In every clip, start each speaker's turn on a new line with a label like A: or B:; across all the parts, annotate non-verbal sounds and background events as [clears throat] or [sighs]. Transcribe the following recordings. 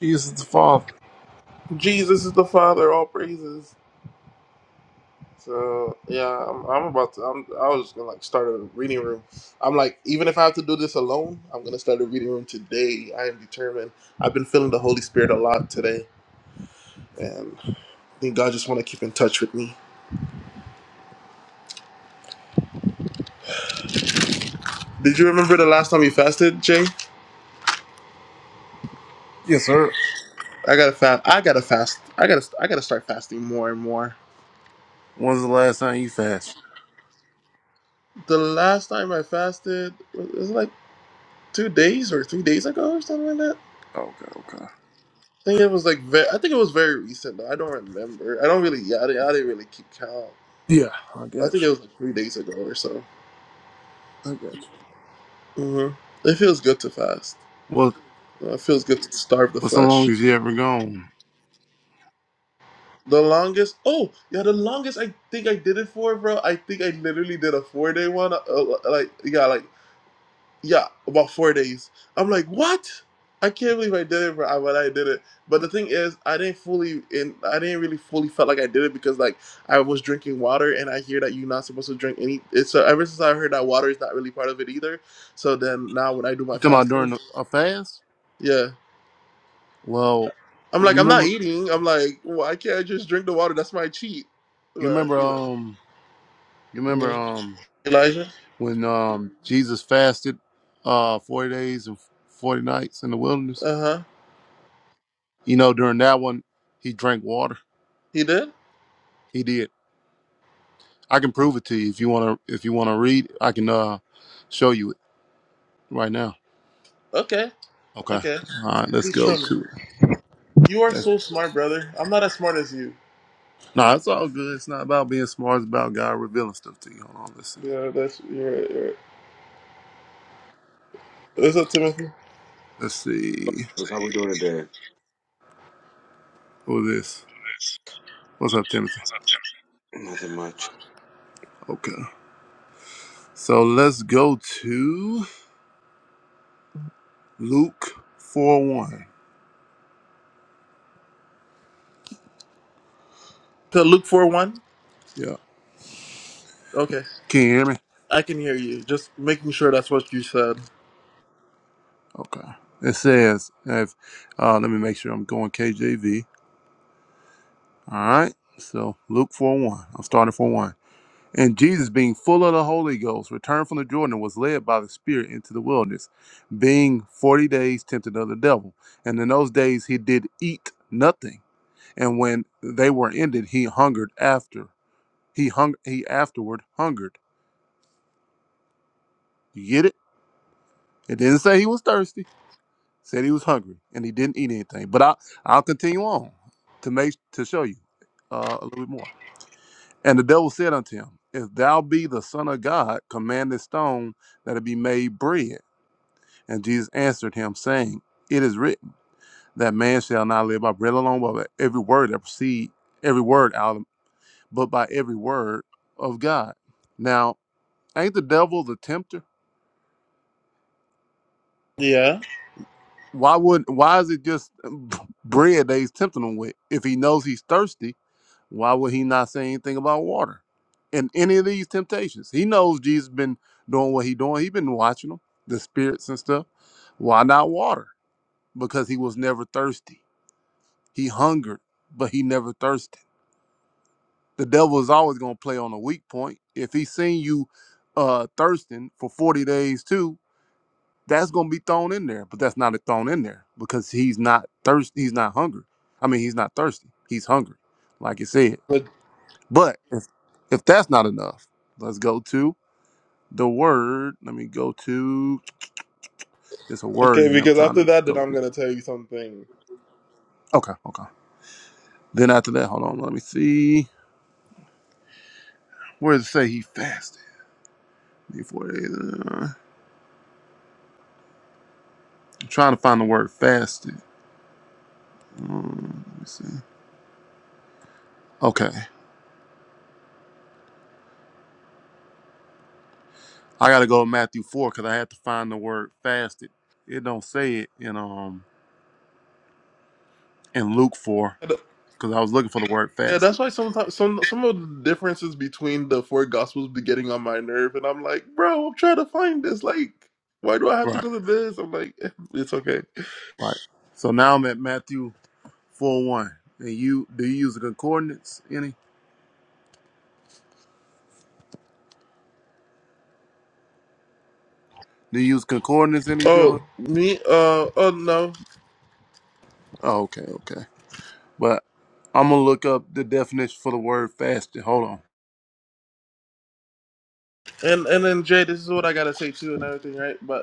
A: Jesus the Father.
B: Jesus is the Father, all praises. So yeah, I'm, I'm about to. I'm, I was just gonna like start a reading room. I'm like, even if I have to do this alone, I'm gonna start a reading room today. I am determined. I've been feeling the Holy Spirit a lot today, and I think God just want to keep in touch with me. Did you remember the last time you fasted, Jay?
A: Yes, sir.
B: I gotta fast. I gotta fast. I gotta. I gotta start fasting more and more.
A: When's the last time you fasted?
B: The last time I fasted it was like two days or three days ago or something like that.
A: Okay, okay.
B: I think it was like very, I think it was very recent. Though. I don't remember. I don't really. Yeah, I didn't, I didn't really keep count.
A: Yeah, I
B: I
A: got
B: think it
A: you.
B: was like three days ago or so.
A: I got you.
B: hmm It feels good to fast.
A: What
B: Uh, It feels good to starve the
A: What's the
B: flesh.
A: longest you ever gone?
B: The longest. Oh yeah, the longest I think I did it for, bro. I think I literally did a four day one. Uh, like yeah, like Yeah, about four days. I'm like, what? I can't believe I did it, but I, but I did it. But the thing is, I didn't fully, in, I didn't really fully felt like I did it because like I was drinking water, and I hear that you're not supposed to drink any. It's so ever since I heard that water is not really part of it either. So then now when I do my
A: You talking about during
B: fasting,
A: a fast?
B: yeah,
A: Well,
B: I'm
A: you
B: like, I'm not
A: remember,
B: eating. I'm like, why can't I just drink the water? That's my cheat.
A: you
B: But
A: remember,
B: you know,
A: um, you remember,
B: Mhm.
A: um,
B: Elijah.
A: when um Jesus fasted, uh, forty days and forty nights in the wilderness.
B: Uh huh.
A: You know, during that one, he drank water.
B: He did.
A: He did. I can prove it to you if you want to. If you want to read, I can uh show you it right now.
B: Okay.
A: Okay.
B: Okay.
A: All right. Let's
B: Please
A: go
B: show me.
A: to
B: You are
A: Yeah.
B: so smart, brother. I'm not as smart as you.
A: No, it's all good. It's not about being smart. It's about God revealing stuff to you. Hold on. Let's see.
B: Yeah, that's you're right. You're right. Is that Timothy?
A: Let's see.
C: How we doing today?
A: Who is this? What's up, Timothy?
C: Nothing much.
A: Okay. So let's go to Luke 4 1.
B: To Luke four one.
A: Yeah.
B: Okay,
A: Can you hear me?
B: I can hear you. Just making sure that's what you said.
A: Okay. It says, if, uh, let me make sure I'm going KJV. All right. So Luke 4 1. I'm starting 4 1. And Jesus, being full of the Holy Ghost, returned from the Jordan and was led by the Spirit into the wilderness, being forty days tempted of the devil. And in those days he did eat nothing. And when they were ended, he hungered after. He hung he afterward hungered. You get it? It didn't say he was thirsty. It Said he was hungry and he didn't eat anything. But I I'll continue on to make to show you uh, a little bit more. And the devil said unto him, If thou be the son of God, command this stone that it be made bread. And Jesus answered him, saying, It is written that man shall not live by bread alone, but by every word that proceed, every word out of, but by every word of God. Now, ain't the devil the tempter?
B: Yeah.
A: Why would why is it just [laughs] bread that he's tempting him with? If he knows he's thirsty, why would he not say anything about water? In any of these temptations, he knows Jesus been doing what he doing. He been watching them, the spirits and stuff. Why not water? Because he was never thirsty. He hungered, but he never thirsted. The devil is always going to play on a weak point. If he seen you uh, thirsting for 40 days too, that's going to be thrown in there, but that's not thrown in there because he's not thirsty. He's not hungry. I mean, he's not thirsty. He's hungry, like it said.
B: But
A: But if, if that's not enough, let's go to the word. Let me go to, it's a word
B: okay,
A: in here I'm
B: because
A: trying
B: after
A: to
B: that, then
A: go
B: I'm
A: to.
B: gonna tell you something.
A: Okay, okay. Then after that, hold on, let me see. Where does it say he fasted? Before days. I'm trying to find the word fasted. Um, let me see. Okay, I gotta go to Matthew four because I had to find the word fasted. It don't say it in um in Luke four
B: Yeah,
A: because I was looking for the word fasted.
B: that's why sometimes some some of the differences between the four gospels be getting on my nerve, and I'm like, bro, I'm trying to find this. Like, why do I have to
A: Right,
B: go to this? I'm like, [laughs] eh, it's okay.
A: right. So now I'm at Matthew four one. And you do you use the concordance any? Do you use concordance any, Joey?
B: Oh, me? Uh, oh no.
A: Oh, okay, okay. But I'm gonna look up the definition for the word fasted. Hold on.
B: And and then Jay, this is what I gotta say too, and everything, right?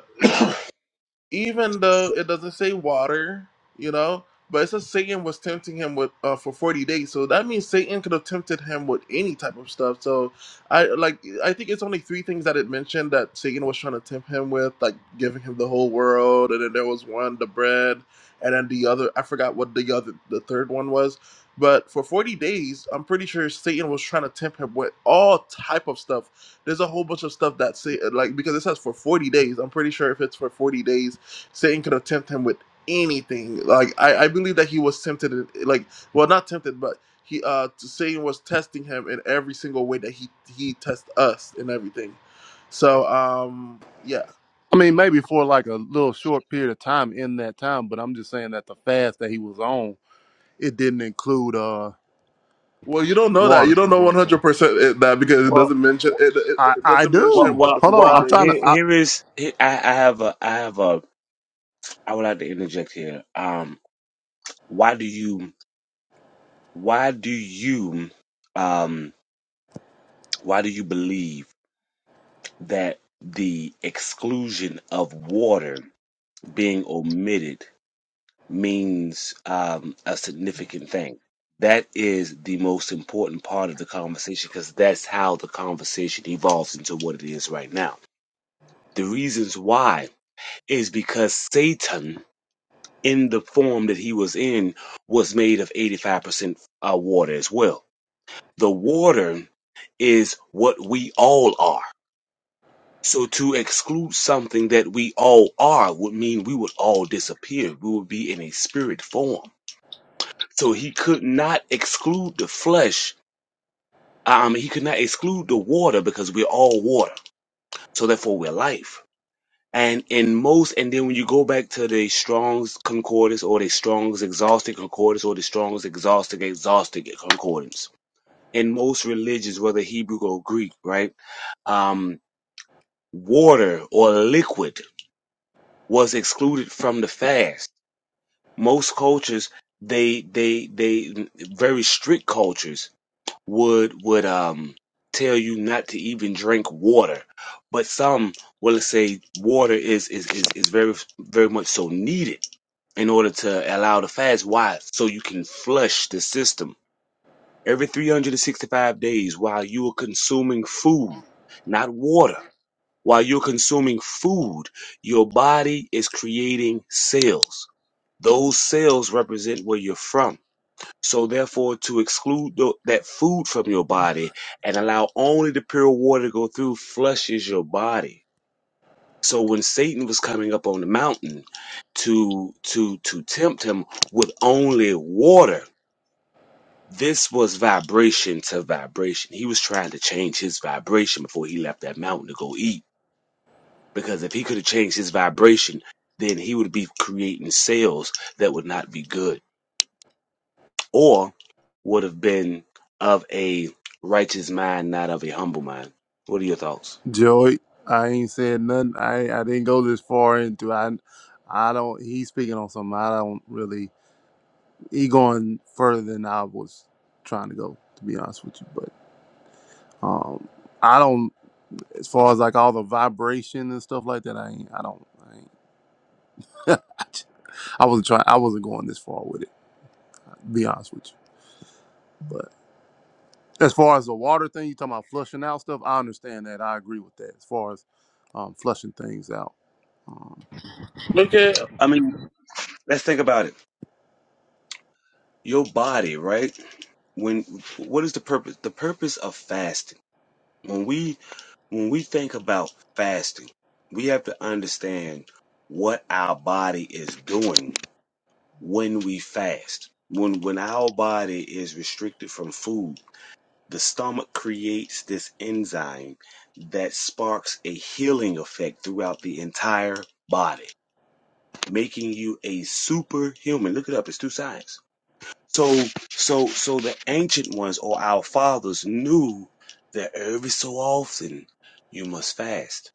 B: even though it doesn't say water, you know, but it says Satan was tempting him with uh, for forty days. So that means Satan could have tempted him with any type of stuff. So I like I think it's only three things that it mentioned that Satan was trying to tempt him with, like giving him the whole world, and then there was one the bread, and then the other I forgot what the other the third one was. But for forty days, I'm pretty sure Satan was trying to tempt him with all type of stuff. There's a whole bunch of stuff that say like because it says for forty days. I'm pretty sure if it's for forty days Satan could have tempted him with anything. Like I, I believe that he was tempted, in- like well, not tempted, but he uh Satan was testing him in every single way that he he tests us and everything. So um yeah.
A: I mean, maybe for like a little short period of time in that time, but I'm just saying that the fast that he was on It didn't include uh
B: Well, you don't know that. You
A: water,
B: don't
A: is
B: know
A: what
B: one
A: I'm saying.
B: hundred percent that because it
C: Well,
B: doesn't mention it, it.
A: I
B: It
A: I
B: doesn't mention
C: well,
A: do.
B: what
C: well,
B: the
A: Hold
B: forty
A: on,
C: well
A: I'm trying
C: here,
A: to.
B: days.
A: I,
C: here is here, I, I have a I have a I would like to interject here. Um, why do you why do you um why do you believe that the exclusion of water being omitted means um a significant thing? That is the most important part of the conversation because that's how the conversation evolves into what it is right now. The reasons why is because Satan, in the form that he was in, was made of 85% uh, water as well. The water is what we all are. So to exclude something that we all are would mean we would all disappear. We would be in a spirit form. So he could not exclude the flesh. Um, he could not exclude the water because we're all water. So therefore we're life. And in most, and then when you go back to the Strong's Concordance or the Strong's Exhausted Concordance or the Strong's Exhausted Exhausted Concordance, in most religions, whether Hebrew or Greek, right, um, water or liquid was excluded from the fast. Most cultures, they they they very strict cultures would would um tell you not to even drink water, but some will say water is is is, is very very much so needed in order to allow the fast. Why? So you can flush the system. Every 365 days while you are consuming food, not water, while you're consuming food, your body is creating cells. Those cells represent where you're from. So therefore, to exclude tho- that food from your body and allow only the pure water to go through flushes your body. So when Satan was coming up on the mountain to to to tempt him with only water, this was vibration to vibration. He was trying to change his vibration before he left that mountain to go eat. Because if he could have changed his vibration, then he would be creating sales that would not be good or would have been of a righteous mind, not of a humble mind. What are your thoughts?
A: Joey, I ain't said nothing. I I didn't go this far into. I I don't. He's speaking on something. I don't really. He going further than I was trying to go. To be honest with you, but um, I don't. As far as like all the vibration and stuff like that, I ain't. I don't. I ain't. [laughs] I wasn't trying. I wasn't going this far with it. To be honest with you, As far as the water thing, you talking about flushing out stuff. I understand that. I agree with that. As far as um, flushing things out. Um,
B: Look at
C: I mean, let's think about it. Your body, right? when what is the purpose the purpose of fasting when we when we think about fasting we have to understand what our body is doing when we fast when when our body is restricted from food the stomach creates this enzyme that sparks a healing effect throughout the entire body making you a superhuman look it up it's two sides so so so the ancient ones or our fathers knew that every so often you must fast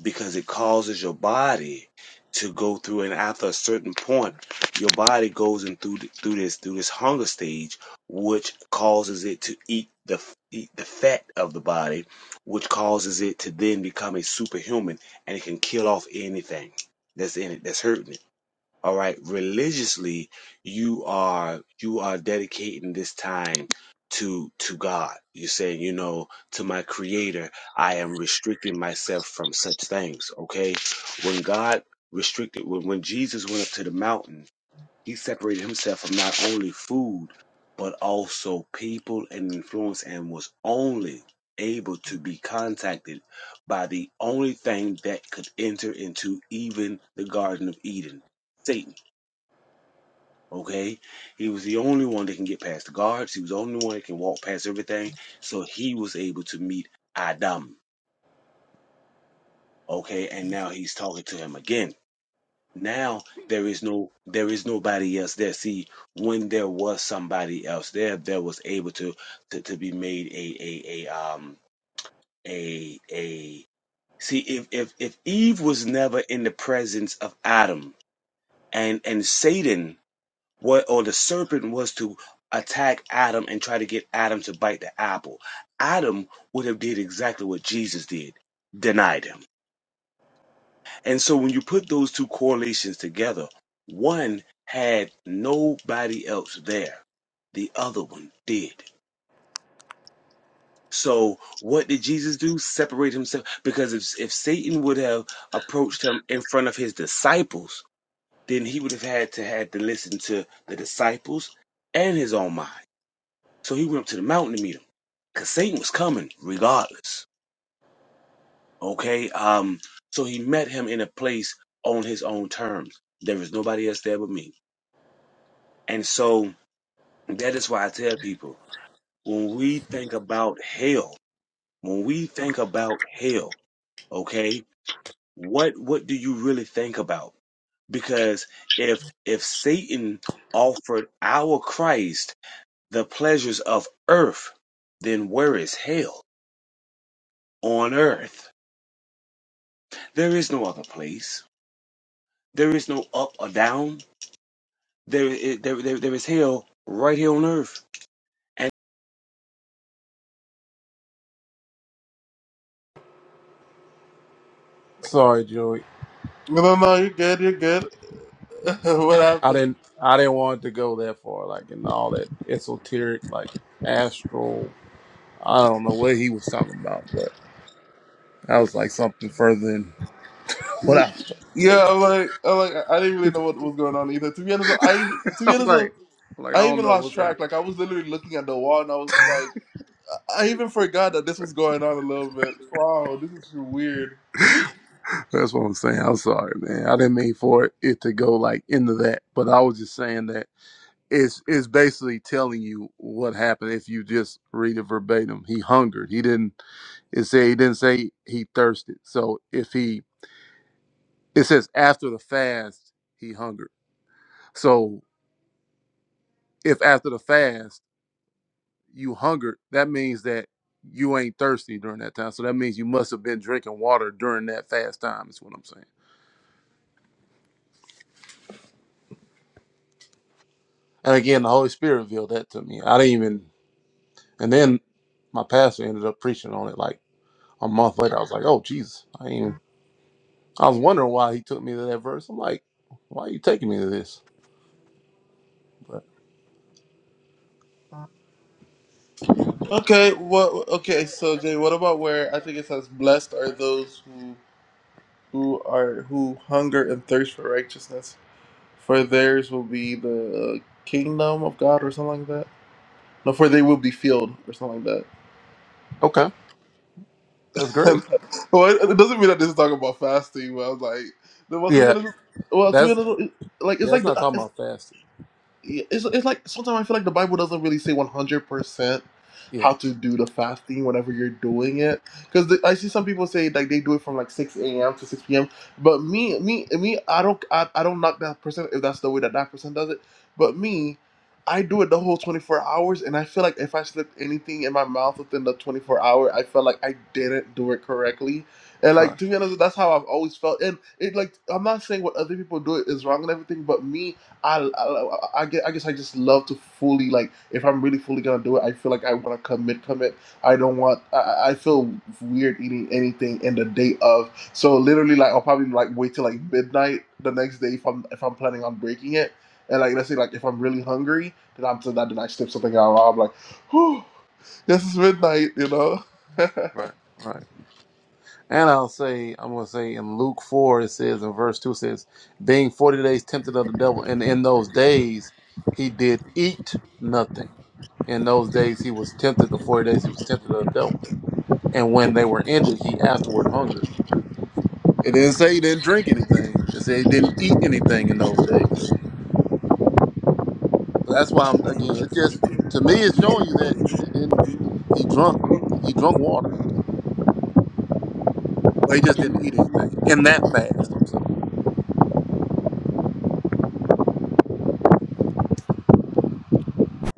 C: because it causes your body to go through and after a certain point your body goes in through th- through this through this hunger stage which causes it to eat the f- eat the fat of the body which causes it to then become a superhuman and it can kill off anything that's in it that's hurting it all right. Religiously, you are you are dedicating this time to to God. You're saying, you know, to my creator, I am restricting myself from such things. Okay. When God restricted when, when Jesus went up to the mountain, he separated himself from not only food, but also people and influence and was only able to be contacted by the only thing that could enter into even the Garden of Eden. Satan. Okay? He was the only one that can get past the guards. He was the only one that can walk past everything. So he was able to meet Adam. Okay, and now he's talking to him again. Now there is no there is nobody else there. See, when there was somebody else there, there was able to to, to be made a a a um a a see if if if Eve was never in the presence of Adam and and Satan what or the serpent was to attack Adam and try to get Adam to bite the apple, Adam would have did exactly what Jesus did, denied him. And so when you put those two correlations together, one had nobody else there. The other one did. So what did Jesus do? Separate himself because if if Satan would have approached him in front of his disciples, then he would have had to had to listen to the disciples and his own mind. So he went up to the mountain to meet him because Satan was coming regardless. Okay. Um. So he met him in a place on his own terms. There is nobody else there but me. And so that is why I tell people when we think about hell, when we think about hell, okay, what what do you really think about? Because if if Satan offered our Christ the pleasures of earth, then where is hell on earth? There is no other place. There is no up or down. There, there, there, there is hell right here on earth.
A: Sorry, Joey.
B: no, no, no. You're good. You're good. [laughs] what
A: I
B: happened?
A: didn't I didn't want to go that far, like in all that esoteric, like astral. I don't know what he was talking about, but that was like something further than what
B: Y-
A: I was trying to
B: Yeah,
A: take.
B: I'm like, I'm like, I I didn't really know what was going on either. To be honest, I
A: [laughs]
B: to be
A: I'm
B: honest,
A: like, I'm like I
B: I
A: don't
B: even
A: know
B: lost
A: what's
B: track.
A: happening.
B: Like I was literally looking at the wall, and I was like, I I even forgot that this was going on a little bit. Wow, this is weird.
A: that's what I'm saying. I'm sorry, man. I didn't mean for it to go like into that, but I was just saying that. It's it's basically telling you what happened if you just read it verbatim. He hungered. He didn't. It say he didn't say he thirsted. So if he, it says after the fast he hungered. So if after the fast you hungered, that means that you ain't thirsty during that time. So that means you must have been drinking water during that fast time. Is what I'm saying. And again, the Holy Spirit revealed that to me. I didn't even. And then my pastor ended up preaching on it like a month later. I was like, oh Jesus, I ain't even I was wondering why he took me to that verse. I'm like, why are you taking me to this? But
B: Okay, what? Okay, so Jay, what about where I think it says, "Blessed are those who who are who hunger and thirst for righteousness, for theirs will be the kingdom of God," or something like that. No, for they will be filled, or something like that.
A: okay, that's great.
B: [laughs] well, it doesn't mean that this is talking about fasting, but I was like, no, well, to be
A: Yeah,
B: honest, well, to be
A: that's
B: honest, it- like
A: yeah,
B: it's
A: that's
B: like
A: not talking
B: the,
A: about fasting.
B: yeah, it's, it's like sometimes I feel like the Bible doesn't really say 100%
A: Yeah,
B: how to do the fasting whenever you're doing it. Because I see some people say like they do it from like 6 a.m. to 6 p.m. But me, me, me, I don't, I, I don't knock that person if that's the way that that person does it. But me, I do it the whole 24 hours, and I feel like if I slipped anything in my mouth within the 24 hour, I felt like I didn't do it correctly. And
A: right,
B: like to be honest, that's how I've always felt. And it like I'm not saying what other people do is wrong and everything, but me, I, I I gue- I guess I just love to fully like if I'm really fully gonna do it, I feel like I want to commit, commit. I don't want. I, I I feel weird eating anything in the day of. So literally, like I'll probably like wait till like midnight the next day if I'm if I'm planning on breaking it. And like let's say like if I'm really hungry, then I'm so that then I snip something out. I'm like, whew, this is midnight, you know. [laughs]
A: right, right. And I'll say, I'm gonna say in Luke four, it says in verse two it says, being forty days tempted of the devil, and in those days he did eat nothing. In those days he was tempted. The forty days he was tempted of the devil, and when they were ended, he afterward hungered. It didn't say he didn't drink anything. It said he didn't eat anything in those days. So that's why I'm again. It's just to me, it's showing you that he didn't. He drunk. He drunk water, but he just didn't eat anything in that fast. I'm saying.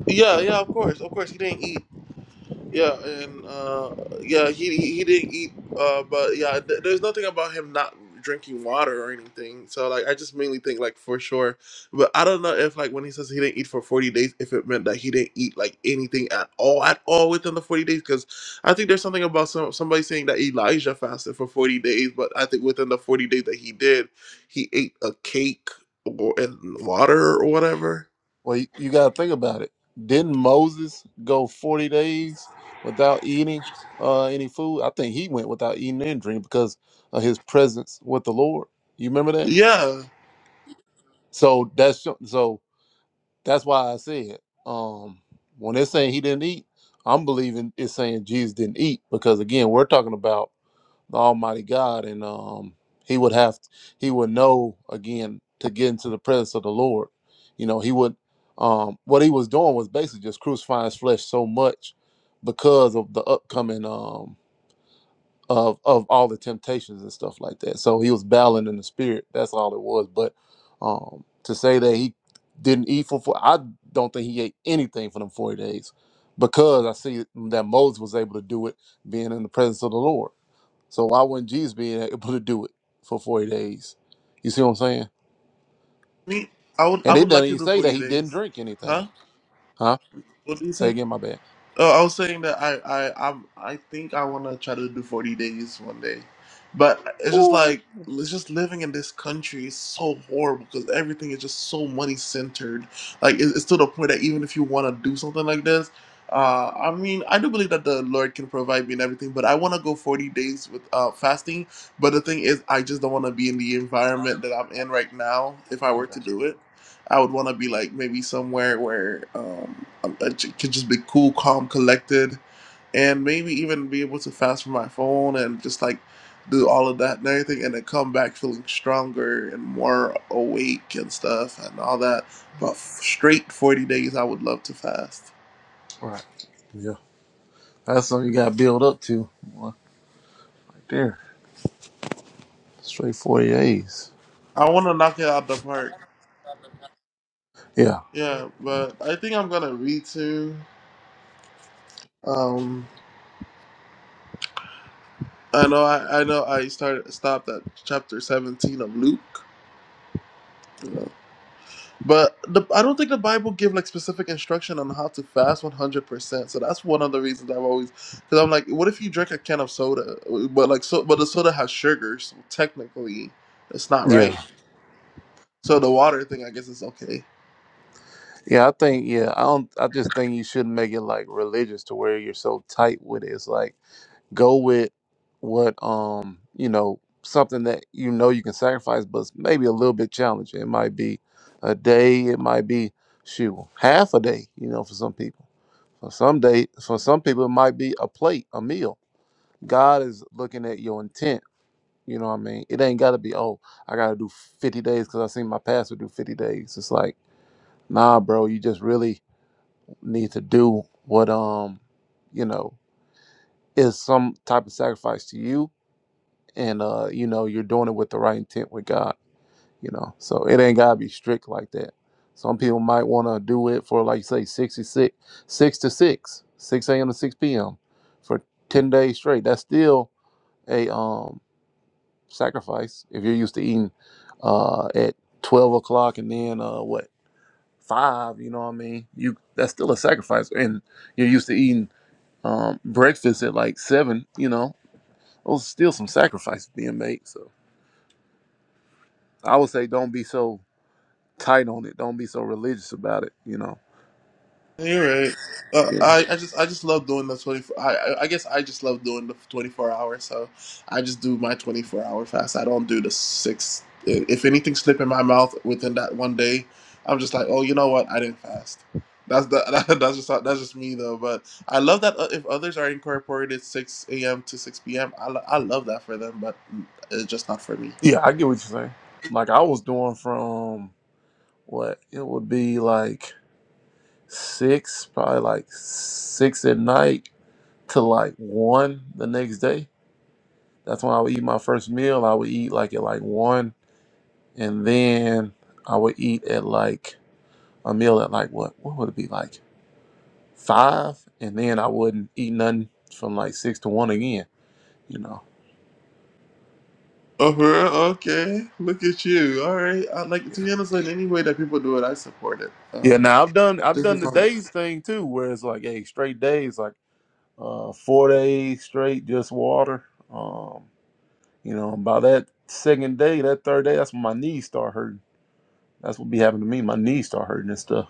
B: Yeah, yeah, of course, of course. You didn't eat. Yeah, and uh, yeah, he he he didn't eat, uh, but yeah, th- there's nothing about him not drinking water or anything. So like, I just mainly think like for sure, but I don't know if like when he says he didn't eat for 40 days, if it meant that he didn't eat like anything at all at all within the 40 days, because I think there's something about some somebody saying that Elijah fasted for 40 days, but I think within the 40 days that he did, he ate a cake or and water or whatever.
A: Well, you, you got to think about it. Didn't Moses go 40 days without eating uh, any food? I think he went without eating and drinking because of his presence with the Lord. You remember that?
B: Yeah,
A: So that's so that's why I said um, when it's saying he didn't eat, I'm believing it's saying Jesus didn't eat because again, we're talking about. the Almighty God, and um, he would have he would know again to get into the presence of the Lord. You know, he would um, what he was doing was basically just crucifying his flesh so much because of the upcoming um, of of all the temptations and stuff like that. So he was battling in the spirit. That's all it was. But um, to say that he didn't eat for four, I don't think he ate anything for them forty days because I see that Moses was able to do it being in the presence of the Lord. So why wouldn't Jesus be able to do it for 40 days? You see what I'm saying?
B: me, I would I
A: And it
B: would
A: doesn't
B: like to
A: even
B: do
A: say that
B: 40
A: he didn't
B: days,
A: drink anything.
B: huh?
A: Huh?
B: What did you
A: Say
B: say?
A: again, my bad.
B: Oh, I was saying that I I I'm, I think I want to try to do 40 days one day, but it's just
A: Ooh.
B: like it's just living in this country is so horrible because everything is just so money centered. Like it, it's to the point that even if you want to do something like this, uh, I mean, I do believe that the Lord can provide me and everything, but I want to go 40 days with uh, fasting. But the thing is, I just don't want to be in the environment that I'm in right now if I were to do it. I would want to be like maybe somewhere where um, I j- could just be cool, calm, collected, and maybe even be able to fast from my phone and just like do all of that and everything, and then come back feeling stronger and more awake and stuff and all that. But f- straight 40 days, I would love to fast.
A: Right. Yeah. That's something you gotta build up to. Boy, Right there. Straight 40 days.
B: I want to knock it out the park.
A: Yeah.
B: Yeah, but I think I'm gonna read to. Um, I know I, I know I started stopped at chapter 17 of Luke. But the, I don't think the Bible give like specific instruction on how to fast one hundred percent. So that's one of the reasons I've always, because I'm like, what if you drink a can of soda, but like so, but the soda has sugar, so technically, it's not right.
A: Yeah.
B: So the water thing, I guess, is okay.
A: Yeah, I think yeah, I don't I just think you shouldn't make it like religious to where you're so tight with it. It's like Go with what um you know something that you know you can sacrifice, but it's maybe a little bit challenging. It might be a day. It might be shoot half a day. You know, for some people. For some day, for some people, it might be a plate, a meal. God is looking at your intent. You know what I mean? It ain't got to be oh I got to do fifty days because I seen my pastor do fifty days. It's like nah, bro. You just really need to do what um you know is some type of sacrifice to you and uh, you know you're doing it with the right intent with God. You know, so it ain't gotta be strict like that. Some people might want to do it for like you say 66, six to six, six a.m. to six p.m. for ten days straight. That's still a um sacrifice if you're used to eating uh at twelve o'clock and then uh what five. You know what I mean? You that's still a sacrifice, and you're used to eating um breakfast at like seven. You know, those are still some sacrifices being made. So. I would say don't be so tight on it. Don't be so religious about it. You know.
B: You're right. Uh,
A: Yeah.
B: I I just I just love doing the twenty four. I I I guess I just love doing the twenty four hour. So I just do my twenty four hour fast. I don't do the six. i- If anything slip in my mouth within that one day, I'm just like, oh, you know what? I didn't fast. That's the [laughs] that, that's just how- that's just me though. But I love that uh, if others are incorporated six a.m. to six p.m. I, lo- I love that for them, but it's just not for me.
A: Yeah, I get what you're saying. Like I was doing from what it would be like six, probably like six at night to like one the next day. That's when I would eat my first meal. I would eat like at like one, and then I would eat at like a meal at like what? What would it be like? Five, and then I wouldn't eat nothing from like six to one again. You know.
B: Oh, for real? okay. Look at you. All right. I like to be honest, in any way that people do it, I support it.
A: Yeah,
B: Um,
A: now I've done I've
B: This
A: done
B: is
A: the
B: like
A: days thing too, where it's like, hey, straight days, like uh four days straight, just water. Um, you know, by that second day, that third day, that's when my knees start hurting. That's what be happening to me. My knees start hurting and stuff.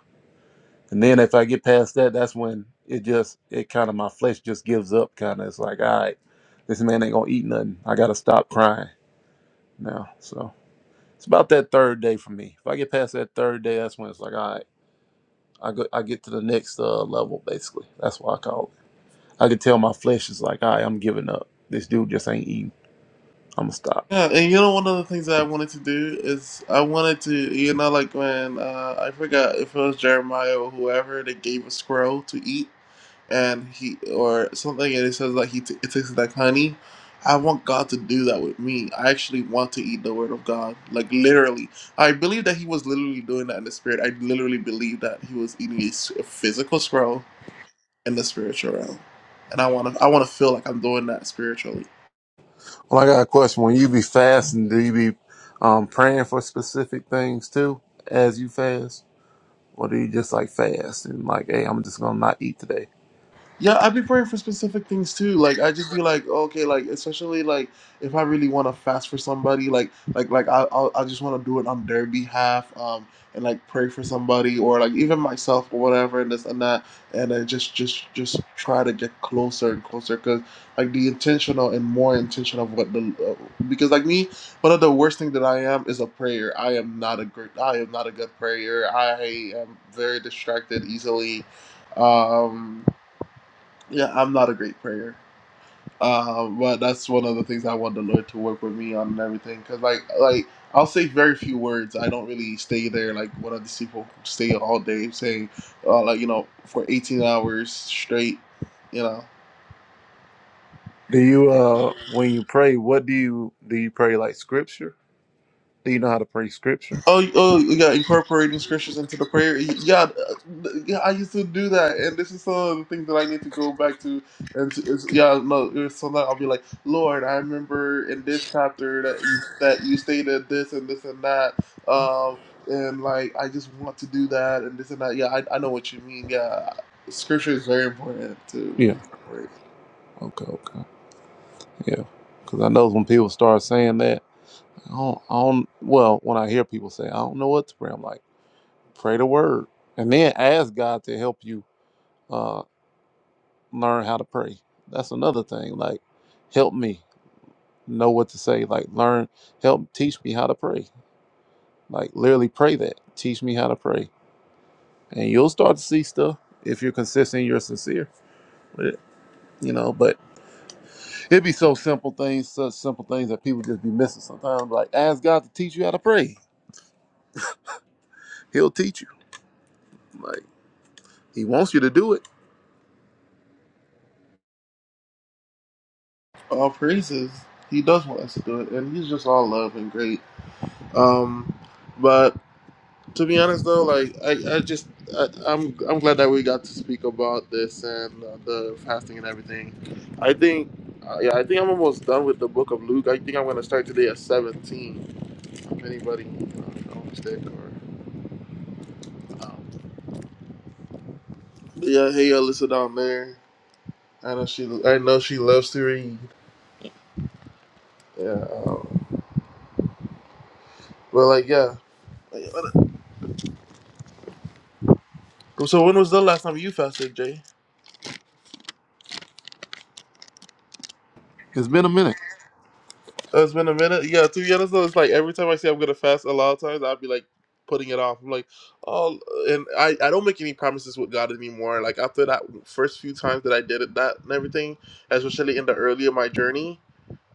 A: And then if I get past that, that's when it just it kind of my flesh just gives up. Kind of, it's like, all right, this man ain't gonna eat nothing. I gotta stop crying now. So it's about that third day for me. If I get past that third day, that's when it's like, all right. I go, I get to the next uh, level basically. That's what I call it. I can tell my flesh is like, all right, I'm giving up. This dude just ain't eating. I'm gonna stop.
B: yeah, and you know one of the things that I wanted to do is I wanted to you know like when uh, I forgot if it was Jeremiah or whoever they gave a squirrel to eat and he or something and it says like he t- it tastes like honey. I want God to do that with me. I actually want to eat the Word of God, like literally. I believe that He was literally doing that in the spirit. I literally believe that He was eating a, s- a physical squirrel in the spiritual realm, and I want to. I want to feel like I'm doing that spiritually.
A: Well, I got a question. When you be fasting, do you be um, praying for specific things too as you fast, or do you just like fast and like, hey, I'm just gonna not eat today?
B: Yeah, I'd be praying for specific things too. Like I just be like, okay, like especially like if I really want to fast for somebody, like like like I I'll, I just want to do it on their behalf, um, and like pray for somebody or like even myself or whatever and this and that, and I just just just try to get closer and closer because like the intentional and more intention of what the uh, because like me, one of the worst thing that I am is a prayer. I am not a great. I am not a good prayer. I am very distracted easily. Um, yeah, I'm not a great prayer, um, but that's one of the things I want the Lord to work with me on and everything. Cause like like I'll say very few words. I don't really stay there like one of these people who stay all day saying, uh, like you know, for 18 hours straight. You know.
A: Do you uh when you pray, what do you do? You pray like scripture? Do you know how to pray scripture?
B: Oh, oh, yeah, incorporating scriptures into the prayer. Yeah, uh, yeah, I used to do that, and this is some of the things that I need to go back to. And to, it's, yeah, no, it's so that I'll be like, Lord, I remember in this chapter that you, that you stated this and this and that, um, and like I just want to do that and this and that. Yeah, I, I know what you mean. Yeah, scripture is very important to
A: Yeah.
B: incorporate.
A: Okay. Okay. Yeah. Because I know when people start saying that. I don't, I don't, well, when I hear people say, I don't know what to pray, I'm like, pray the word. And then ask God to help you uh, learn how to pray. That's another thing. Like, help me know what to say. Like, learn, help teach me how to pray. Like, literally pray that. Teach me how to pray. And you'll start to see stuff if you're consistent, you're sincere with it. You know, but it'd be so simple things, such simple things that people just be missing sometimes. Like, ask God to teach you how to pray. He'll teach you. Like, He wants you to do it.
B: All praises. He does want us to do it, and he's just all love and great. Um, but. To be honest, though, like I, I just I, I'm I'm glad that we got to speak about this and uh, the fasting and everything. I think, uh, yeah, I think I'm almost done with the book of Luke. I think I'm gonna start today at 17. If anybody, uh, don't mistake or um, but yeah, hey Alyssa down there. I know she I know she loves to read. Yeah, um, but like yeah. So when was the last time you fasted, Jay?
A: It's been a minute.
B: Oh, it's been a minute. Yeah, to be honest though, it's like every time I say I'm gonna fast, a lot of times I'll be like putting it off. I'm like, oh, and I I don't make any promises with God anymore. Like after that first few times that I did it, that and everything, especially in the early of my journey,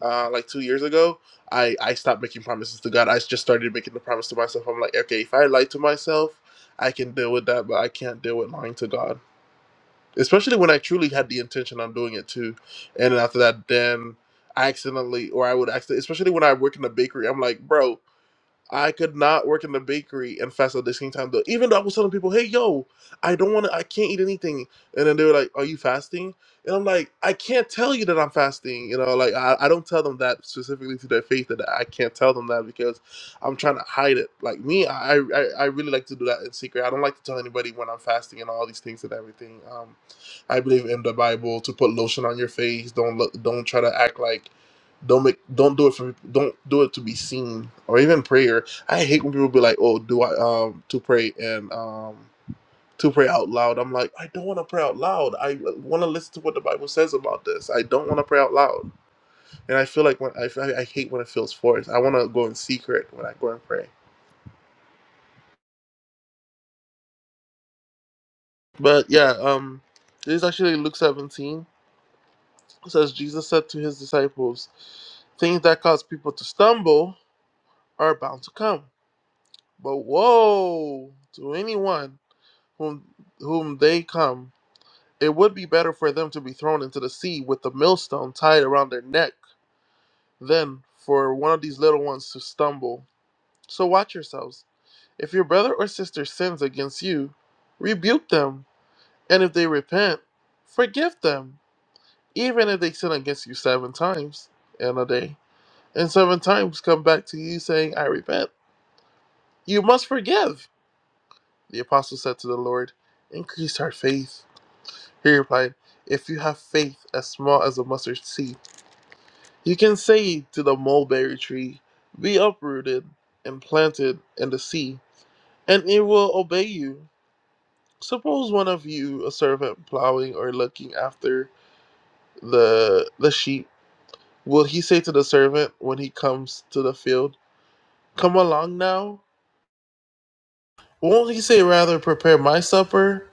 B: uh, like two years ago, I I stopped making promises to God. I just started making the promise to myself. I'm like, okay, if I lie to myself, I can deal with that, but I can't deal with lying to God especially when I truly had the intention on doing it too. And then after that, then I accidentally, or I would accidentally, especially when I work in a bakery, I'm like, bro, I could not work in the bakery and fast at the same time though. Even though I was telling people, "Hey, yo, I don't want to. I can't eat anything," and then they were like, "Are you fasting?" And I'm like, "I can't tell you that I'm fasting." You know, like I, I don't tell them that specifically to their faith that I can't tell them that because I'm trying to hide it. Like me, I I, I really like to do that in secret. I don't like to tell anybody when I'm fasting and all these things and everything. Um, I believe in the Bible to put lotion on your face. Don't look. Don't try to act like don't make don't do it for don't do it to be seen or even prayer. I hate when people be like, "Oh, do I um to pray and um to pray out loud?" I'm like, I don't want to pray out loud. I want to listen to what the Bible says about this. I don't want to pray out loud, and I feel like when I I hate when it feels forced. I want to go in secret when I go and pray. But yeah, um, this is actually Luke 17. It says Jesus said to his disciples, "Things that cause people to stumble are bound to come, but woe to anyone." whom whom they come, it would be better for them to be thrown into the sea with the millstone tied around their neck than for one of these little ones to stumble. So watch yourselves. If your brother or sister sins against you, rebuke them, and if they repent, forgive them, even if they sin against you seven times in a day, and seven times come back to you saying, I repent. You must forgive. The apostle said to the Lord, Increase our faith. He replied, If you have faith as small as a mustard seed, you can say to the mulberry tree, 'Be uprooted and planted in the sea, and it will obey you. Suppose one of you, a servant plowing or looking after the, the sheep, will he say to the servant when he comes to the field, Come along now? Won't he say, Rather, prepare my supper,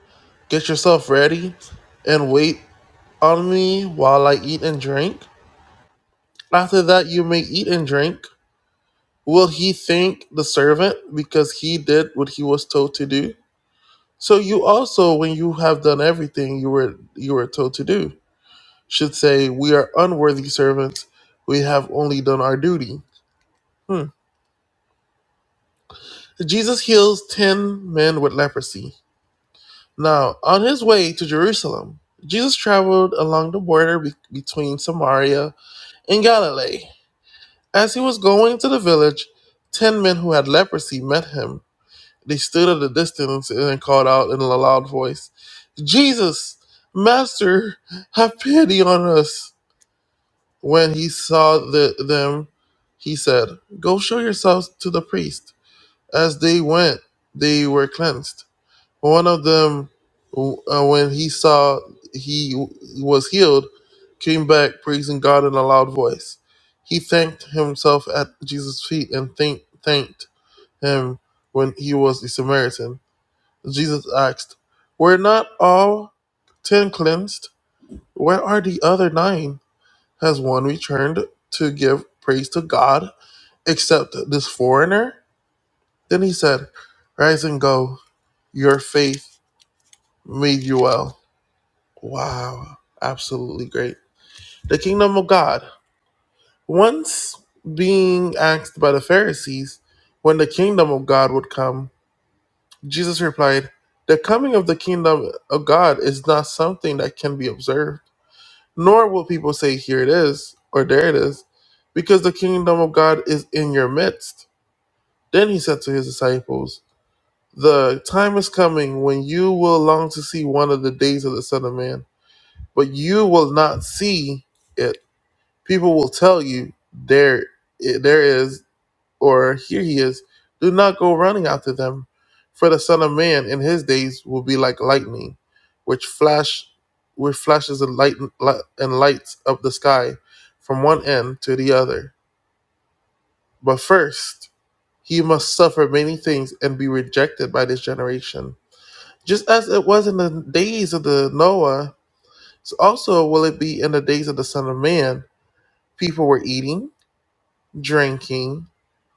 B: get yourself ready, and wait on me while I eat and drink? After that, you may eat and drink. Will he thank the servant because he did what he was told to do? So you also, when you have done everything you were you were told to do, should say, "We are unworthy servants. We have only done our duty." Hmm. Jesus heals ten men with leprosy. Now, on his way to Jerusalem, Jesus traveled along the border be- between Samaria and Galilee. As he was going to the village, ten men who had leprosy met him They stood at a distance and called out in a loud voice, Jesus, Master, have pity on us. When he saw the, them, he said, Go show yourselves to the priest. As they went, they were cleansed. One of them, uh, when he saw he was healed, came back praising God in a loud voice. He thanked himself at Jesus' feet and thank, thanked him when he was a Samaritan. Jesus asked, Were not all ten cleansed? Where are the other nine? Has one returned to give praise to God except this foreigner? Then he said, Rise and go. Your faith made you well. Wow. Absolutely great. The kingdom of God. Once being asked by the Pharisees when the kingdom of God would come, Jesus replied, The coming of the kingdom of God is not something that can be observed nor will people say, Here it is, or There it is, because the kingdom of God is in your midst. Then he said to his disciples, The time is coming when you will long to see one of the days of the Son of Man, but you will not see it. People will tell you, There, it, there is or here he is, do not go running after them, for the Son of Man in his days will be like lightning, which flash, which flashes and light and lights up the sky, from one end to the other. But first, he must suffer many things and be rejected by this generation, just as it was in the days of the Noah. So also will it be in the days of the Son of Man. People were eating, drinking,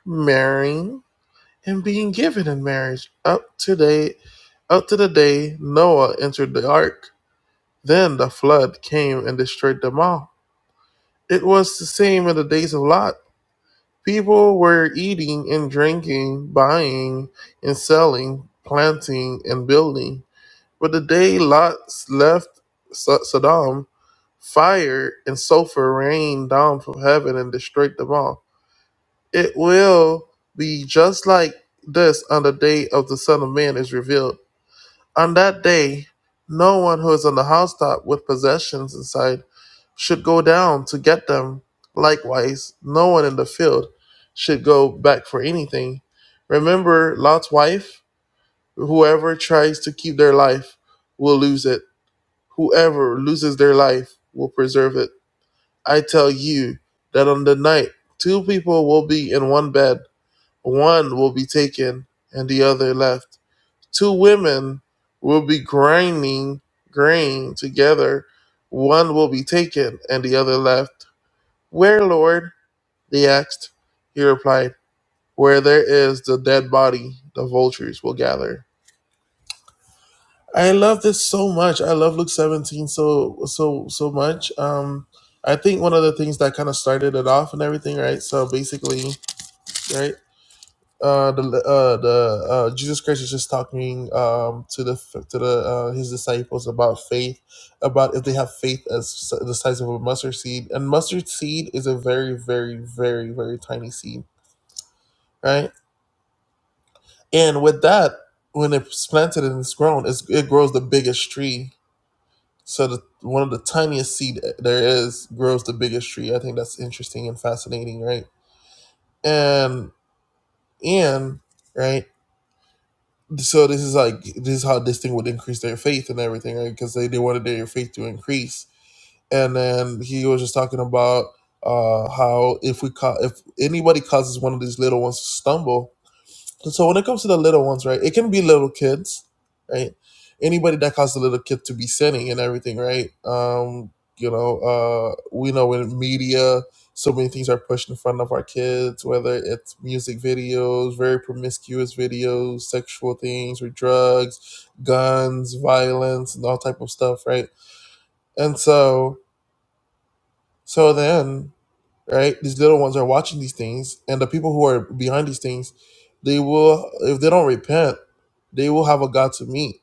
B: marrying and being given in marriage up to day up to the day Noah entered the ark. Then the flood came and destroyed them all. It was the same in the days of Lot. People were eating and drinking, buying and selling, planting and building. But the day Lot left Sodom, fire and sulfur rained down from heaven and destroyed them all. It will be just like this on the day of the Son of Man is revealed. On that day, no one who is on the housetop with possessions inside should go down to get them. Likewise, no one in the field should go back for anything. Remember Lot's wife? Whoever tries to keep their life will lose it. Whoever loses their life will preserve it. I tell you that on the night, two people will be in one bed one will be taken and the other left. Two women will be grinding grain together. One will be taken and the other left. Where, Lord? They asked. He replied, Where there is the dead body, the vultures will gather. I love this so much. I love Luke 17 so so so much. Um I think one of the things that kind of started it off and everything, right? So basically, right? uh, the uh, the uh, Jesus Christ is just talking um, to the to the uh, his disciples about faith, about if they have faith as si, the size of a mustard seed, and mustard seed is a very very very very tiny seed, right? And with that, when it's planted and it's grown, it's, it grows the biggest tree. So the, one of the tiniest seed there is grows the biggest tree. I think that's interesting and fascinating, right? And and right so this is like this is how this thing would increase their faith and everything right? because they, they wanted their faith to increase and then he was just talking about uh how if we ca- if anybody causes one of these little ones to stumble so when it comes to the little ones, right, it can be little kids, right? Anybody that caused a little kid to be sinning and everything, right? Um, you know, uh, we know in media, so many things are pushed in front of our kids, whether it's music videos, very promiscuous videos, sexual things, or drugs, guns, violence, and all type of stuff, right? And so, so then right? These little ones are watching these things, and the people who are behind these things, they will, if they don't repent, they will have a God to meet,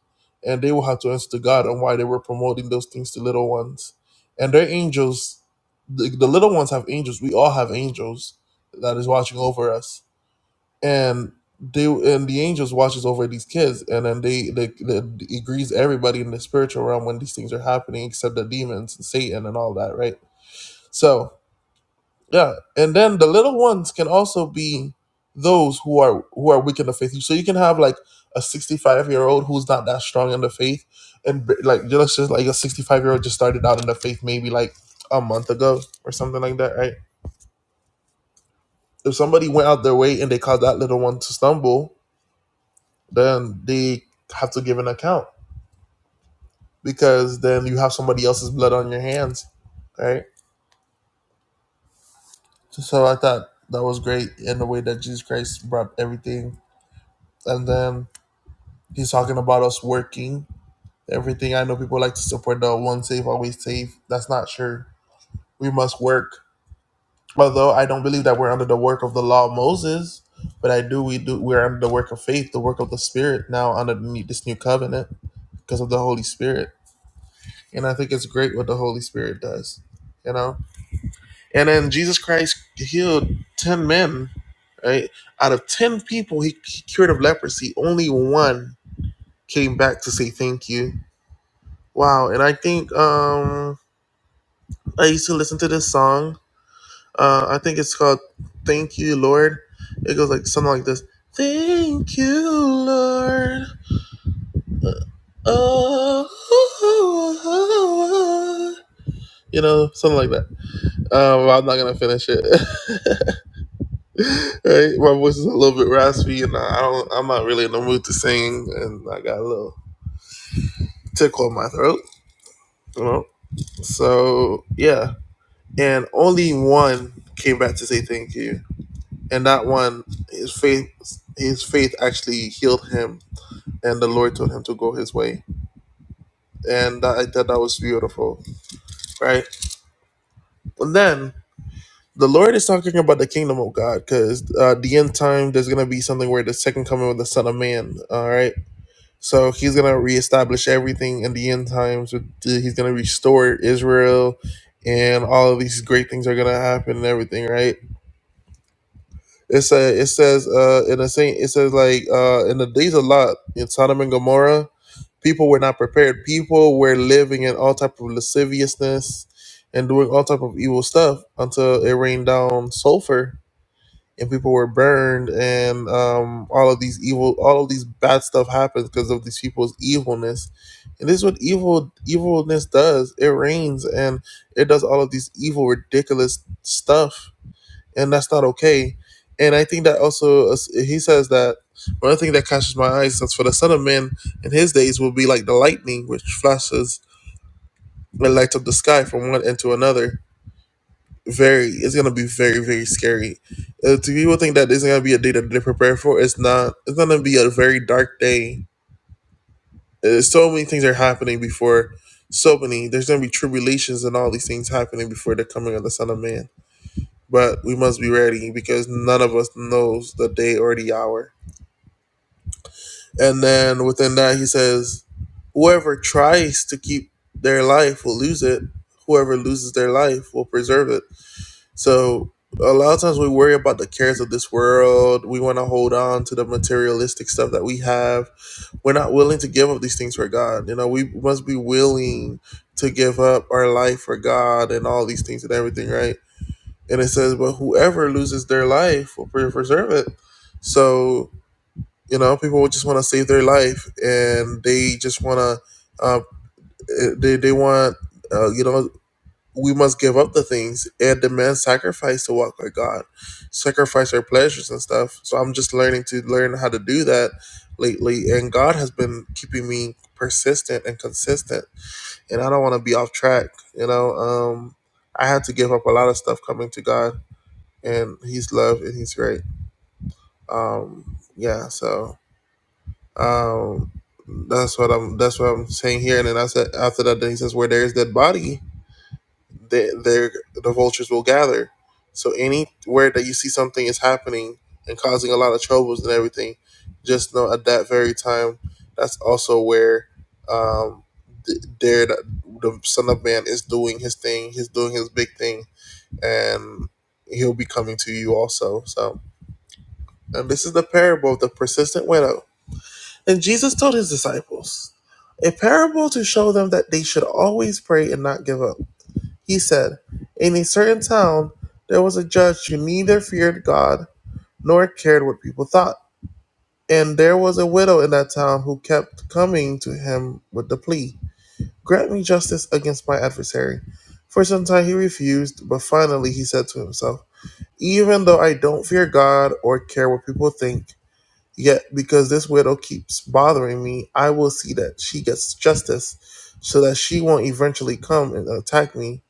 B: and they will have to answer to God on why they were promoting those things to little ones, and their angels. The, the little ones have angels. We all have angels that is watching over us, and they and the angels watches over these kids, and then they they, they it agrees everybody in the spiritual realm when these things are happening, except the demons and Satan and all that, right? So yeah, and then the little ones can also be those who are who are weak in the faith. So you can have like a sixty-five year old who's not that strong in the faith, and b- like let's just like a sixty-five year old just started out in the faith maybe like a month ago or something like that, right? If somebody went out their way and they caused that little one to stumble, then they have to give an account because then you have somebody else's blood on your hands, right? So I thought that was great in the way that Jesus Christ brought everything, and then He's talking about us working. Everything I know people like to support the one safe, always safe. That's not sure. We must work. Although I don't believe that we're under the work of the law of Moses, but I do we do we're under the work of faith, the work of the Spirit now under this new covenant because of the Holy Spirit. And I think it's great what the Holy Spirit does. You know? And then Jesus Christ healed ten men, right? Out of ten people he cured of leprosy, only one came back to say thank you Wow, and I think um I used to listen to this song. Uh I think it's called Thank You Lord. It goes like something like this. Thank you Lord. Oh, [laughs] you know, something like that. Um I'm not going to finish it. [laughs] right? My voice is a little bit raspy and I don't I'm not really in the mood to sing and I got a little tickle in my throat, you know. So, yeah. And only one came back to say thank you and that one his faith his faith actually healed him and the lord told him to go his way and that, i thought that was beautiful right and then the lord is talking about the kingdom of god because uh, the end time there's gonna be something where the second coming of the son of man all right so he's gonna reestablish everything in the end times with- he's gonna restore israel and all of these great things are gonna happen and everything right It say it says uh in the same it says like uh in the days a lot in Sodom and Gomorrah, people were not prepared. People were living in all type of lasciviousness and doing all type of evil stuff until it rained down sulfur and people were burned and um all of these evil all of these bad stuff happens because of these people's evilness. And this is what evil evilness does. It rains and it does all of these evil ridiculous stuff and that's not okay. And I think that also uh, he says that one thing that catches my eyes is for the son of man in his days will be like the lightning which flashes and lights up the sky from one end to another. Very, it's gonna be very very scary. Uh, to people think that this is gonna be a day that they prepare for, it's not. It's gonna be a very dark day. Uh, so many things are happening before. So many. There's gonna be tribulations and all these things happening before the coming of the Son of Man but we must be ready because none of us knows the day or the hour. And then within that, he says, Whoever tries to keep their life will lose it. Whoever loses their life will preserve it. So a lot of times we worry about the cares of this world. We want to hold on to the materialistic stuff that we have. We're not willing to give up these things for God. You know, we must be willing to give up our life for God and all these things and everything, right? And it says, but whoever loses their life will preserve it. So, you know, people just want to save their life and they just want to, uh, eh, they, they want, uh, you know, we must give up the things. and demand sacrifice to walk with God, sacrifice our pleasures and stuff. So I'm just learning to learn how to do that lately. And God has been keeping me persistent and consistent. And I don't want to be off track, you know. Um, I had to give up a lot of stuff coming to God and he's loved and he's great. Um, yeah, so um, that's what I'm that's what I'm saying here. And then I said after that, then he says, "Where there is that body, there there the vultures will gather." So anywhere that you see something is happening and causing a lot of troubles and everything, just know at that very time, that's also where um, th- there the, the Son of Man is doing his thing. He's doing his big thing, and he'll be coming to you also. So And this is the parable of the persistent widow. And Jesus told his disciples a parable to show them that they should always pray and not give up. He said, In a certain town, there was a judge who neither feared God nor cared what people thought. And there was a widow in that town who kept coming to him with the plea Grant me justice against my adversary. For some time he refused, but finally he said to himself, Even though I don't fear God or care what people think, Yet, because this widow keeps bothering me, I will see that she gets justice so that she won't eventually come and attack me.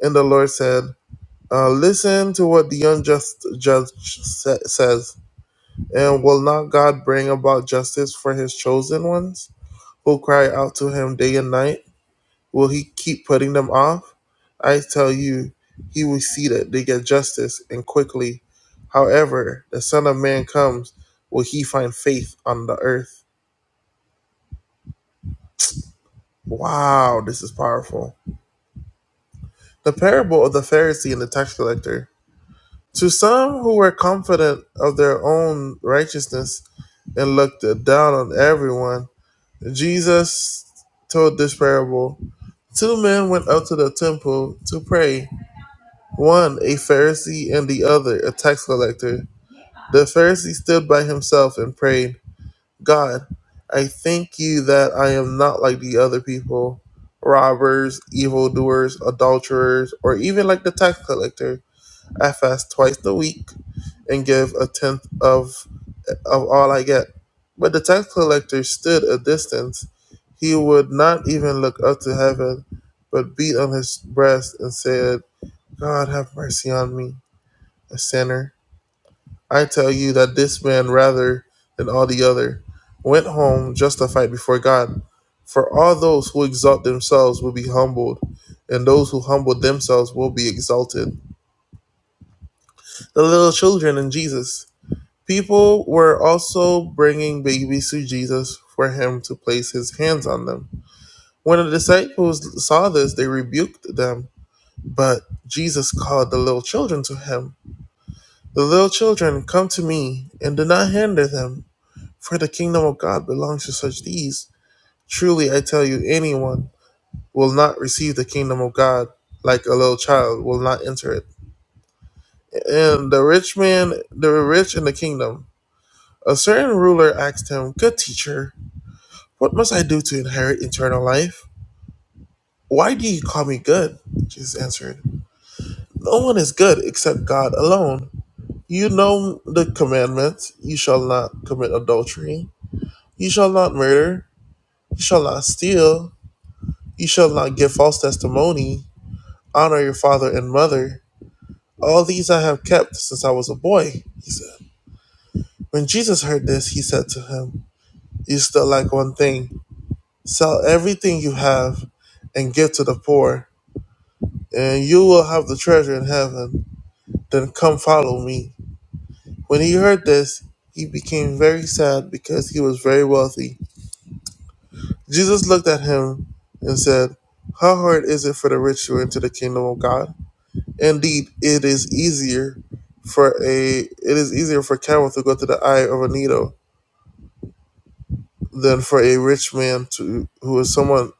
B: And the Lord said, uh, Listen to what the unjust judge sa- says. And will not God bring about justice for his chosen ones who cry out to him day and night? Will he keep putting them off? I tell you, he will see that they get justice and quickly. However, the Son of Man comes, will he find faith on the earth? Wow, this is powerful. The parable of the Pharisee and the tax collector. To some who were confident of their own righteousness and looked down on everyone, Jesus told this parable. Two men went up to the temple to pray, one a Pharisee and the other a tax collector. The Pharisee stood by himself and prayed. God, I thank you that I am not like the other people robbers, evildoers, adulterers, or even like the tax collector. I fast twice a week and give a tenth of, of all I get. But the tax collector stood a distance. He would not even look up to heaven, but beat on his breast and said, God, have mercy on me, a sinner. I tell you that this man, rather than all the other, went home justified before God. For all those who exalt themselves will be humbled, and those who humble themselves will be exalted. The little children and Jesus. People were also bringing babies to Jesus for him to place his hands on them. When the disciples saw this, they rebuked them. But Jesus called the little children to him. The little children, come to me, and do not hinder them For the kingdom of God belongs to such these. Truly I tell you, anyone will not receive the kingdom of God like a little child will not enter it. And the rich man, the rich in the kingdom. A certain ruler asked him, Good teacher, what must I do to inherit eternal life? Why do you call me good? Jesus answered, No one is good except God alone. You know the commandments you shall not commit adultery, you shall not murder, you shall not steal. You shall not give false testimony. Honor your father and mother. All these I have kept since I was a boy, he said. When Jesus heard this, he said to him, You still lack one thing. Sell everything you have and give to the poor, and you will have the treasure in heaven. Then come follow me. When he heard this, he became very sad because he was very wealthy. Jesus looked at him and said, How hard is it for the rich to enter the kingdom of God? Indeed, it is easier for a it is easier for camel to go to the eye of a needle than for a rich man to who is someone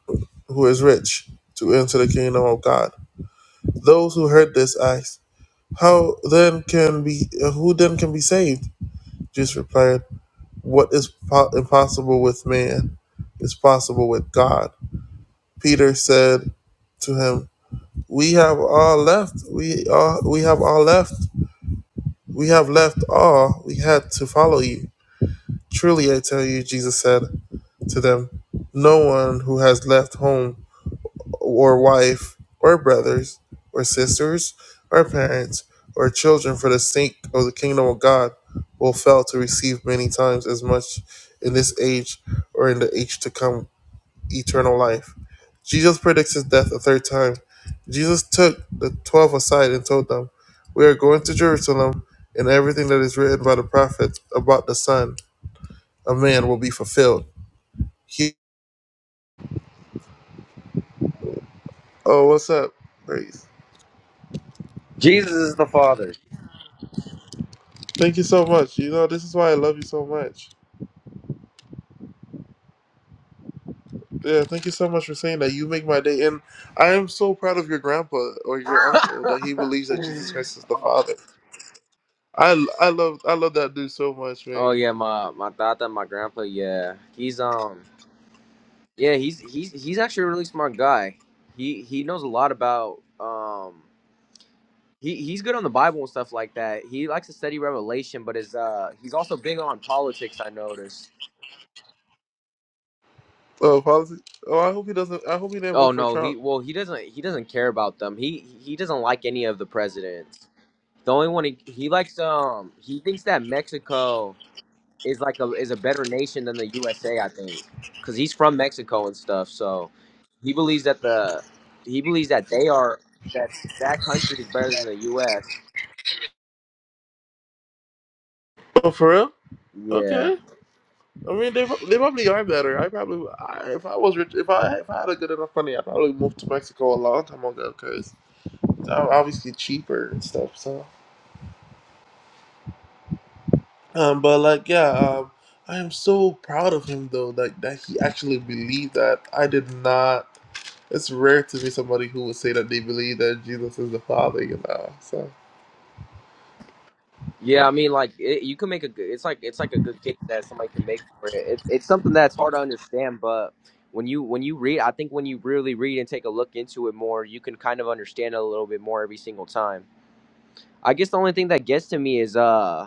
B: who is rich to enter the kingdom of God. Those who heard this asked, "How then can be uh, who then can be saved?" Jesus replied, "What is po- impossible with man is possible with God." Peter said to him, "We have all left. We all we have all left We have left all we had to follow you. Truly I tell you, Jesus said to them, no one who has left home or wife or brothers or sisters or parents or children for the sake of the kingdom of God will fail to receive many times as much in this age or in the age to come eternal life. Jesus predicts his death a third time. Jesus took the twelve aside and told them, We are going to Jerusalem, and everything that is written by the prophets about the Son of Man will be fulfilled. He- oh, what's up? Grace.
D: Jesus is the Father.
B: Thank you so much. You know, this is why I love you so much. Yeah, thank you so much for saying that. You make my day. And I am so proud of your grandpa or your uncle that he believes that Jesus Christ is the Father. I, I love I love that dude so much,
D: Oh
B: man.
D: yeah, my my tata, my grandpa. Yeah, he's um, yeah, he's he's he's actually a really smart guy. He he knows a lot about um. He, he's good on the Bible and stuff like that. He likes to study Revelation, but is uh he's also big on politics. I noticed.
B: Oh, policy. Oh, I hope he doesn't. I hope he didn't
D: Oh
B: vote for
D: no,
B: Trump.
D: he well he doesn't he doesn't care about them. He he doesn't like any of the presidents. The only one he he likes um he thinks that Mexico is like a is a better nation than the USA, I think, because he's from Mexico and stuff. So he believes that the he believes that they are that that country is better than the U.S.
B: Oh, for real?
D: Yeah,
B: Okay. I mean, they they probably are better. I probably, I, if I was rich, if I if I had a good enough money, I probably moved to Mexico a long time ago because I'm obviously cheaper and stuff. So, um, but like, yeah, um, I am so proud of him though. Like that he actually believed that. I did not. It's rare to be somebody who would say that they believe that Jesus is the Father, you know. So.
D: yeah. I mean, like it, you can make a good. It's like it's like a good case that somebody can make for it. It's it's something that's hard to understand, but when you when you read, I think when you really read and take a look into it more, you can kind of understand it a little bit more every single time. I guess the only thing that gets to me is uh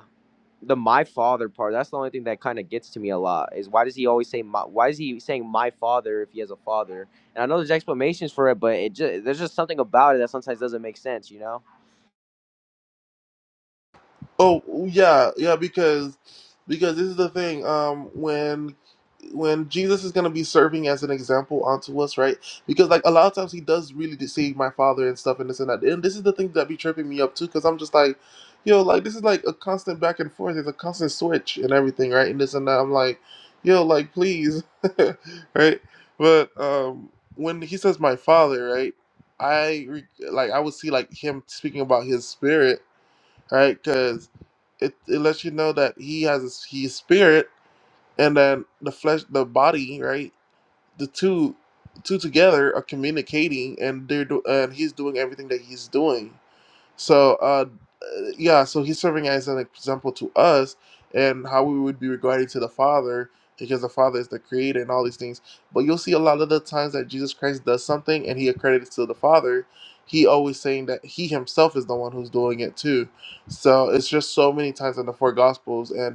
D: the my father part that's the only thing that kind of gets to me a lot is why does he always say my why is he saying my father if he has a father and i know there's explanations for it but it just there's just something about it that sometimes doesn't make sense you know
B: Oh yeah, yeah, because because this is the thing. Um, when when Jesus is gonna be serving as an example unto us, right? Because like a lot of times he does really deceive my father and stuff and this and that. And this is the thing that be tripping me up too, because I'm just like, yo, like this is like a constant back and forth. It's a constant switch and everything, right? And this and that. I'm like, yo, like please, [laughs] right? But um, when he says my father, right? I re- like I would see like him speaking about his spirit right? Because it, it lets you know that he has his, he's spirit, and then the flesh, the body, right? The two two together are communicating, and they're do, and he's doing everything that he's doing. So, uh, yeah, so he's serving as an example to us and how we would be regarding to the Father because the Father is the creator and all these things. But you'll see a lot of the times that Jesus Christ does something and he accredits to the Father, he always saying that he himself is the one who's doing it too. So it's just so many times in the four Gospels. and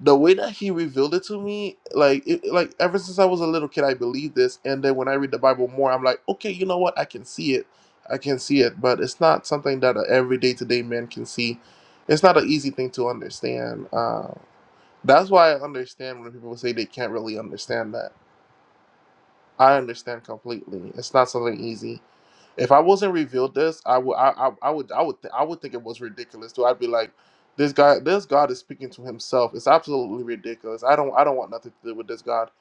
B: the way that he revealed it to me, like it, like ever since I was a little kid, I believed this, and then when I read the Bible more, I'm like, okay, you know what? I can see it, I can see it, but it's not something that a everyday day-to-day man can see. It's not an easy thing to understand. Uh, that's why I understand when people say they can't really understand that. I understand completely. It's not something easy if I wasn't revealed this, I would I, I, I would I would th- I would think it was ridiculous too. I'd be like, this guy this God is speaking to himself. It's absolutely ridiculous. I don't I don't want nothing to do with this God.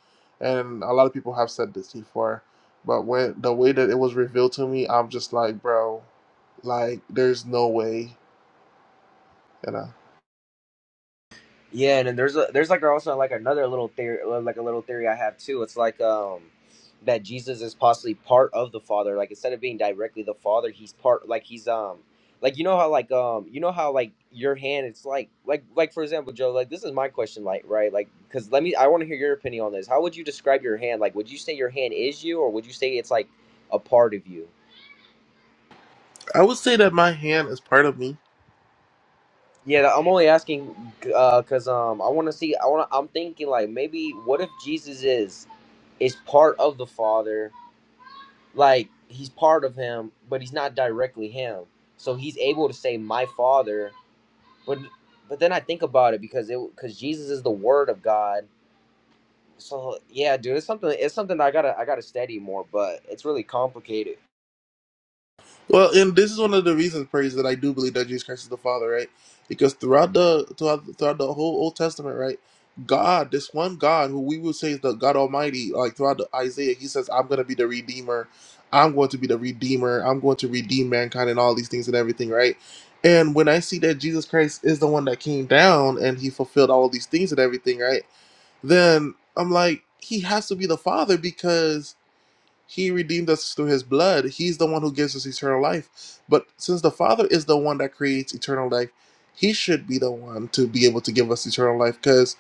B: And a lot of people have said this before. But when the way that it was revealed to me, I'm just like, bro, like there's no way. You know.
D: Yeah, and then there's a, there's like also like another little theory, well, like a little theory I have too. It's like um that Jesus is possibly part of the Father. Like instead of being directly the Father, he's part. Like he's um like you know how like um you know how like your hand. It's like like like for example, Joe. Like this is my question, like right, like because let me. I want to hear your opinion on this. How would you describe your hand? Like, would you say your hand is you, or would you say it's like a part of you?
B: I would say that my hand is part of me
D: Yeah, I'm only asking uh, cause um I want to see I want to I'm thinking like maybe what if Jesus is is part of the Father, like he's part of him, but he's not directly him. So he's able to say my Father, but but then I think about it because it cuz Jesus is the word of God. So yeah, dude, it's something it's something I got to I got to study more, but it's really complicated.
B: Well, and this is one of the reasons, praise, that I do believe that Jesus Christ is the Father, right? Because throughout the throughout, throughout the whole Old Testament, right, God, this one God who we would say is the God Almighty, like throughout the Isaiah, He says, "I'm going to be the Redeemer. I'm going to be the Redeemer. I'm going to redeem mankind and all these things and everything," right? And when I see that Jesus Christ is the one that came down and He fulfilled all of these things and everything, right? Then I'm like, He has to be the Father because he redeemed us through his blood. He's the one who gives us eternal life. But since the Father is the one that creates eternal life, he should be the one to be able to give us eternal life. Because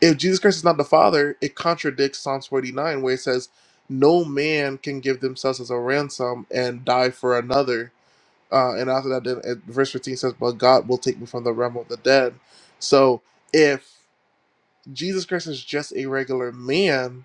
B: if Jesus Christ is not the Father, it contradicts Psalms 49, where it says, No man can give themselves as a ransom and die for another. Uh, and after that, then uh, verse 15 says, But God will take me from the realm of the dead. So if Jesus Christ is just a regular man,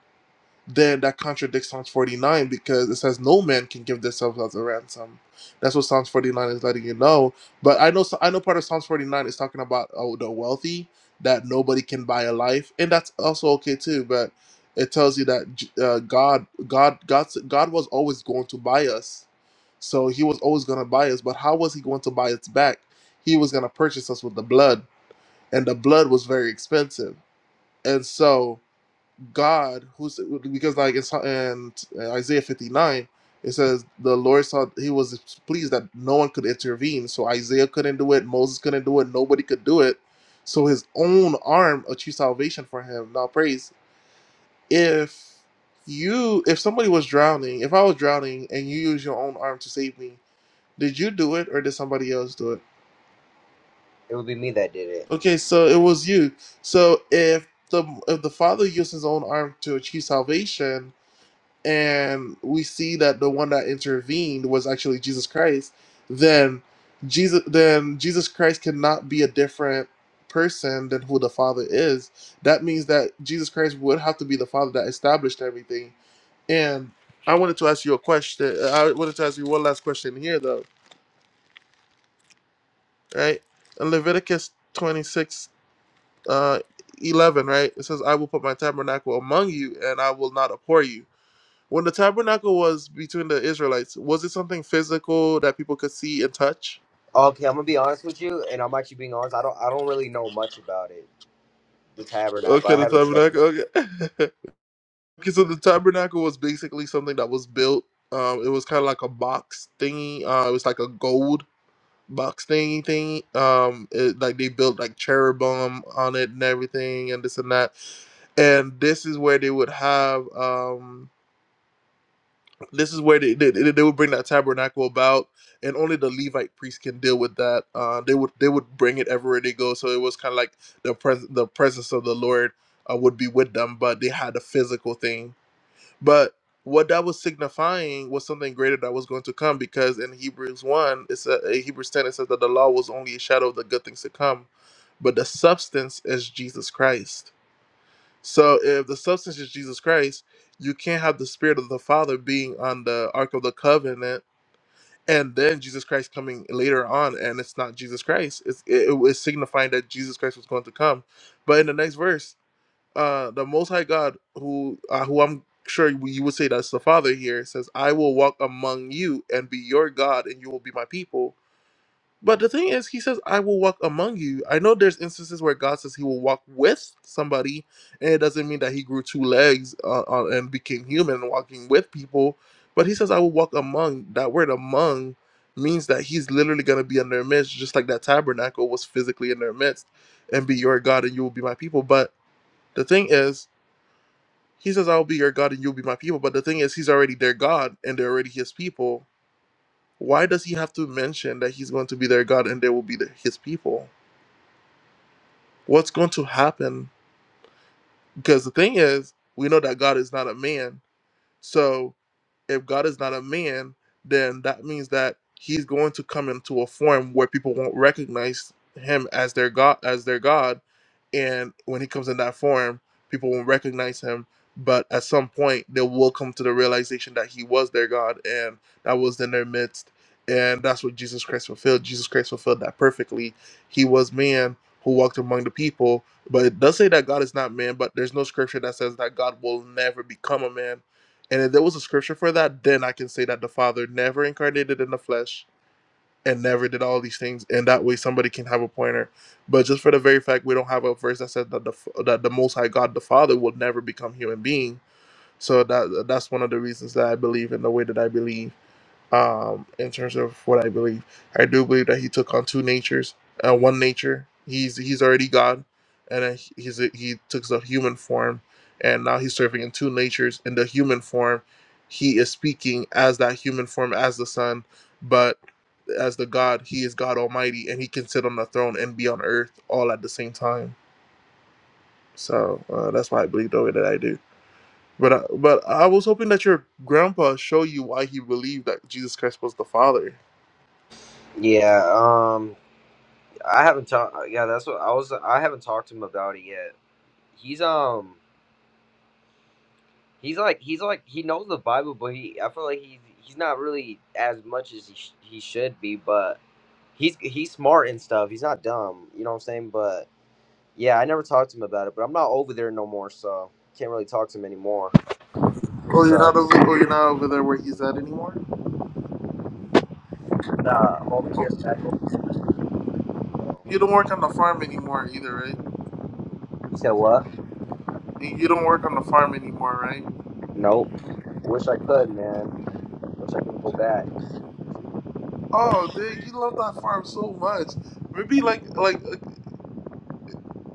B: then that contradicts Psalms 49 because it says no man can give themselves as a ransom. That's what Psalms 49 is letting you know. But I know I know part of Psalms 49 is talking about oh, the wealthy that nobody can buy a life, and that's also okay too. But it tells you that uh, God, God, God, God was always going to buy us, so He was always going to buy us. But how was He going to buy us back? He was going to purchase us with the blood, and the blood was very expensive. And so God, who's because like it's in uh, Isaiah 59, it says the Lord saw he was pleased that no one could intervene. So Isaiah couldn't do it, Moses couldn't do it, nobody could do it. So his own arm achieved salvation for him. Now praise if you if somebody was drowning, if I was drowning and you use your own arm to save me, did you do it or did somebody else do it?
D: It would be me that did it.
B: Okay, so it was you. So if the if the father used his own arm to achieve salvation, and we see that the one that intervened was actually Jesus Christ, then Jesus then Jesus Christ cannot be a different person than who the Father is. That means that Jesus Christ would have to be the Father that established everything. And I wanted to ask you a question. I wanted to ask you one last question here though, right? In Leviticus 26 uh 11, right? It says, I will put my tabernacle among you and I will not abhor you When the tabernacle was between the Israelites, was it something physical that people could see and touch?
D: Okay, I'm going to be honest with you and I'm actually being honest. I don't I don't really know much about it. The tabernacle.
B: Okay,
D: I
B: the
D: haven't studied
B: tabernacle. Okay. [laughs] okay, so the tabernacle was basically something that was built. Um, it was kind of like a box thingy. Uh, it was like a gold box thingy thingy. Um, it, like they built like cherubim on it and everything, and this and that. And this is where they would have. Um, This is where they, they they would bring that tabernacle about, and only the Levite priest can deal with that. Uh, they would they would bring it everywhere they go, so it was kind of like the pres- the presence of the Lord uh, would be with them, but they had a physical thing. But what that was signifying was something greater that was going to come, because in Hebrews one, it's a, in Hebrews ten, it says that the law was only a shadow of the good things to come, but the substance is Jesus Christ so if the substance is Jesus Christ, you can't have the spirit of the Father being on the Ark of the Covenant and then Jesus Christ coming later on and it's not Jesus Christ. It's, it, it was signifying that Jesus Christ was going to come. But in the next verse, uh, the Most High God, who uh, who I'm sure you you would say that's the Father here, says, "I will walk among you and be your God, and you will be my people." But the thing is, he says, I will walk among you. I know there's instances where God says he will walk with somebody, and it doesn't mean that he grew two legs uh, uh, and became human walking with people. But he says, I will walk among. That word among means that he's literally going to be in their midst, just like that tabernacle was physically in their midst, and be your God, and you will be my people. But the thing is, he says, I will be your God, and you will be my people. But the thing is, he's already their God, and they're already his people. Why does he have to mention that he's going to be their God and they will be the, his people? What's going to happen? Because the thing is, we know that God is not a man. So if God is not a man, then that means that he's going to come into a form where people won't recognize him as their God as their God. And when he comes in that form, people won't recognize him. But at some point they will come to the realization that he was their God and that was in their midst. And that's what Jesus Christ fulfilled. Jesus Christ fulfilled that perfectly. He was man who walked among the people. But it does say that God is not man, but there's no scripture that says that God will never become a man and if there was a scripture for that, then I can say that the Father never incarnated in the flesh and never did all these things. And that way, somebody can have a pointer. But just for the very fact we don't have a verse that says that the that the Most High God, the Father, will never become human being. So that that's one of the reasons that I believe in the way that I believe um, in terms of what I believe. I do believe that he took on two natures, uh, one nature. He's he's already God, and uh, he's he took the human form, and now he's serving in two natures. In the human form, he is speaking as that human form, as the Son, but as the God, he is God Almighty, and he can sit on the throne and be on earth all at the same time. So uh, that's why I believe the way that I do. But I, but I was hoping that your grandpa show you why he believed that Jesus Christ was the Father.
D: Yeah, um, I haven't talked. Yeah, that's what I was. I haven't talked to him about it yet. He's um, he's like he's like he knows the Bible, but he I feel like he's he's not really as much as he sh- he should be. But he's he's smart and stuff. He's not dumb. You know what I'm saying? But yeah, I never talked to him about it. But I'm not over there no more, so can't really talk to him anymore, which
B: Oh, you're not
D: sucks.
B: over. Oh, you're not over there where he's at anymore.
D: Nah, I'm over here, back over here now. So.
B: You don't work on
D: yeah.
B: the farm anymore either, right?
D: You said what?
B: You you don't work on the farm anymore, right?
D: Nope. Wish I could, man. Wish I could go back.
B: Oh, dude, you love that farm so much. Maybe like like uh,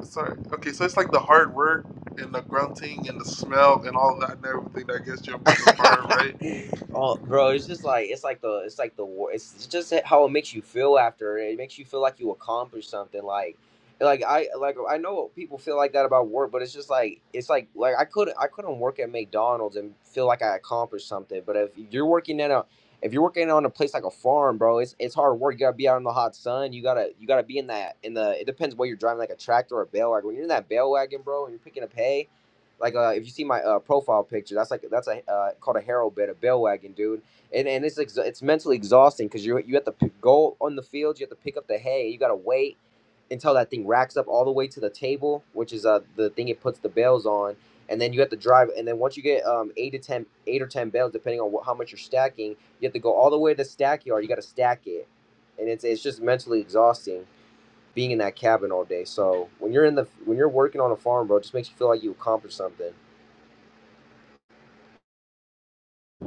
B: sorry. Okay, so it's like the hard work and the grunting and the smell and all that and everything that gets you up on the farm, right?
D: [laughs] oh, bro, it's just like it's like the it's like the war. It's, it's just how it makes you feel after. It makes you feel like you accomplished something. Like, like I like I know people feel like that about work, but it's just like it's like like I couldn't I couldn't work at McDonald's and feel like I accomplished something. But if you're working in a if you're working on a place like a farm, bro, it's it's hard work. You gotta be out in the hot sun. You gotta you gotta be in that in the. It depends what you're driving, like a tractor or a bale wagon. When you're in that bale wagon, bro, and you're picking up hay, like uh, if you see my uh, profile picture, that's like that's a uh, called a harrow bit, a bell wagon, dude. And and it's ex- it's mentally exhausting because you you have to p- go on the field, you have to pick up the hay, you gotta wait until that thing racks up all the way to the table, which is uh the thing it puts the bales on, and then you have to drive. And then once you get um eight to ten, eight or ten bales, depending on wh- how much you're stacking, you have to go all the way to the stack yard. You gotta stack it, and it's it's just mentally exhausting being in that cabin all day. So when you're in the when you're working on a farm, bro, it just makes you feel like you accomplished something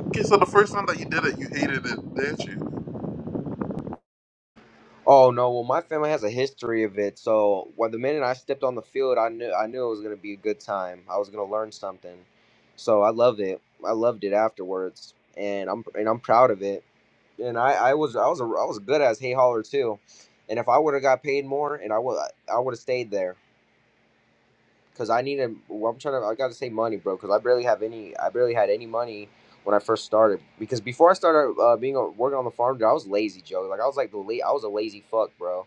B: Okay, so the first time that you did it, you hated it, didn't you?
D: Oh no, well my family has a history of it, so when the minute I stepped on the field, I knew I knew it was gonna be a good time. I was gonna learn something, so I loved it. I loved it afterwards, and I'm and I'm proud of it. And I, I was I was a, I was good as hay hauler too, and if I would have got paid more, and I would I would have stayed there. Cause I need to. well, I'm trying to. I gotta save money, bro. Cause I barely have any. I barely had any money when I first started. Because before I started uh, being a, working on the farm, dude, I was lazy, Joe. Like I was like the late. I was a lazy fuck, bro.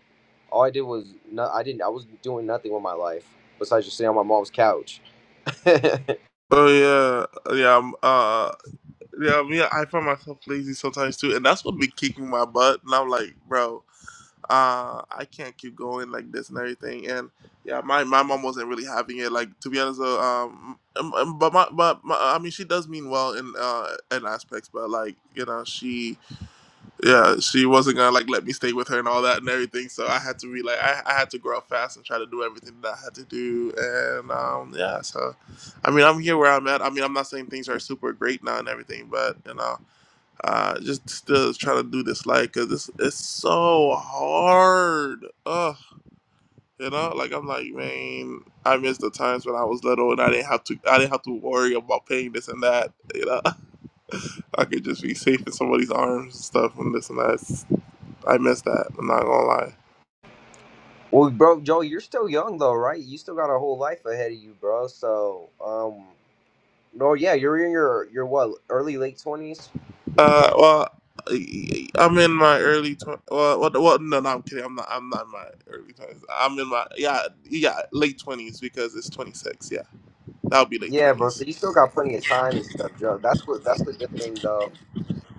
D: All I did was not. I didn't. I was doing nothing with my life besides just sitting on my mom's couch. [laughs]
B: Oh yeah, yeah, um, uh, yeah. Me, I find myself lazy sometimes too, and that's what be kicking my butt. And I'm like, bro. uh, I can't keep going like this and everything. And yeah, my, my mom wasn't really having it. Like to be honest, though, um, um, um, but my, but my, I mean, she does mean well in uh in aspects, but like you know, she yeah, she wasn't gonna like let me stay with her and all that and everything. So I had to be like, I, I had to grow up fast and try to do everything that I had to do. And um, yeah, so I mean, I'm here where I'm at. I mean, I'm not saying things are super great now and everything, but you know. Uh, just still trying to do this like, cause it's it's so hard. Ugh, you know, like I'm like, man, I miss the times when I was little and I didn't have to, I didn't have to worry about paying this and that. You know, [laughs] I could just be safe in somebody's arms and stuff and this and that. It's- I miss that. I'm not gonna lie.
D: well, bro, Joe, you're still young though, right? You still got a whole life ahead of you, bro. So, um, no, yeah, you're in your your what early late twenties.
B: Uh, well, I- I'm in my early twenties. Well, what? What? No, no, I'm kidding. I'm not. I'm not in my early twenties. I'm in my yeah, yeah, late twenties because it's 26. Yeah, that'll be late
D: Yeah, bro.
B: 20s
D: So you still got plenty of time and stuff, Joe. That's what that's the good thing, though.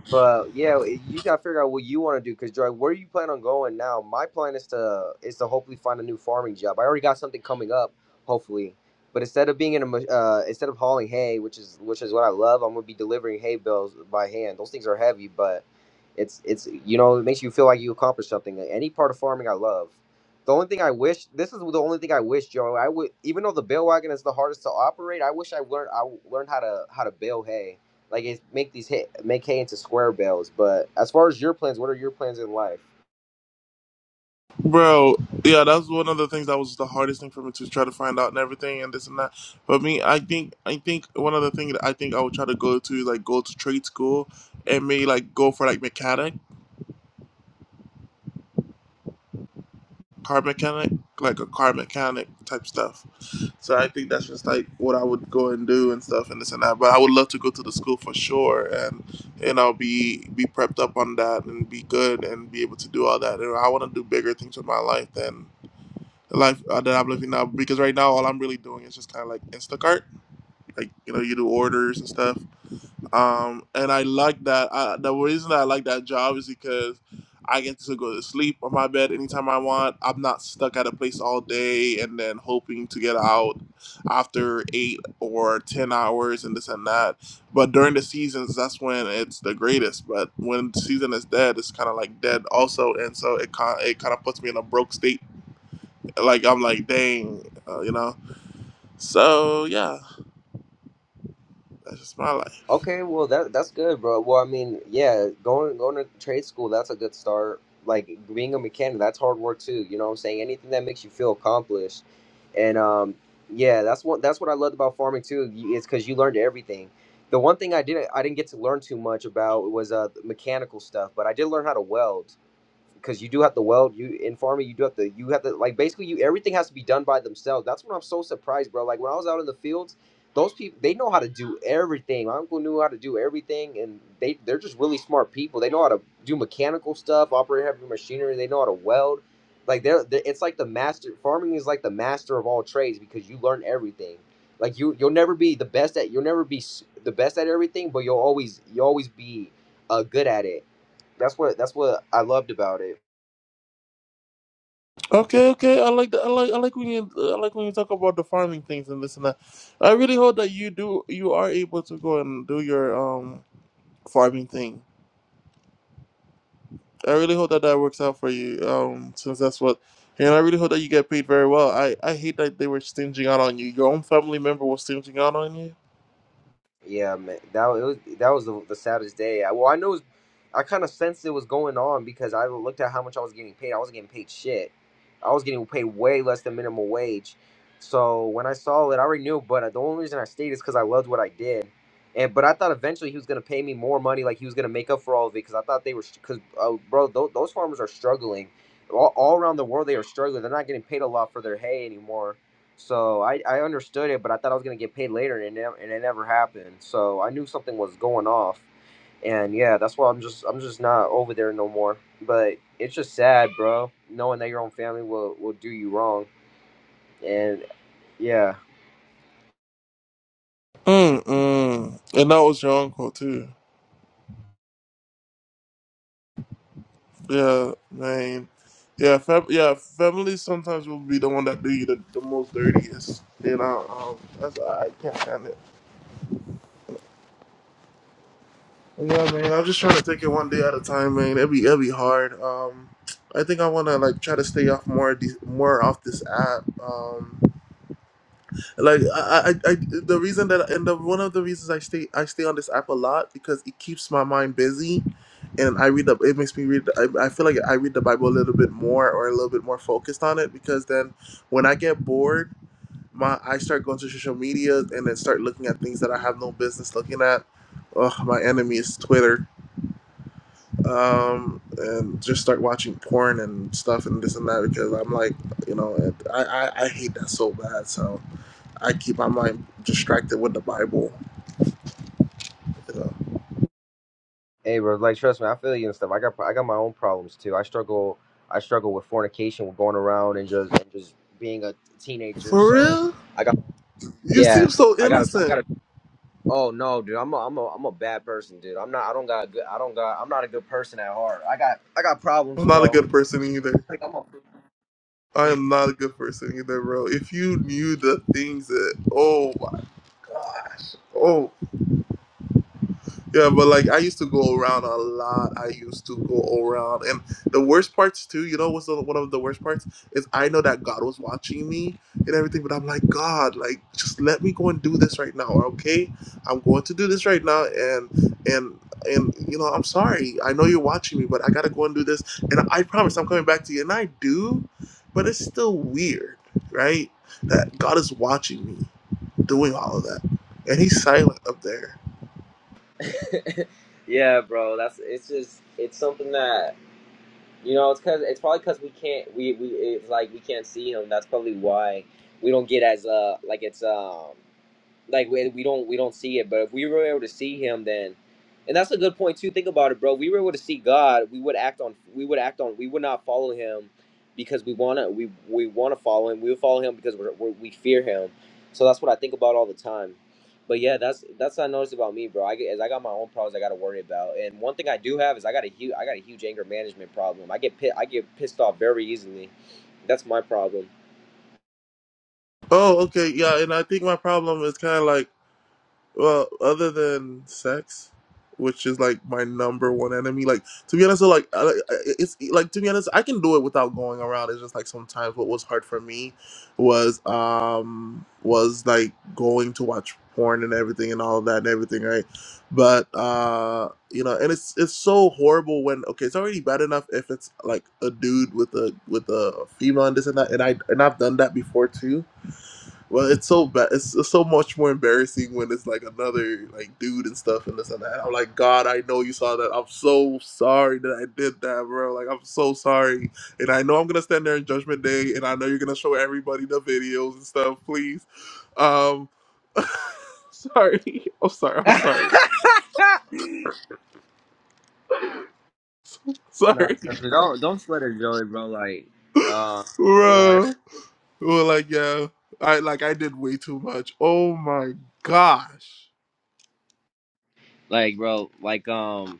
D: But yeah, you gotta figure out what you want to do. Cause Joy, where you plan on going now? My plan is to is to hopefully find a new farming job. I already got something coming up, hopefully. But instead of being in a ma- uh, instead of hauling hay, which is which is what I love, I'm gonna be delivering hay bales by hand. Those things are heavy, but it's it's you know it makes you feel like you accomplished something. Any part of farming, I love. The only thing I wish this is the only thing I wish, Joe. I would even though the bale wagon is the hardest to operate, I wish I learned I learned how to how to bale hay like it's make these hay, make hay into square bales. But as far as your plans, what are your plans in life?
B: Bro, yeah, that's one of the things that was the hardest thing for me to try to find out and everything and this and that. But me, I think I think one of the things that I think I would try to go to is like go to trade school and maybe like go for like mechanic, car mechanic, like a car mechanic type stuff. So I think that's just like what I would go and do and stuff and this and that. But I would love to go to the school for sure and and I'll be be prepped up on that and be good and be able to do all that. And I want to do bigger things with my life than the life uh, that I'm living now because right now all I'm really doing is just kind of like Instacart, like you know you do orders and stuff. Um, and I like that. I, the reason that I like that job is because I get to go to sleep on my bed anytime I want. I'm not stuck at a place all day and then hoping to get out after eight or ten hours and this and that. But during the seasons, that's when it's the greatest. But when the season is dead, it's kind of like dead also, and so it kind it kind of puts me in a broke state like I'm like, dang, uh, you know. So yeah, that's just my life.
D: Okay, well that that's good, bro. Well, I mean, yeah, going going to trade school that's a good start. Like being a mechanic, that's hard work too. You know what I'm saying? Anything that makes you feel accomplished, and um, yeah, that's what that's what I loved about farming too. y- Is because you learned everything. The one thing I didn't I didn't get to learn too much about was uh mechanical stuff, but I did learn how to weld because you do have to weld you in farming you do have to you have to like basically you everything has to be done by themselves that's when i'm so surprised bro like when i was out in the fields those people they know how to do everything my uncle knew how to do everything and they they're just really smart people they know how to do mechanical stuff operate heavy machinery they know how to weld like they're, they it's like the master farming is like the master of all trades because you learn everything like you you'll never be the best at you'll never be s- the best at everything but you'll always you'll always be uh, good at it that's what that's what i loved about it
B: Okay, okay. I like that. I like I like when you I like when you talk about the farming things and this and that. I really hope that you do you are able to go and do your um farming thing. I really hope that that works out for you. Um, since that's what. And I really hope that you get paid very well. I, I hate that they were stinging out on you. Your own family member was stinging out on you.
D: Yeah, man, that wa- it was that was the, the saddest day. I, well, I know, it was, I kind of sensed it was going on because I looked at how much I was getting paid. I wasn't getting paid shit. I was getting paid way less than minimum wage. So when I saw it, I already knew. But uh, the only reason I stayed is because I loved what I did. And but I thought eventually he was gonna pay me more money, like he was gonna make up for all of it. Because I thought they were, because uh, bro, th- those farmers are struggling. All, all around the world, they are struggling. They're not getting paid a lot for their hay anymore so I, I understood it, but I thought I was gonna get paid later, and it, ne- and it never happened. So I knew something was going off, and yeah, that's why I'm just I'm just not over there no more. But it's just sad, bro, knowing that your own family will will do you wrong, and yeah,
B: Mm-mm. And that was your uncle too. Yeah, man. Yeah, fam- yeah. Family sometimes will be the one that do you the, the most dirtiest. You know, um, that's I can't handle. it. Yeah, man. I'm just trying to take it one day at a time, man. It'll be it'll be hard. Um, I think I wanna like try to stay off more of these, more off this app. Um, like I, I, I the reason that and the one of the reasons I stay I stay on this app a lot because it keeps my mind busy, and I read the it makes me read I, I feel like I read the Bible a little bit more or a little bit more focused on it because then when I get bored my I start going to social media and then start looking at things that I have no business looking at. Ugh, my enemy is Twitter, um, and just start watching porn and stuff and this and that because I'm like you know I I, I hate that so bad so. I keep my mind distracted with the Bible. you know.
D: hey, bro, like trust me, I feel you and stuff. I got I got my own problems too. I struggle I struggle with fornication, with going around and just and just being a teenager.
B: For
D: So
B: real?
D: I got
B: You seem
D: yeah,
B: so
D: I got I
B: innocent.
D: got Oh no, dude, I'm a, I'm a, I'm a bad person, dude. I'm not. I don't got a good. I don't got. I'm not a good person at heart. I got. I got
B: I'm
D: problems,
B: not a
D: bro.
B: good person either.
D: Like, I'm
B: I am not a good person either, bro. If you knew the things that oh my oh Yeah, but like I used to go around a lot. I used to go around, and the worst parts too. You know what's the, one of the worst parts is I know that God was watching me and everything, but I'm like God, like just let me go and do this right now, okay? I'm going to do this right now, and and and you know I'm sorry. I know you're watching me, but I gotta go and do this, and I promise I'm coming back to you, and I do, but it's still weird, right? That God is watching me doing all of that, and He's silent up there
D: a- [laughs] yeah, bro. That's. It's just. It's something that you know. It's cause. It's probably cause we can't. We we. It's like we can't see him. That's probably why we don't get as uh like it's um. like we, we don't we don't see it but if we were able to see him then and that's a good point too think about it bro we were able to see god we would act on we would act on we would not follow him because we want to we we want to follow him we would follow him because we're, we're, we fear him so that's what i think about all the time but yeah that's that's what i noticed about me bro i get as i got my own problems i got to worry about and one thing i do have is i got a huge i got a huge anger management problem i get pit i get pissed off very easily that's my problem
B: Oh, okay, yeah, and I think my problem is kind of like, well, other than sex, which is like my number one enemy. Like to be honest, so like I- I- it's like to be honest, I can do it without going around. It's just like sometimes what was hard for me was um was like going to watch porn and everything and all of that and everything, right? But uh, you know, and it's it's so horrible when okay, it's already bad enough if it's like a dude with a with a female and this and that, and I and I've done that before too well, it's so bad. It's, it's so much more embarrassing when it's like another like dude and stuff and this and that. I'm like, God, I know you saw that. I'm so sorry that I did that, bro. Like, I'm so sorry, and I know I'm gonna stand there in Judgment Day, and I know you're gonna show everybody the videos and stuff. Please, um, [laughs] sorry. I'm sorry. I'm sorry.
D: [laughs] No,
B: Sorry,
D: Tesla, don't don't sweat it, Joey, bro. Like, uh, you know,
B: bro. Well, like, yeah, I like I did way too much. Oh my gosh.
D: like, bro, like, um,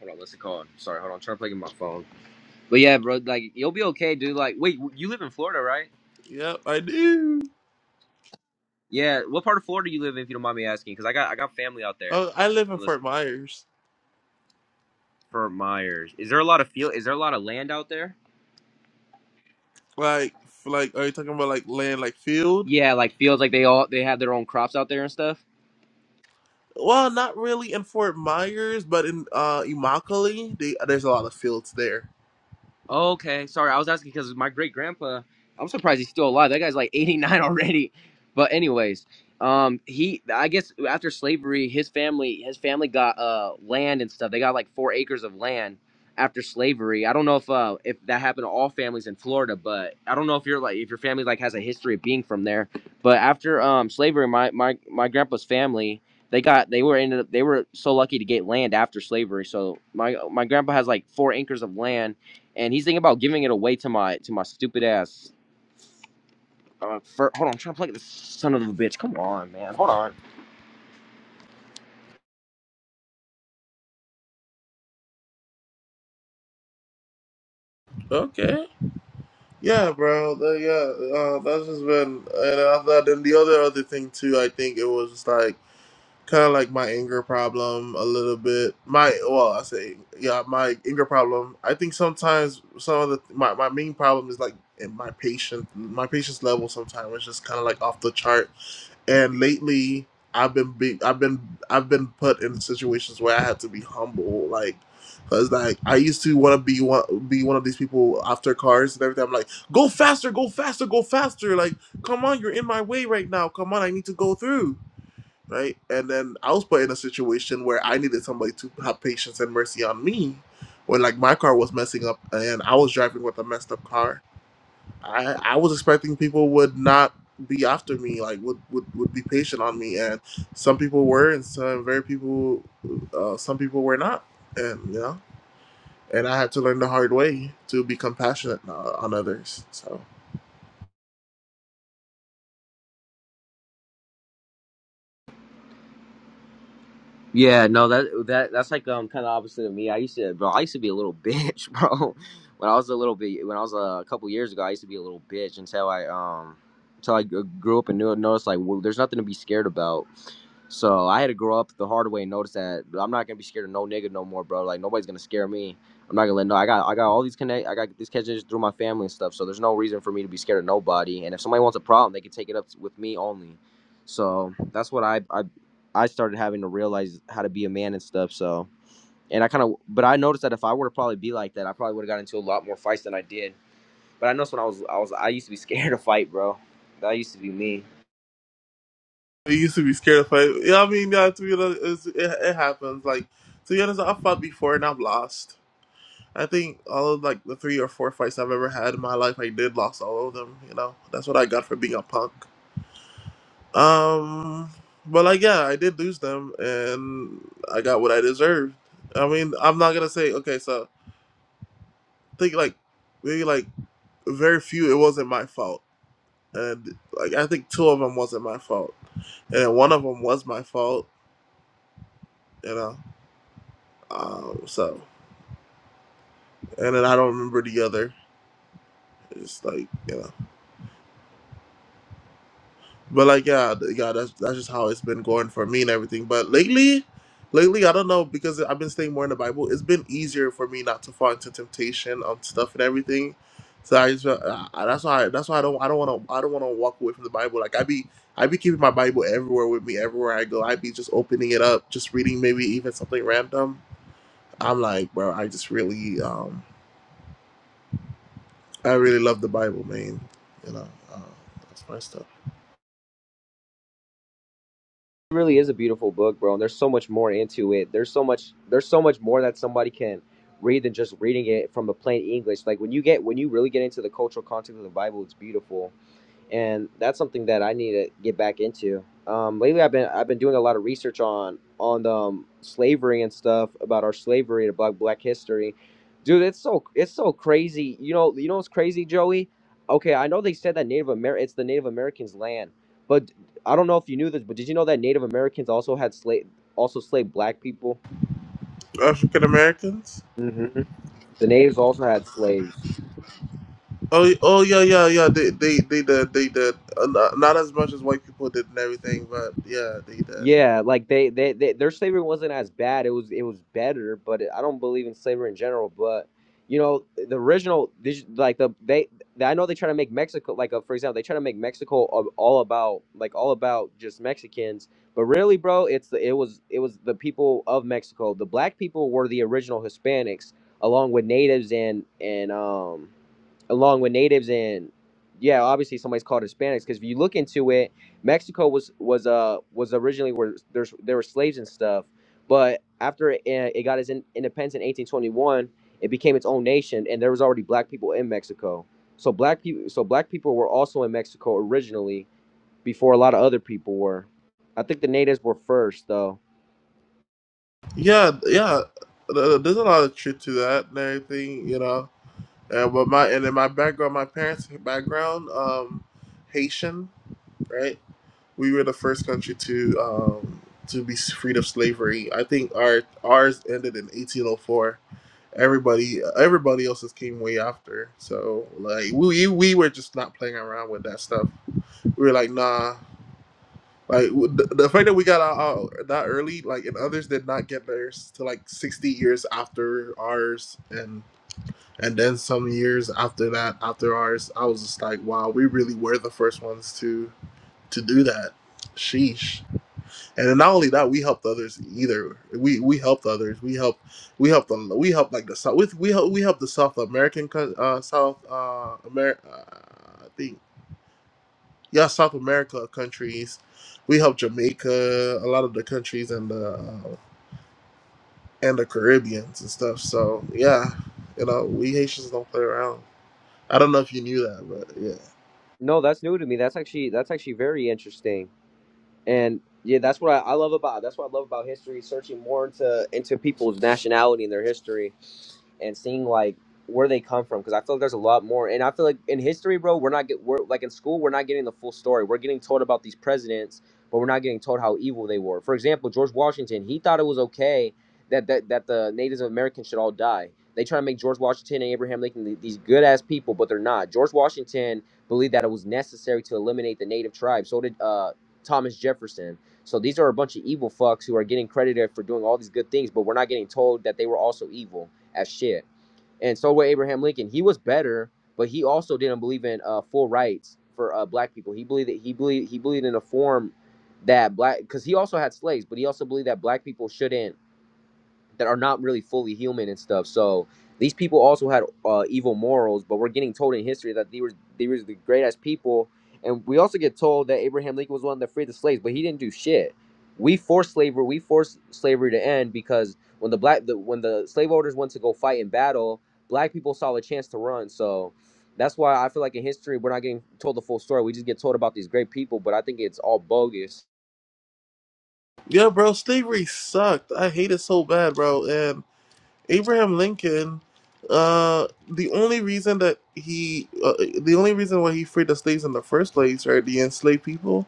D: hold on, what's it called? Sorry, hold on, trying to plug in my phone. But yeah, bro, like, you'll be okay, dude. Like, wait, you live in Florida, right?
B: Yep, I do.
D: Yeah, what part of Florida you live in, if you don't mind me asking? Because I got I got family out there,
B: Uh, I live in
D: unless
B: Fort Myers.
D: for Myers. Is there a lot of field? Is there a lot of land out there?
B: Like, like, are you talking about like land, like field?
D: Yeah, like fields, like they all they have their own crops out there and stuff.
B: Well, not really in Fort Myers, but in uh Immokalee, they, there's a lot of fields there.
D: Okay, sorry, I was asking because my great grandpa, I'm surprised he's still alive. That guy's like [laughs] 89 already. But anyways, um, he, I guess after slavery, his family, his family got uh land and stuff. They got like four acres of land after slavery. I don't know if uh if that happened to all families in Florida, but I don't know if you're like if your family like has a history of being from there. But after um slavery, my my my grandpa's family. They got they were ended up they were so lucky to get land after slavery. So my my grandpa has like four acres of land and he's thinking about giving it away to my to my stupid ass. Uh, fir- hold on, I'm trying to plug this son of a bitch. Come on, man. Hold on.
B: Okay. Yeah, bro. The, yeah, uh, that's just been. And I thought, and the other other thing too, I think it was just like kind of like my anger problem a little bit. My well, I say yeah, my anger problem. I think sometimes some of the my my main problem is like in my patience. My patience level sometimes is just kind of like off the chart and lately I've been be- I've been I've been put in situations where I had to be humble, like because like I used to want to be one be one of these people after cars and everything. I'm like, go faster, go faster, go faster! Like, come on, you're in my way right now. Come on, I need to go through. Right, and then I was put in a situation where I needed somebody to have patience and mercy on me, when like my car was messing up and I was driving with a messed up car, I, I was expecting people would not be after me, like would, would, would be patient on me, and some people were, and some very people, uh, some people were not, and you know, and I had to learn the hard way to be compassionate uh, on others. So
D: Yeah, no, that that that's like um kind of opposite of me. I used to, bro. I used to be a little [laughs] bitch, bro. When I was a little bit, when I was uh, a couple years ago, I used to be a little bitch until I um until I g- grew up and knew noticed like well, there's nothing to be scared about. So I had to grow up the hard way and notice that I'm not gonna be scared of no nigga no more, bro. Like nobody's gonna scare me. I'm not gonna let no. I got I got all these connect. I got these connections through my family and stuff. So there's no reason for me to be scared of nobody. And if somebody wants a problem, they can take it up with me only. So that's what I I I started having to realize how to be a man and stuff. So, and I kind of, but I noticed that if I were to probably be like that, I probably would have got into a lot more fights than I did. But I noticed when I was, I was, I used to be [laughs] scared to fight, bro. That used to be me.
B: I used to be scared of fight. Yeah, I mean, yeah, to be honest, it's, it, it happens. Like to be honest, I've fought before and I've lost. I think all of like the three or four fights I've ever had in my life, I did lost all of them. You know, that's what I got for being a punk. Um, but like, yeah, I did lose them, and I got what I deserved. I mean, I'm not gonna say okay. So I think like maybe like very few. It wasn't my fault, and like I think two of them wasn't my fault, and then one of them was my fault. You know, um, so and then I don't remember the other. It's like you know. But like, yeah, th- yeah, that's that's just how it's been going for me and everything. But lately, lately, I don't know because I've been staying more in the Bible. It's been easier for me not to fall into temptation of stuff and everything. So I just feel- I, I- that's why that's why I don't I don't want to I don't want to walk away from the Bible. Like I be I be keeping my Bible everywhere with me everywhere I go. I be just opening it up, just reading maybe even something random. I'm like, bro, I just really um I really love the Bible, man. You know, uh, that's my stuff.
D: It really is a beautiful book, bro. And there's so much more into it. There's so much, there's so much more that somebody can read than just reading it from a plain English. Like when you get, when you really get into the cultural context of the Bible, it's beautiful and that's something that I need to get back into. Um, lately, I've been I've been doing a lot of research on on um, slavery and stuff about our slavery to Black Black history, dude. It's so it's so crazy. You know you know what's crazy, Joey? Okay, I know they said that Native Amer it's the Native Americans' land, but I don't know if you knew this, but did you know that Native Americans also had slave also slaved Black people?
B: African Americans.
D: hmm The natives also had slaves.
B: Oh, oh yeah, yeah, yeah. They, they, they did, they did. Uh, not, not as much as white people did and everything, but yeah, they did.
D: Yeah, like they, they, they their slavery wasn't as bad. It was it was better, but I don't believe in slavery in general. But you know, the original, this- like the they, I know they try to make Mexico like uh, for example, they try to make Mexico a- all about like all about just Mexicans, but really, bro, it's the it was it was the people of Mexico. The black people were the original Hispanics, along with natives and and um along with natives and yeah obviously somebody's called hispanics because if you look into it mexico was was uh was originally where there's there were slaves and stuff but after it, eh, it got its in, independence in 1821 it became its own nation and there was already black people in mexico so black people so black people were also in mexico originally before a lot of other people were i think the natives were first though
B: Yeah, yeah. Th- There's a lot of truth to that and everything, you know. Uh, but my and in my background, my parents' background, um, Haitian, right? We were the first country to um to be freed of slavery. I think our ours ended in 1804. Everybody, everybody else's came way after. So like we we were just not playing around with that stuff we were like, nah. Like w- the, the fact that we got out, out that early, like, and others did not get theirs till like sixty years after ours, and and then some years after that, after ours, I was just like, wow, we really were the first ones to to do that. Sheesh. And then not only that, we helped others either. We we helped others. We helped we helped them. We helped like the South. We we helped we helped the South American co- uh, South uh America. yeah, South America countries. We help Jamaica, a lot of the countries and the uh, and the Caribbeans and stuff. So yeah, you know, we Haitians don't play around. I don't know if you knew that, but yeah,
D: no that's new to me that's actually that's actually very interesting and yeah, that's what I, I love about that's what I love about history, searching more into into people's nationality and their history and seeing like where they come from because I feel like there's a lot more. And I feel like in history, bro, we're not get we're like in school we're not getting the full story. We're getting told about these presidents, but we're not getting told how evil they were. For example, George Washington, he thought it was okay that that, that the Native Americans should all die. They try to make George Washington and Abraham Lincoln th- these good ass people, but they're not. George Washington believed that it was necessary to eliminate the Native tribes. So did uh, Thomas Jefferson. So these are a bunch of evil fucks who are getting credited for doing all these good things, but we're not getting told that they were also evil as shit. And so with Abraham Lincoln, he was better, but he also didn't believe in uh, full rights for uh, black people. He believed that he believed he believed in a form that black because he also had slaves, but he also believed that black people shouldn't that are not really fully human and stuff. So these people also had uh, evil morals, but we're getting told in history that they were they were the greatest people, and we also get told that Abraham Lincoln was one that freed the slaves, but he didn't do shit. We forced slavery. We forced slavery to end because when the black the, when the slave owners went to go fight in battle, black people saw a chance to run. So that's why I feel like in history we're not getting told the full story. We just get told about these great people, but I think it's all bogus.
B: yeah, bro, slavery sucked. I hate it so bad, bro. And Abraham Lincoln, uh, the only reason that he, uh, the only reason why he freed the slaves in the first place, right, the enslaved people,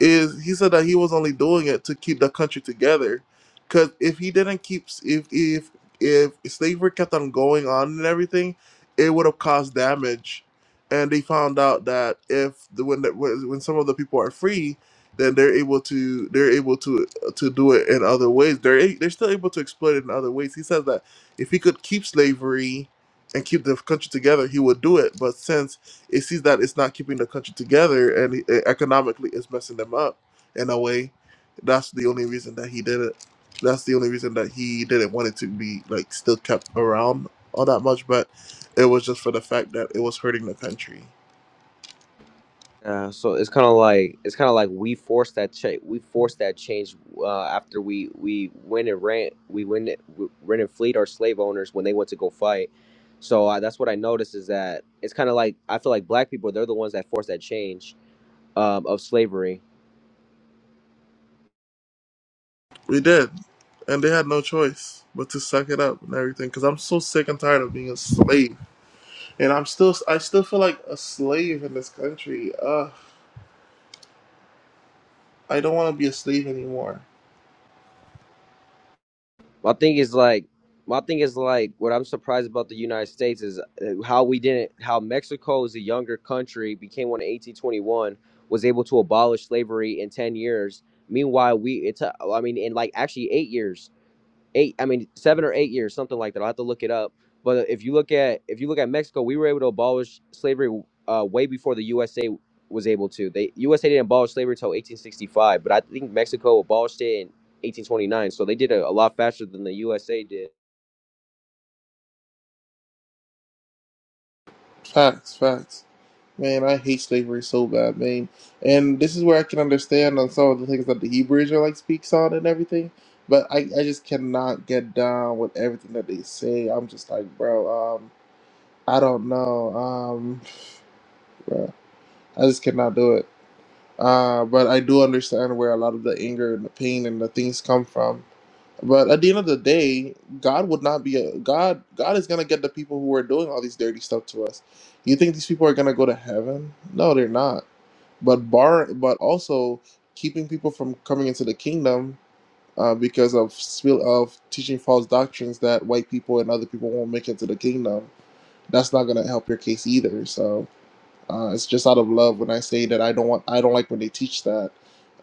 B: is he said that he was only doing it to keep the country together because if he didn't keep if if if slavery kept on going on and everything it would have caused damage and they found out that if the, when the, when when some of the people are free then they're able to they're able to to do it in other ways they're a- they're still able to exploit it in other ways he says that if he could keep slavery and keep the country together he would do it but since it sees that it's not keeping the country together and e- economically it's messing them up in a way. That's the only reason that he did it. That's the only reason that he didn't want it to be like still kept around all that much, but it was just for the fact that it was hurting the country.
D: Yeah, so it's kind of like it's kind of like we forced that change. We forced that change uh, after we we went and rent we went and- we rent and fleet our slave owners when they went to go fight. So uh, that's what I noticed is that it's kind of like I feel like black people they're the ones that forced that change um, of slavery
B: We did, and they had no choice but to suck it up and everything. Because I'm so sick and tired of being a slave, and I'm still I still feel like a slave in this country. Ugh, I don't want to be a slave anymore.
D: My thing is like, my thing is like, what I'm surprised about the United States is uh, how we didn't, how Mexico is a younger country, became one in 1821, was able to abolish slavery in 10 years. Meanwhile, we, it's, uh, I mean, in like actually eight years eight i mean seven or eight years something like that i'll have to look it up but if you look at if you look at mexico we were able to abolish slavery uh, way before the usa was able to they usa didn't abolish slavery until 1865 but i think mexico abolished it in 1829 so they did it a lot faster than the usa did
B: Facts, facts. Man, I hate slavery so bad, man. And this is where I can understand on some of the things that the Hebrews are like speaks on and everything. But I, I just cannot get down with everything that they say. I'm just like, bro, um, I don't know. Um, bro, I just cannot do it. Uh, but I do understand where a lot of the anger and the pain and the things come from. But at the end of the day, God would not be a God. God is gonna get the people who are doing all these dirty stuff to us. You think these people are gonna go to heaven? No, they're not. But bar, but also keeping people from coming into the kingdom uh, because of spill of teaching false doctrines that white people and other people won't make it to the kingdom. That's not gonna help your case either. So. Uh, it's just out of love when I say that I don't want I don't like when they teach that,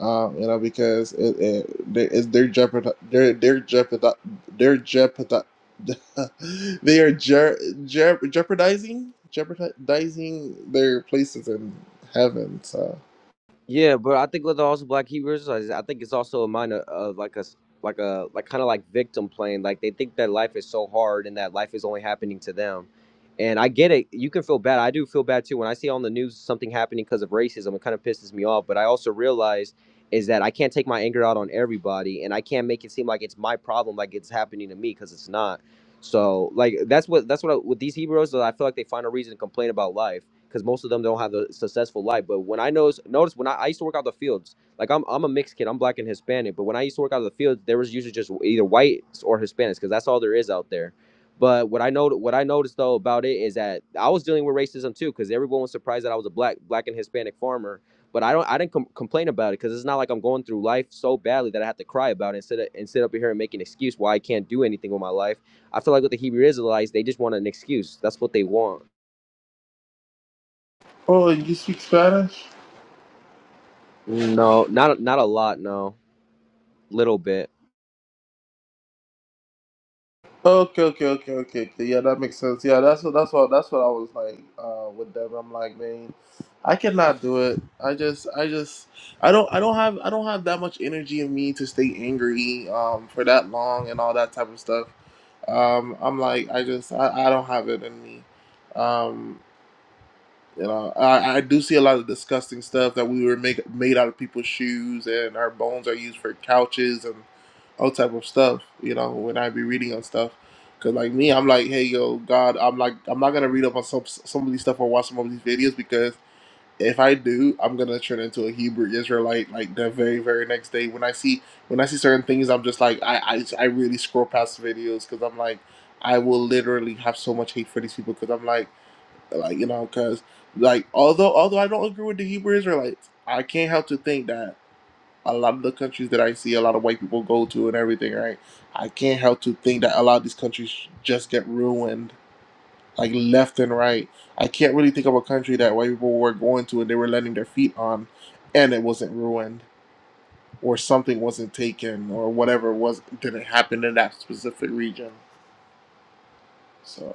B: um, you know, because it, it, they- it's they're jeopard they're they're jeopard they're jeopard [laughs] they are jer- jer- jeopardizing jeopardizing their places in heaven. So
D: Yeah, but I think with also Black Hebrews, is I think it's also a mind of, of like a s- like a like kind of like victim playing. Like they think that life is so hard and that life is only happening to them. And I get it. You can feel bad. I do feel bad too when I see on the news something happening because of racism. It kind of pisses me off. But I also realize is that I can't take my anger out on everybody, and I can't make it seem like it's my problem, like it's happening to me, because it's not. So like that's what that's what I, with these Hebrews, I feel like they find a reason to complain about life because most of them don't have a successful life. But when I notice, notice when I, I used to work out the fields, like I'm, I'm a mixed kid, I'm black and Hispanic. But when I used to work out the fields, there was usually just either whites or Hispanics because that's all there is out there. But what I know, what I noticed though about it is that I was dealing with racism too because everyone was surprised that I was a black, black and Hispanic farmer. But I don't, I didn't com- complain about it because it's not like I'm going through life so badly that I have to cry about it and sit, and sit up here and make an excuse why I can't do anything with my life. I feel like with the Hebrew Israelites, they just want an excuse. That's what they want.
B: oh, you speak Spanish?
D: No, not not a lot. No, little bit.
B: Okay, okay, okay, okay, okay. Yeah, that makes sense. Yeah, that's what that's what that's what I was like uh, with them. I'm like, man, I cannot do it. I just, I just, I don't, I don't have, I don't have that much energy in me to stay angry um, for that long and all that type of stuff. Um, I'm like, I just, I, I don't have it in me. Um, you know, I, I do see a lot of disgusting stuff that we were make, made out of people's shoes, and our bones are used for couches and all type of stuff. You know, when I be reading on stuff, because like me, I'm like, hey, yo, God, I'm like, I'm not gonna read up on some some of these stuff or watch some of these videos because if I do, I'm gonna turn into a Hebrew Israelite like the very very next day. When I see when I see certain things, I'm just like, I I, I really scroll past videos because I'm like, I will literally have so much hate for these people because I'm like. Like you know, because like although although I don't agree with the Hebrew Israelites, I can't help to think that a lot of the countries that I see a lot of white people go to and everything, right? I can't help to think that a lot of these countries just get ruined, like left and right. I can't really think of a country that white people were going to and they were letting their feet on, and it wasn't ruined or something wasn't taken or whatever was didn't happen in that specific region. So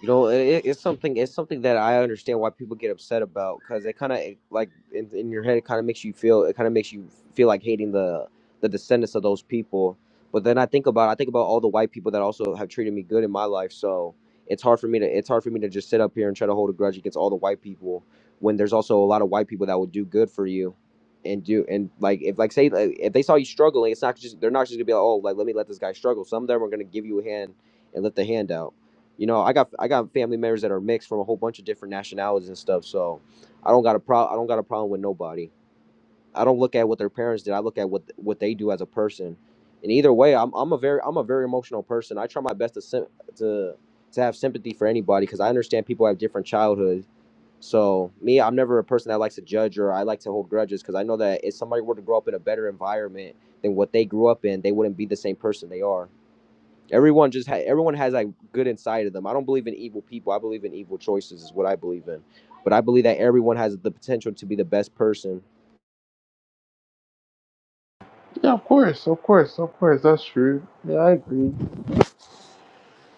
D: You know, it, it's something. It's something that I understand why people get upset about because it kind of like in, in your head, it kind of makes you feel. It kind of makes you feel like hating the the descendants of those people. But then I think about I think about all the white people that also have treated me good in my life. So it's hard for me to it's hard for me to just sit up here and try to hold a grudge against all the white people when there's also a lot of white people that will do good for you and do and like if like say like, if they saw you struggling, it's not just they're not just gonna be like oh like let me let this guy struggle. Some of them are gonna give you a hand and lift the hand out. You know, I got I got family members that are mixed from a whole bunch of different nationalities and stuff. So I don't got a pro I don't got a problem with nobody. I don't look at what their parents did. I look at what what they do as a person. And either way, I'm I'm a very I'm a very emotional person. I try my best to sim- to to have sympathy for anybody because I understand people have different childhoods. So me, I'm never a person that likes to judge or I like to hold grudges because I know that if somebody were to grow up in a better environment than what they grew up in, they wouldn't be the same person they are. Everyone just ha- everyone has like good inside of them. I don't believe in evil people. I believe in evil choices is what I believe in. But I believe that everyone has the potential to be the best person.
B: yeah, of course, of course, of course, that's true. Yeah, I agree.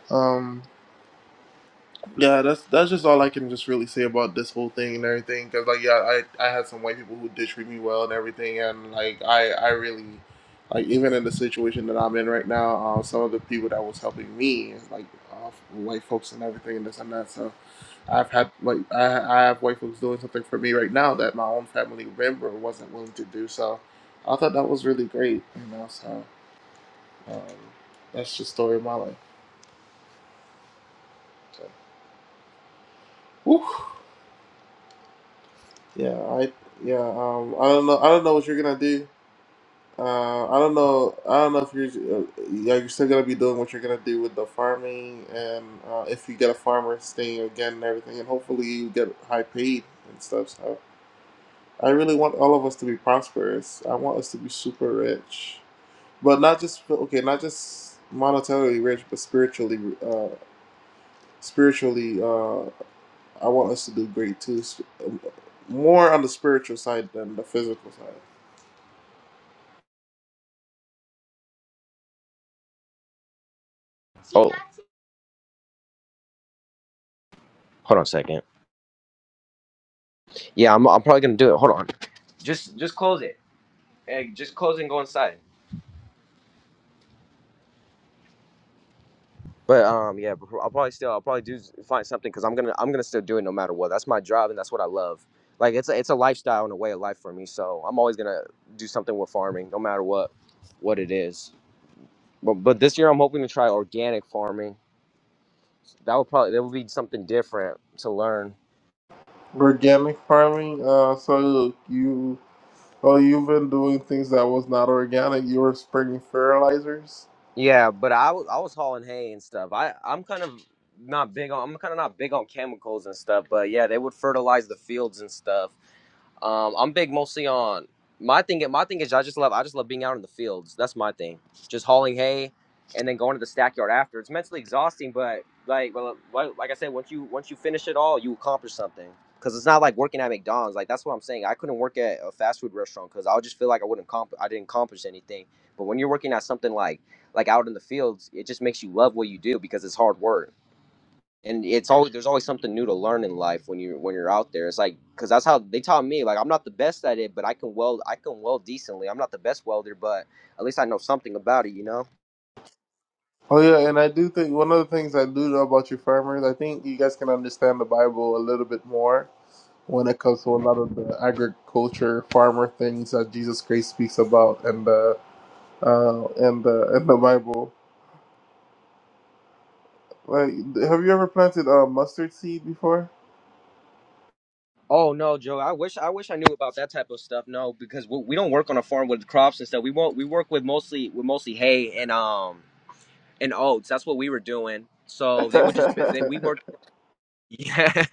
B: Um, Yeah, that's that's just all I can just really say about this whole thing and everything. Cause like, yeah, I I had some white people who did treat me well and everything, and like I I really like even in the situation that I'm in right now, um, some of the people that was helping me like uh, white folks and everything and this and that. So I've had like I I have white folks doing something for me right now that my own family member wasn't willing to do. So I thought that was really great, you know. So um, that's the story of my life. So, whew. Yeah, I yeah. Um, I don't know. I don't know what you're gonna do. Uh, I don't know. I don't know if you're. Uh, yeah, you're still gonna be doing what you're gonna do with the farming, and uh, if you get a farmer's thing again and everything, and hopefully you get high paid and stuff. So I really want all of us to be prosperous. I want us to be super rich, but not just okay, not just monetarily rich, but spiritually. Uh, spiritually, uh, I want us to do great too. s- More on the spiritual side than the physical side.
D: Oh, hold on a second. Yeah, I'm, I'm probably gonna do it. Hold on. Just just close it. Hey, just close it and go inside. But um, yeah, before- I'll probably still I'll probably do find something because I'm gonna I'm gonna still do it no matter what. That's my job and that's what I love. Like it's a, it's a lifestyle and a way of life for me. So I'm always gonna do something with farming no matter what what it is. But but this year I'm hoping to try organic farming that would probably that would be something different to learn
B: Organic farming. Uh, so you, oh, you've been doing things that was not organic. You were spraying fertilizers.
D: Yeah, but I was I was hauling hay and stuff. I I'm kind of not big on I'm kind of not big on chemicals and stuff, but yeah, they would fertilize the fields and stuff. Um, I'm big mostly on my thing. My thing is I just love I just love being out in the fields. That's my thing. Just hauling hay and then going to the stackyard after. It's mentally exhausting, but like well, like like I said, once you once you finish it all, you accomplish something. Cause it's not like working at McDonald's. Like that's what I'm saying. I couldn't work at a fast food restaurant because I would just feel like I wouldn't comp- I didn't accomplish anything. But when you're working at something like like out in the fields, it just makes you love what you do because it's hard work. And it's always there's always something new to learn in life when you when you're out there. It's like because that's how they taught me. Like I'm not the best at it, but I can weld. I can weld decently. I'm not the best welder, but at least I know something about it. You know.
B: Oh yeah, and I do think one of the things I do know about you farmers, I think you guys can understand the Bible a little bit more when it comes to a lot of the agriculture farmer things that Jesus Christ speaks about and the uh, and the and the Bible. Like, have you ever planted uh, mustard seed before?
D: Oh no, Joe. I wish I wish I knew about that type of stuff. No, because we, we don't work on a farm with crops and stuff. We won't. We work with mostly with mostly hay and um and oats. That's what we were doing. So they would just they, we
B: [laughs]
D: worked Yeah. [laughs]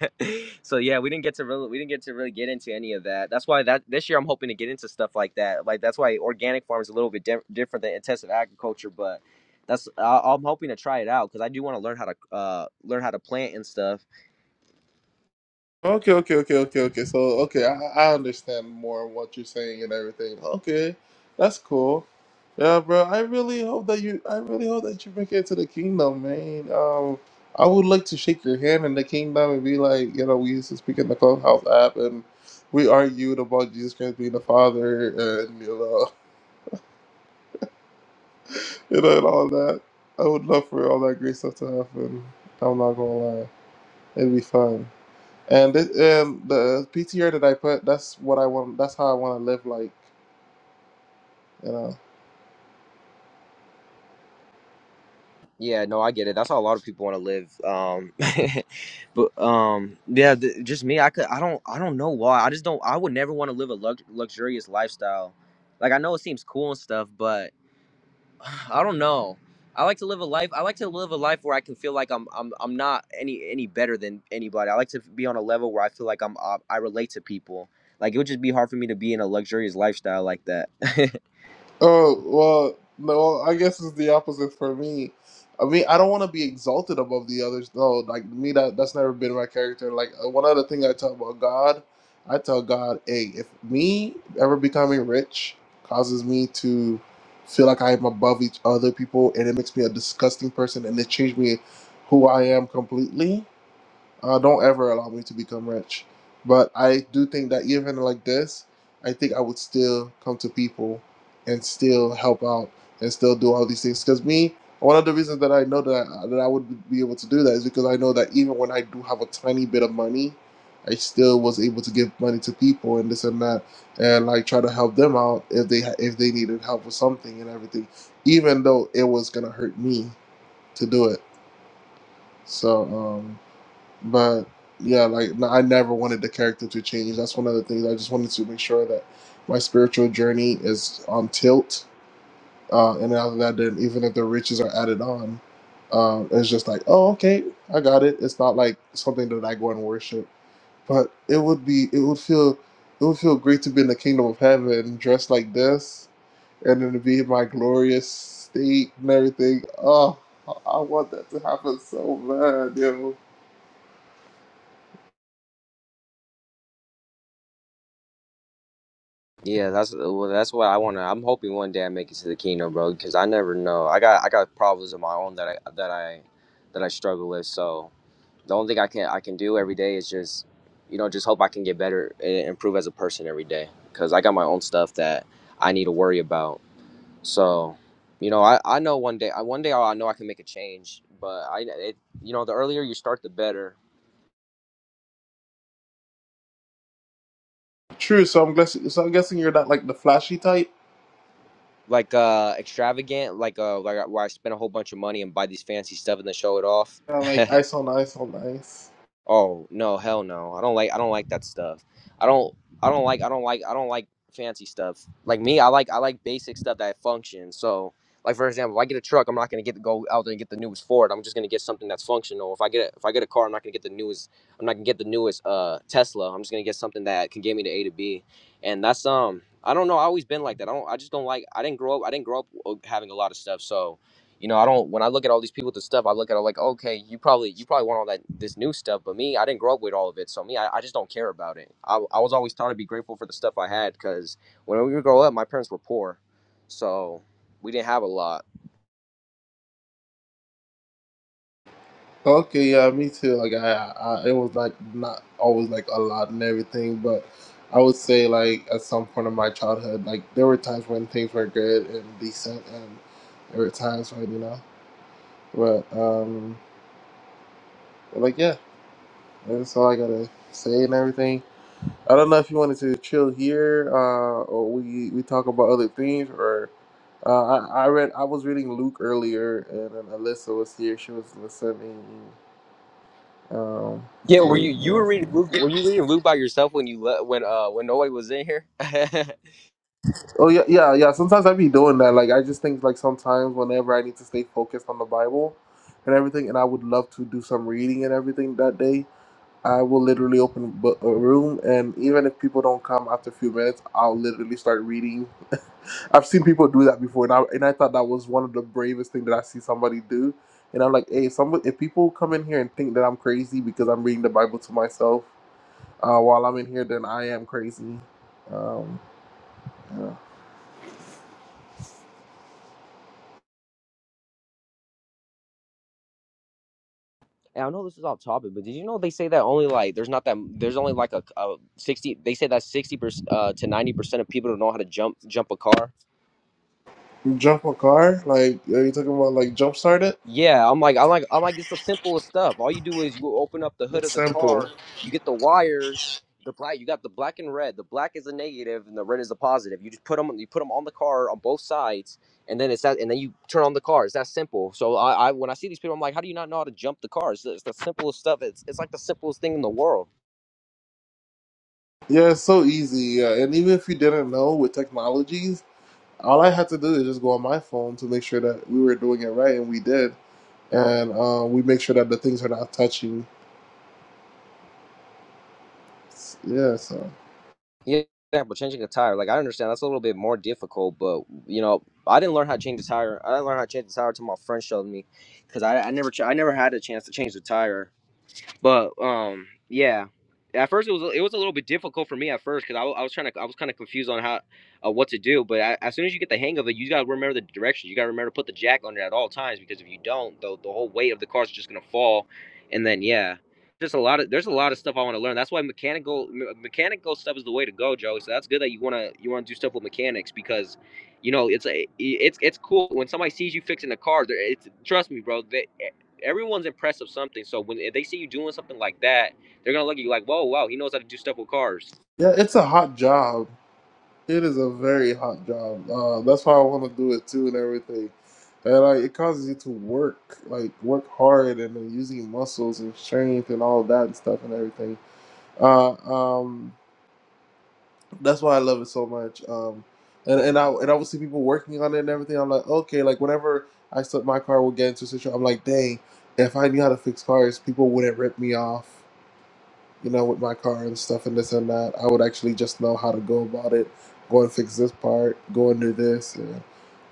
D: So yeah, we didn't get to really we didn't get to really get into any of that. That's why that this year I'm hoping to get into stuff like that. Like that's why organic farm is a little bit di- different than intensive agriculture, but that's I I'm hoping to try it out because I do want to learn how to uh learn how to plant and stuff.
B: Okay, okay, okay, okay, okay. So, okay, I, I understand more what you're saying and everything. Okay, that's cool. Yeah, bro. I really hope that you. I really hope that you make it to the kingdom, man. Um, I would like to shake your hand in the kingdom and be like, you know, we used to speak in the clubhouse app and we argued about Jesus Christ being the Father and you know, [laughs] you know, and all that. I would love for all that great stuff to happen. I'm not gonna lie, it'd be fun. And this, um, the PTR that I put, that's what I want. That's how I want to live like, you know.
D: Yeah, no, I get it. That's how a lot of people want to live. Um, [laughs] but um, yeah, th- just me. I could. I don't. I don't know why. I just don't. I would never want to live a lux- luxurious lifestyle. Like I know it seems cool and stuff, but. [sighs] I don't know. I like to live a life. I like to live a life where I can feel like I'm I'm I'm not any any better than anybody. I like to be on a level where I feel like I'm I, I relate to people. Like it would just be hard for me to be in a luxurious lifestyle like that. [laughs]
B: Oh well, no, I guess it's the opposite for me. I mean, I don't want to be exalted above the others, though. Like me, that that's never been my character. Like uh, one other thing I tell about God, I tell God, hey, if me ever becoming rich causes me to feel like I am above each other people, and it makes me a disgusting person, and it changed me who I am completely Uh, don't ever allow me to become rich. But I do think that even like this, I think I would still come to people and still help out and still do all these things. Because me, one of the reasons that I know that I, that I would be able to do that is because I know that even when I do have a tiny bit of money, I still was able to give money to people and this and that, and like try to help them out if they ha- if they needed help with something and everything, even though it was gonna hurt me to do it. So. um but yeah, like no, I never wanted the character to change. That's one of the things I just wanted to make sure that my spiritual journey is on tilt. Uh, and other than that, then even if the riches are added on, uh, it's just like, oh, okay, I got it. It's not like something that I go and worship. But it would be, it would feel, it would feel great to be in the kingdom of heaven dressed like this, and then to be in my glorious state and everything. Oh, I I want that to happen so bad, yo.
D: yeah, that's well, that's what I want to. I'm hoping one day I make it to the kingdom, bro. Because I never know. I got I got problems of my own that I that I that I struggle with. So the only thing I can I can do every day is just, you know, just hope I can get better and improve as a person every day. Cause I got my own stuff that I need to worry about. So, you know, I, I know one day I one day I know I can make a change. But I it, you know the earlier you start the better.
B: True. So I'm guessing. So I'm guessing you're not like the flashy type.
D: Like uh extravagant, like uh like where I spend a whole bunch of money and buy these fancy stuff and then show it off.
B: Kinda like
D: [laughs]
B: ice on ice on ice.
D: Oh no, hell no. I don't like I don't like that stuff. I don't I don't like I don't like I don't like fancy stuff. Like me, I like I like basic stuff that functions. So like for example, if I get a truck, I'm not gonna get to go out there and get the newest Ford. I'm just gonna get something that's functional. If I get a, if I get a car, I'm not gonna get the newest I'm not gonna get the newest uh Tesla. I'm just gonna get something that can get me to A to B. And that's um I don't know. I always been like that. I don't I just don't like I didn't grow up I didn't grow up uh, having a lot of stuff. So you know, I don't. When I look at all these people with the stuff, I look at it like, okay, you probably you probably want all that this new stuff, but me, I didn't grow up with all of it, so me, I, I just don't care about it. I, I was always taught to be grateful for the stuff I had because when we grow up, my parents were poor, so we didn't have a lot.
B: Okay, yeah, me too. Like I, I, it was like not always like a lot and everything, but I would say like at some point in my childhood, like there were times when things were good and decent, and there were times when you know, but um, but, like yeah, that's all I gotta say and everything. I don't know if you wanted to chill here, uh, or we we talk about other things, or uh, I I read I was reading Luke earlier, and then Alyssa was here. She was listening. Um,
D: Yeah,
B: to,
D: were
B: you
D: you you
B: know,
D: were reading
B: some-
D: Luke? Were you reading Luke by yourself when you le- when uh when nobody was in here? [laughs] and
B: oh yeah, yeah, yeah. Sometimes I be doing that. Like I just think like sometimes whenever I need to stay focused on the Bible and everything, and I would love to do some reading and everything that day. I will literally open bu- a room, and even if people don't come after a few minutes, I'll literally start reading I've seen people do that before, and I and I thought that was one of the bravest thing that I see somebody do. And I'm like, hey, some if people come in here and think that I'm crazy because I'm reading the Bible to myself uh, while I'm in here, then I am crazy. Um, yeah.
D: I know this is off topic, but did you know they say that only like there's not that there's only like a, a sixty they say that sixty percent uh, to ninety percent of people don't know how to jump jump a car.
B: Jump a car? Like, are you talking about like jump start it?
D: Yeah, I'm like, I'm like, I'm like, it's the simplest stuff. All you do is you open up the hood
B: It's
D: of the
B: simple.
D: car, you get the wires, the black, you got the black and red. The black is a negative, and the red is a positive. You just put them, you put them on the car on both sides, and then it's that, and then you turn on the car. It's that simple. So I, I when I see these people, I'm like, how do you not know how to jump the car? It's, it's the simplest stuff. It's, it's like the simplest thing in the world.
B: Yeah, it's so easy. Yeah. And even if you didn't know with technologies, all I had to do is just go on my phone to make sure that we were doing it right, and we did. And uh, we make sure that the things are not touching. Yeah, so.
D: Yeah, yeah, but changing a tire, like I understand that's a little bit more difficult, but you know, I didn't learn how to change the tire. I didn't learn how to change the tire until my friend showed me, because I, I never ch- I never had a chance to change the tire. But um, yeah. At first, it was it was a little bit difficult for me at first because I, I was trying to I was kind of confused on how uh, what to do. But I, as soon as you get the hang of it, you gotta remember the directions. You gotta remember to put the jack on it at all times because if you don't, the the whole weight of the car is just gonna fall. And then yeah, just a lot of there's a lot of stuff I want to learn. That's why mechanical me- mechanical stuff is the way to go, Joey. So that's good that you wanna you wanna do stuff with mechanics because you know it's a it's it's cool when somebody sees you fixing a car. they're- It's trust me, bro. They, everyone's impressed of something. So when they see you doing something like that, they're gonna look at you like, "Whoa, wow, he knows how to do stuff with cars."
B: Yeah, it's a hot job. It is a very hot job. Uh, that's why I want to do it too and everything. And like, it causes you to work, like work hard and then using your muscles and strength and all that and stuff and everything. Uh, um, that's why I love it so much. Um, and and I and I would see people working on it and everything. I'm like, okay, like whenever I start my car will get into a situation, I'm like, dang, if I knew how to fix cars, people wouldn't rip me off you know, with my car and stuff and this and that. I would actually just know how to go about it, go and fix this part, go and do this. And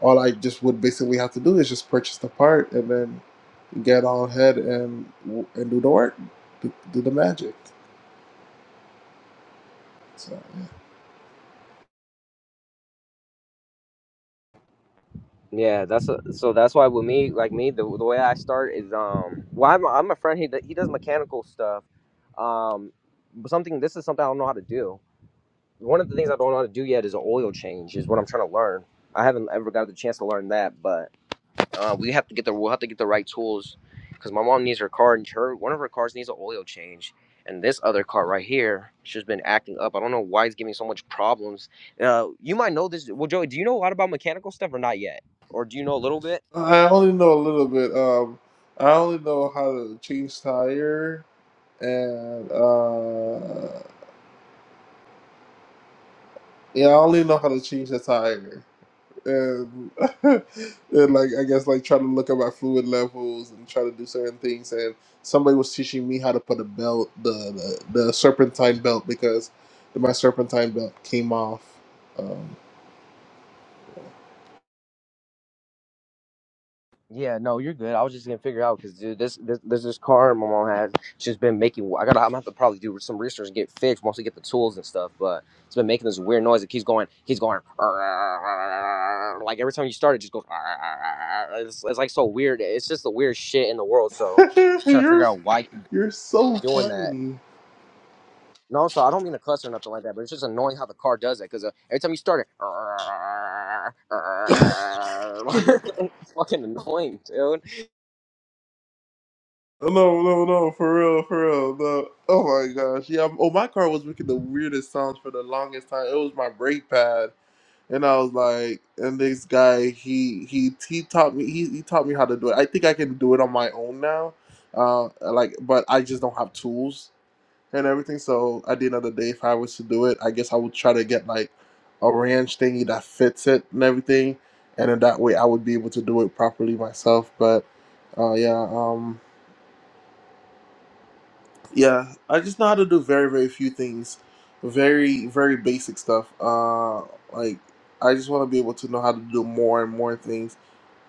B: all I just would basically have to do is just purchase the part and then get on ahead and and do the work, do, do the magic. So
D: Yeah, that's a, so. That's why with me, like me, the, the way I start is um. Well, I'm I'm a friend. He he does mechanical stuff. Um, but something. This is something I don't know how to do. One of the things I don't know how to do yet is an oil change. Is what I'm trying to learn. I haven't ever got the chance to learn that, but. Uh, we have to get the we'll have to get the right tools because my mom needs her car and her one of her cars needs an oil change. And this other car right here, she's been acting up. I don't know why it's giving so much problems. Uh, you might know this. Well, Joey, do you know a lot about mechanical stuff or not yet, or do you know a little bit?
B: I only know a little bit. Um, I only know how to change tire and uh, yeah, I only know how to change the tire. and, [laughs] and like I guess like trying to look at my fluid levels and try to do certain things. And somebody was teaching me how to put a belt, the the, the serpentine belt, because my serpentine belt came off. Um,
D: Yeah, no, you're good. I was just gonna figure out because dude, this, this there's this car my mom has. She's been making. I gotta. I'm gonna have to probably do some research and get fixed once we get the tools and stuff. But it's been making this weird noise. It keeps going. Keeps going. [laughs] Like every time you start, it just goes. [laughs] It's, it's like so weird. It's just the weirdest shit in the world. So
B: [laughs]
D: I'm trying to
B: you're
D: figure out why it keeps
B: you're so
D: doing that.
B: funny.
D: And also, I don't mean to cuss or nothing like that, but it's just annoying how the car does that because uh, every time you start it, [laughs] it's fucking annoying, dude.
B: No, no, no, for real, for real. No. Oh my gosh, yeah. Oh, my car was making the weirdest sounds for the longest time. It was my brake pad. and I was like, and this guy, he he he taught me he, he taught me how to do it. I think I can do it on my own now, uh, like, but I just don't have tools and everything. So at the end of the day, if I was to do it, I guess I would try to get like a ranch thingy that fits it and everything, and then that way I would be able to do it properly myself. But uh, yeah, um, yeah, I just know how to do very, very few things, very, very basic stuff. Uh, like I just want to be able to know how to do more and more things.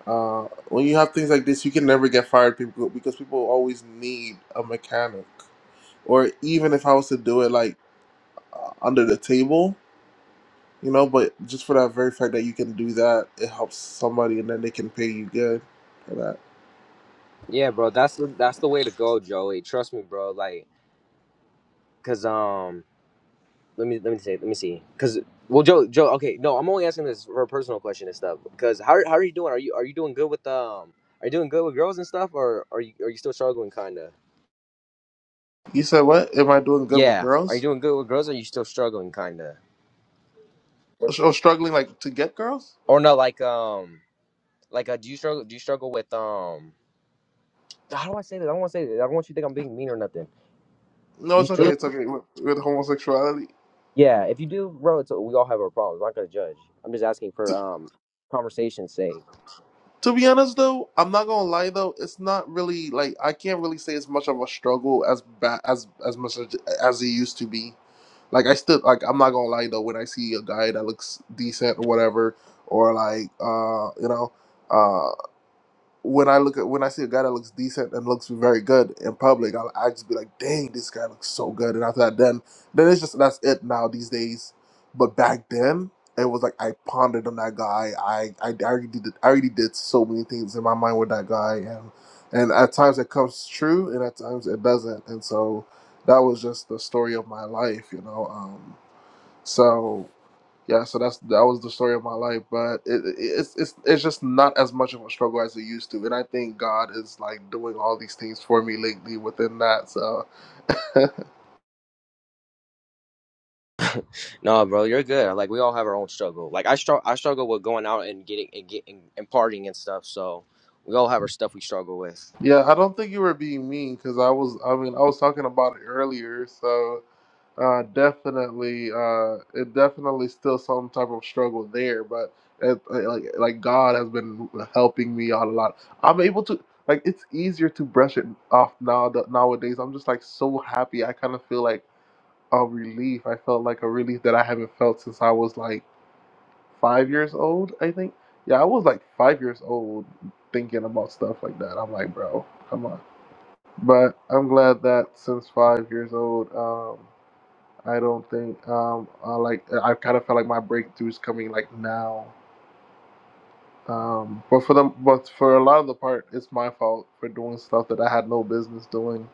B: Uh, when you have things like this, you can never get fired, people, because people always need a mechanic. Or even if I was to do it like uh, under the table, you know, but just for that very fact that you can do that, it helps somebody, and then they can pay you good for that.
D: Yeah, bro, that's the that's the way to go, Joey. Trust me, bro. Like, cause um, let me let me say, let me see, cause well, Joe, Joe, okay, no, I'm only asking this for a personal question and stuff. Cause how how are you doing? Are you are you doing good with um? Are you doing good with girls and stuff, or are you are you still struggling, kinda?
B: You said what? Am I doing good with
D: Yeah, are you
B: girls?
D: doing good with girls? Or are you still struggling, kinda?
B: Oh, struggling like to get girls?
D: Or no, like um, like uh, do you struggle? Do you struggle with um? How do I say this? I don't want to say this. I don't want you to think I'm being mean or nothing.
B: No,
D: Do you
B: it's
D: str-
B: okay. It's okay with, with homosexuality.
D: Yeah, if you do, bro, it's, we all have our problems. I'm not gonna judge. I'm just asking for um conversation's sake.
B: To be honest, though, I'm not gonna lie. Though it's not really like I can't really say it's much of a struggle as bad as as much as, as it used to be. Like I still like I'm not gonna lie though. When I see a guy that looks decent or whatever, or like uh you know uh, when I look at when I see a guy that looks decent and looks very good in public, I'll I just be like, dang, this guy looks so good. And after that, then then it's just that's it now these days. But back then, it was like I pondered on that guy. I I, I already did I already did so many things in my mind with that guy, and and at times it comes true, and at times it doesn't. And so that was just the story of my life, you know. Um, so yeah so that's that was the story of my life but it, it, it's it's it's just not as much of a struggle as it used to and i think god is like doing all these things for me lately within that so
D: No, bro, you're good. Like we all have our own struggle. Like I struggle, I struggle with going out and getting and getting and partying and stuff. So we all have our stuff we struggle with.
B: [laughs] yeah i don't think you were being mean because i was i mean i was talking about it earlier so uh definitely uh it definitely still some type of struggle there but it, like like god has been helping me out a lot i'm able to like it's easier to brush it off now that nowadays i'm just like so happy i kind of feel like a relief. I felt like a relief that I haven't felt since I was like five years old, I think. Yeah, I was like five years old thinking about stuff like that. I'm like, bro, come on. But I'm glad that since five years old, um, I don't think um, I like I kind of felt like my breakthroughs coming like now. Um, but for the but for a lot of the part, it's my fault for doing stuff that I had no business doing.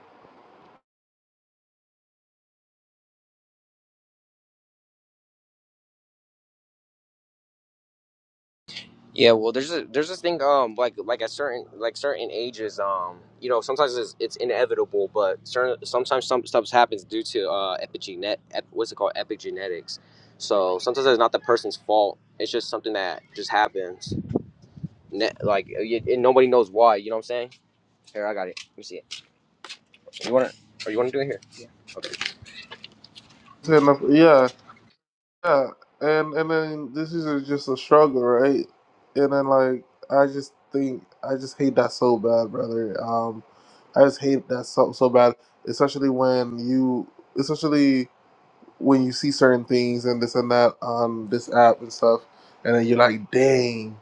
D: Yeah, well, there's a there's this thing um like like at certain like certain ages um you know sometimes it's, it's inevitable but certain sometimes some stuff happens due to uh epigenet ep, what's it called epigenetics. So sometimes it's not the person's fault. It's just something that just happens. like and nobody knows why. You know what I'm saying? Here, I got it. Let me see it. You want to? Or you want to do it here? Okay.
B: It's in the- Yeah, yeah, and and then this is a- just a struggle, right? And then like I just think I just hate that so bad, brother. Um, I just hate that so so bad, especially when you, especially when you see certain things and this and that on this app and stuff, and then you're like, dang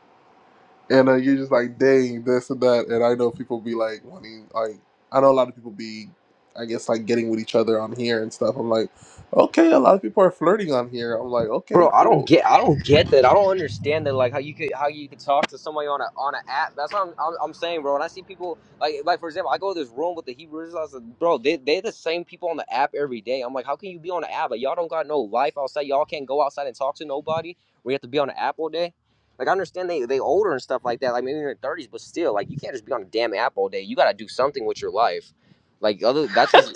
B: and uh, you're just like, dang, this and that. And I know people be like wanting, like, I know a lot of people be, I guess, like getting with each other on here and stuff. I'm like, okay, a lot of people are flirting on here. I'm like, okay,
D: Bro, I don't
B: cool.
D: get, I don't get that. I don't understand that. Like how you could, how you could talk to somebody on a on an app. That's what I'm, I'm, I'm saying, bro. And I see people like, like for example, I go to this room with the Hebrew Israelites. like, Bro, they they the same people on the app every day. I'm like, how can you be on the app? Like y'all don't got no life outside. Y'all can't go outside and talk to nobody. We have to be on the app all day. Like I understand they they older and stuff like that. Like maybe in their 30s, but still, like you can't just be on a damn app all day. You got to do something with your life. Like other, that's just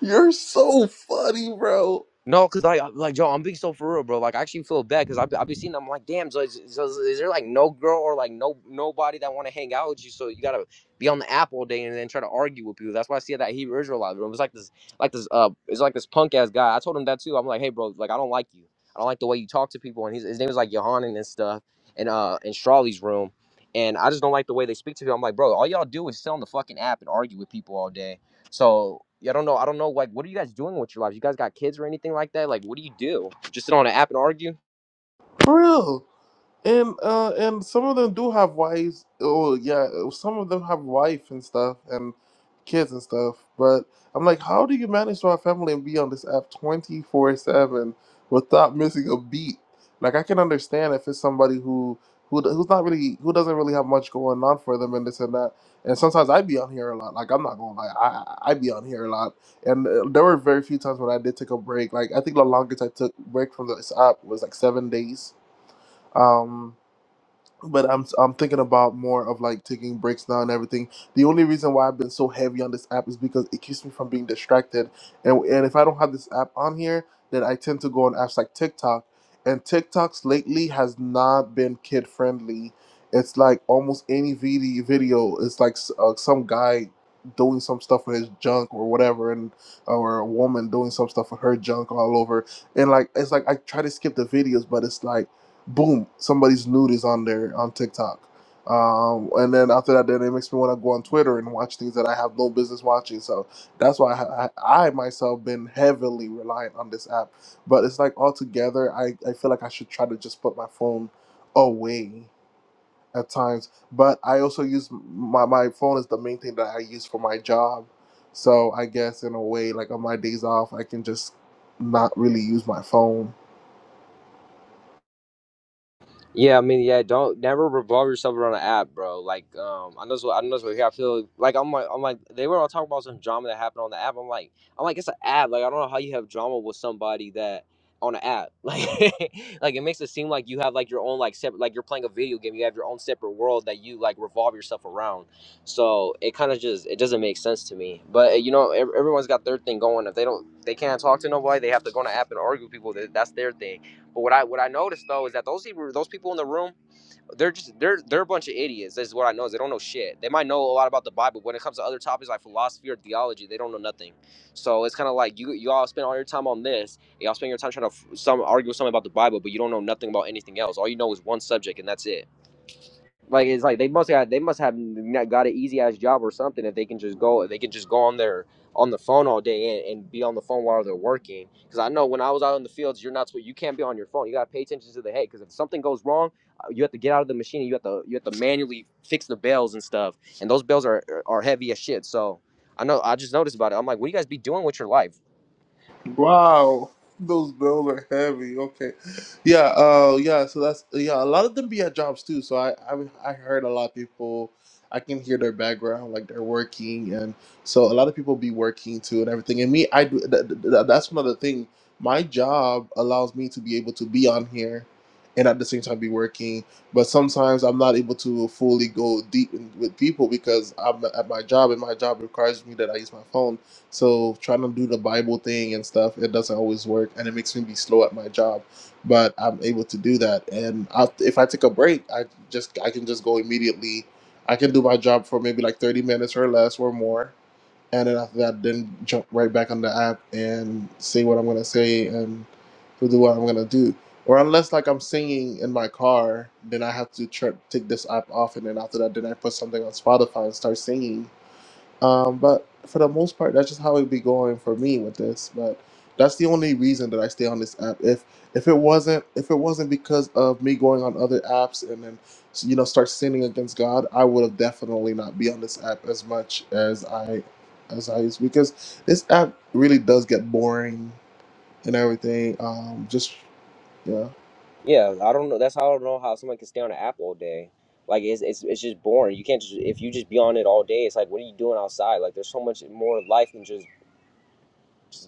B: You're so funny, bro.
D: No, cause like, I- like Joe, I'm being so for real, bro. Like, I actually feel bad, cause I've I've been seeing. them. I'm like, damn, so is, so is is there like no girl or like no nobody that want to hang out with you? So you gotta be on the app all day and then try to argue with people. That's why I see that Hebrew Israelite room. It's like this, like this, uh, it's like this punk ass guy. I told him that too. I'm like, hey, bro, like I don't like you. I don't like the way you talk to people. And his his name is like Yohanan and stuff, and uh, in Strawley's room. And I just don't like the way they speak to people. I'm like, bro, all y'all do is sit on the fucking app and argue with people all day so yeah, I don't know. I don't know. Like, what are you guys doing with your lives? You guys got kids or anything like that? Like, what do you do? Just sit on an app and argue?
B: For real. And uh, and some of them do have wives. Oh yeah, some of them have wife and stuff and kids and stuff. But I'm like, how do you manage to have family and be on this app 24 seven without missing a beat? Like I can understand if it's somebody who who who's not really who doesn't really have much going on for them and this and that. And sometimes I be on here a lot. Like I'm not gonna lie, I I be on here a lot. And uh, there were very few times when I did take a break. Like I think the longest I took break from this app was like seven days. Um, but I'm I'm thinking about more of like taking breaks now and everything. The only reason why I've been so heavy on this app is because it keeps me from being distracted. And and if I don't have this app on here, then I tend to go on apps like TikTok. And TikToks lately has not been kid friendly. It's like almost any video video is like s- uh, some guy doing some stuff with his junk or whatever and or a woman doing some stuff with her junk all over and like it's like i try to skip the videos but it's like boom, somebody's nude is on there on TikTok. Um, and then after that, then it makes me want to go on Twitter and watch things that I have no business watching. So that's why I, I, I myself been heavily reliant on this app. But it's like altogether, I, I feel like I should try to just put my phone away at times. But I also use my, my phone is the main thing that I use for my job. So I guess in a way, like on my days off, I can just not really use my phone
D: Yeah, I mean, yeah, don't never revolve yourself around an app, bro. Like, um, I know it's what I know it's what here. I feel like I'm like I'm like they were all talking about some drama that happened on the app. I'm like I'm like it's an app. Like I don't know how you have drama with somebody that on an app. [laughs] Like like it makes it seem like you have like your own like separate like you're playing a video game. You have your own separate world that you like revolve yourself around. So it kind of just it doesn't make sense to me. But uh, you know, ev- everyone's got their thing going. If they don't they can't talk to nobody, they have to go on an app and argue with people. That- That's their thing but what I what I noticed though is that those people those people in the room, they're just they're they're a bunch of idiots. That's what I know is they don't know shit. They might know a lot about the Bible, but when it comes to other topics like philosophy or theology, they don't know nothing. So it's kind of like you you all spend all your time on this, y'all spend your time trying to f- some argue with something about the Bible, but you don't know nothing about anything else. All you know is one subject, and that's it. Like it's like they must have they must have not got an easy ass job or something if they can just go they can just go on their on the phone all day and, and be on the phone while they're working. Because I know when I was out in the fields, you're not you can't be on your phone. You gotta pay attention to the hay Because if something goes wrong, uh, you have to get out of the machine. And you have to you have to manually fix the bells and stuff. And those bells are are heavy as shit. So I know I just noticed about it. I'm like, what do you guys be doing with your life?
B: Wow, those bills are heavy. Okay, yeah, uh, yeah. So that's yeah. A lot of them be at jobs too. So I, I, I heard a lot of people. I can hear their background, like they're working, and so a lot of people be working too and everything. And me, I do. Th- th- th- that's one other thing. My job allows me to be able to be on here, and at the same time be working. But sometimes I'm not able to fully go deep in, with people because I'm at my job, and my job requires me that I use my phone so trying to do the Bible thing and stuff, it doesn't always work, and it makes me be slow at my job. But I'm able to do that, and I, if I take a break, I just I can just go immediately. I can do my job for maybe like 30 minutes or less or more, and then after that, then jump right back on the app and say what I'm gonna say and to do what I'm gonna do. Or unless like I'm singing in my car, then I have to tr- take this app off, and then after that, then I put something on Spotify and start singing um, but for the most part, that's just how it be going for me with this. But that's the only reason that I stay on this app. If if it wasn't if it wasn't because of me going on other apps and then you know start sinning against God, I would have definitely not be on this app as much as I as I used because this app really does get boring and everything. Um, just yeah,
D: Yeah, I don't know. That's how I don't know how someone can stay on an app all day. Like it's it's it's just boring. You can't just if you just be on it all day. It's like what are you doing outside? Like there's so much more life than just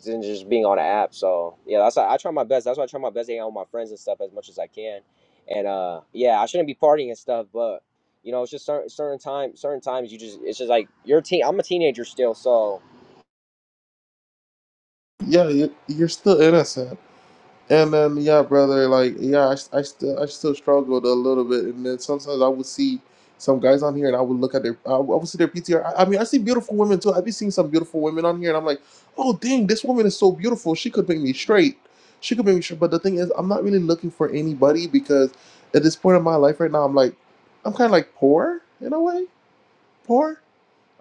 D: than just being on an app. So yeah, that's why I try my best. That's why I try my best to hang out with my friends and stuff as much as I can. And uh yeah, I shouldn't be partying and stuff, but you know it's just certain certain time certain times you just it's just like you're a teen. I'm a teenager still, so
B: yeah, you- you're still innocent. And then yeah, brother, like yeah, I I still I still struggled a little bit, and then sometimes I would see some guys on here, and I would look at their I would I would see their PTR. I, I mean, I see beautiful women too. I've been seeing some beautiful women on here, and I'm like, oh dang, this woman is so beautiful. She could make me straight. She could make me straight. But the thing is, I'm not really looking for anybody because at this point in my life right now, I'm like, I'm kind of like poor in a way, poor.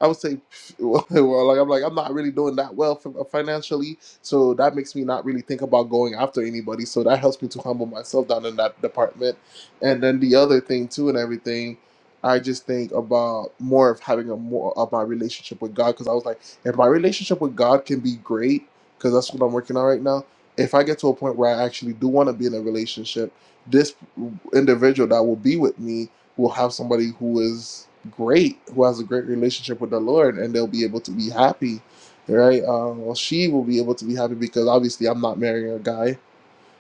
B: I would say, [laughs] well, like I'm like I'm not really doing that well fin- financially, so that makes me not really think about going after anybody. So that helps me to humble myself down in that department. And then the other thing too, and everything, I just think about more of having a more of my relationship with God, because I was like, if my relationship with God can be great, because that's what I'm working on right now. If I get to a point where I actually do want to be in a relationship, this individual that will be with me will have somebody who is great who has a great relationship with the Lord and they'll be able to be happy, right? Um, well, she will be able to be happy because obviously I'm not marrying a guy and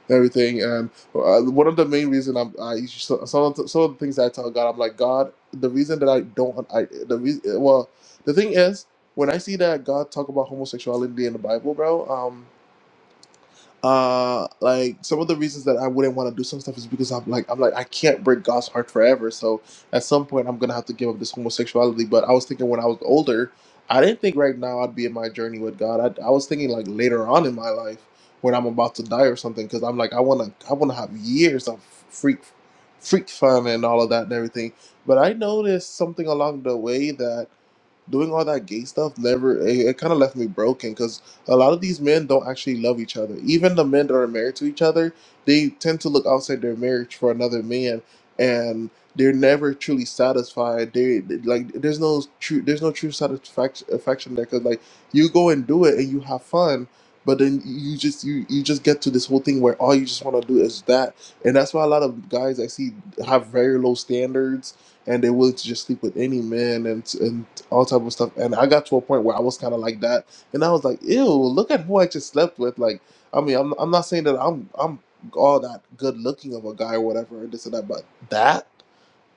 B: everything. And uh, one of the main reason I'm, I so- some of the, some of the things that I tell God, I'm like God. The reason that I don't, I the reason, well, the thing is when I see that God talk about homosexuality in the Bible, bro. Um, uh like some of the reasons that i wouldn't want to do some stuff is because i'm like i'm like i can't break god's heart forever so at some point i'm gonna have to give up this homosexuality but i was thinking when i was older i didn't think right now i'd be in my journey with god i, I was thinking like later on in my life when i'm about to die or something because i'm like i want to i want to have years of freak freak fun and all of that and everything but i noticed something along the way that doing all that gay stuff never it, it kind of left me broken because a lot of these men don't actually love each other even the men that are married to each other they tend to look outside their marriage for another man and they're never truly satisfied they like there's no true there's no true satisfaction affection there because like you go and do it and you have fun but then you just you you just get to this whole thing where all you just want to do is that and that's why a lot of guys i see have very low standards and they're willing to just sleep with any man and and all type of stuff. And I got to a point where I was kind of like that, and I was like, "Ew, look at who I just slept with." Like, I mean, I'm I'm not saying that I'm I'm all that good looking of a guy or whatever, and this and that, but that.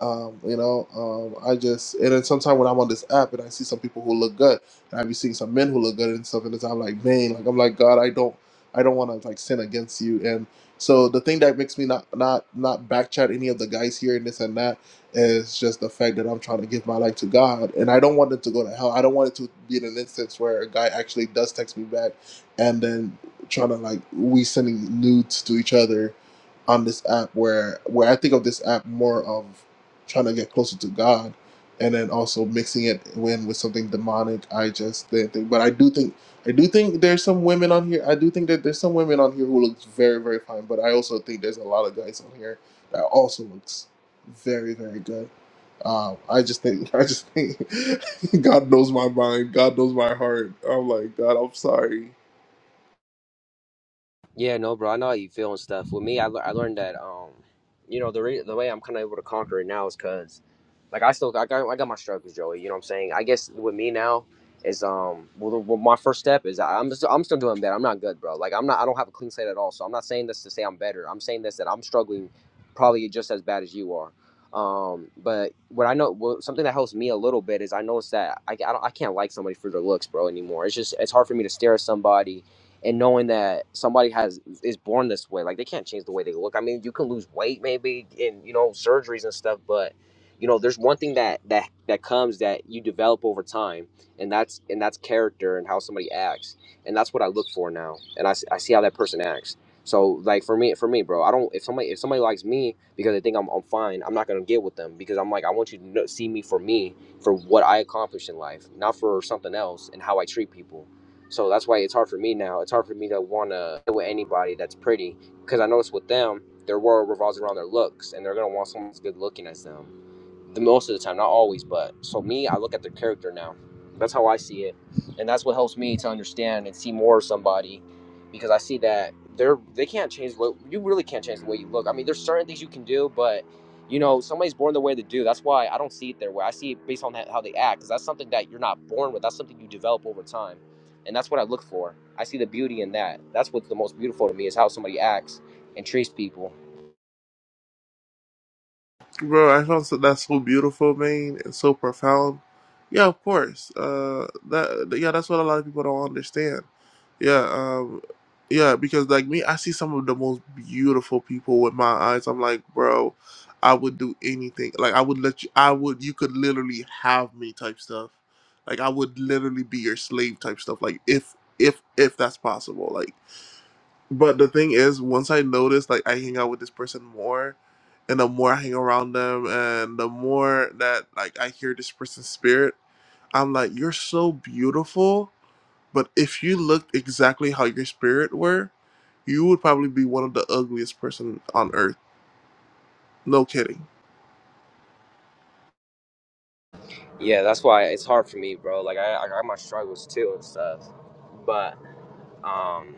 B: Um, you know, um, I just and then sometimes when I'm on this app and I see some people who look good, and I be seeing some men who look good and stuff, and it's, I'm like, man, like I'm like God, I don't, I don't want to like sin against you. And so the thing that makes me not not not backchat any of the guys here and this and that is just the fact that I'm trying to give my life to God, and I don't want it to go to hell. I don't want it to be in an instance where a guy actually does text me back, and then trying to like we sending nudes to each other on this app where where I think of this app more of trying to get closer to God and then also mixing it in with something demonic. I just didn't think but I do think I do think there's some women on here. I do think that there's some women on here who looks very, very fine, but I also think there's a lot of guys on here that also looks very, very good. Um, I just think [laughs] I just think [laughs] God knows my mind, God knows my heart. I'm like, God, I'm sorry.
D: Yeah, no, bro. I know how you feel and stuff. With me, I, lear- I learned that, um, you know, the re- the way I'm kind of able to conquer it now is because, like, I still I got I got my struggles, Joey. You know what I'm saying? I guess with me now is um, well, the, well my first step is I- I'm just, I'm still doing bad. I'm not good, bro. Like, I'm not I don't have a clean slate at all. So I'm not saying this to say I'm better. I'm saying this that I'm struggling, probably just as bad as you are. Um, but what I know, what, something that helps me a little bit is I notice that I, I, don't, I can't like somebody for their looks, bro, anymore. It's just it's hard for me to stare at somebody and knowing that somebody has is born this way like they can't change the way they look i mean you can lose weight maybe and you know surgeries and stuff but you know there's one thing that that that comes that you develop over time and that's and that's character and how somebody acts and that's what i look for now and i, s- I see how that person acts so like for me for me bro i don't if somebody if somebody likes me because they think i'm, I'm fine i'm not gonna get with them because i'm like i want you to know, see me for me for what i accomplish in life not for something else and how i treat people so that's why it's hard for me now. It's hard for me to want to deal with anybody that's pretty because I notice with them, their world revolves around their looks, and they're gonna want someone as good looking as them the most of the time, not always, but so me, I look at their character now. That's how I see it, and that's what helps me to understand and see more of somebody, because I see that they're they can't change what you really can't change the way you look. I mean, there's certain things you can do, but you know somebody's born the way they do. That's why I don't see it their way. I see it based on that, how they act, because that's something that you're not born with. That's something you develop over time, and that's what I look for. I see the beauty in that. That's what's the most beautiful to me is how somebody acts and treats people.
B: Bro, I found so- that so beautiful, man, and so profound Yeah, of course. Uh, that yeah, that's what a lot of people don't understand. Yeah, um, yeah, because like me, I see some of the most beautiful people with my eyes. I'm like, bro, I would do anything. Like, I would let you. I would. You could literally have me type stuff. Like, I would literally be your slave type stuff. Like, if if if that's possible. Like. But the thing is, once I noticed, like I hang out with this person more, and the more I hang around them, and the more that like I hear this person's spirit, I'm like, you're so beautiful. But if you looked exactly how your spirit were, you would probably be one of the ugliest person on earth. No kidding.
D: Yeah, that's why it's hard for me, bro. Like I, I got my struggles too and stuff, but um,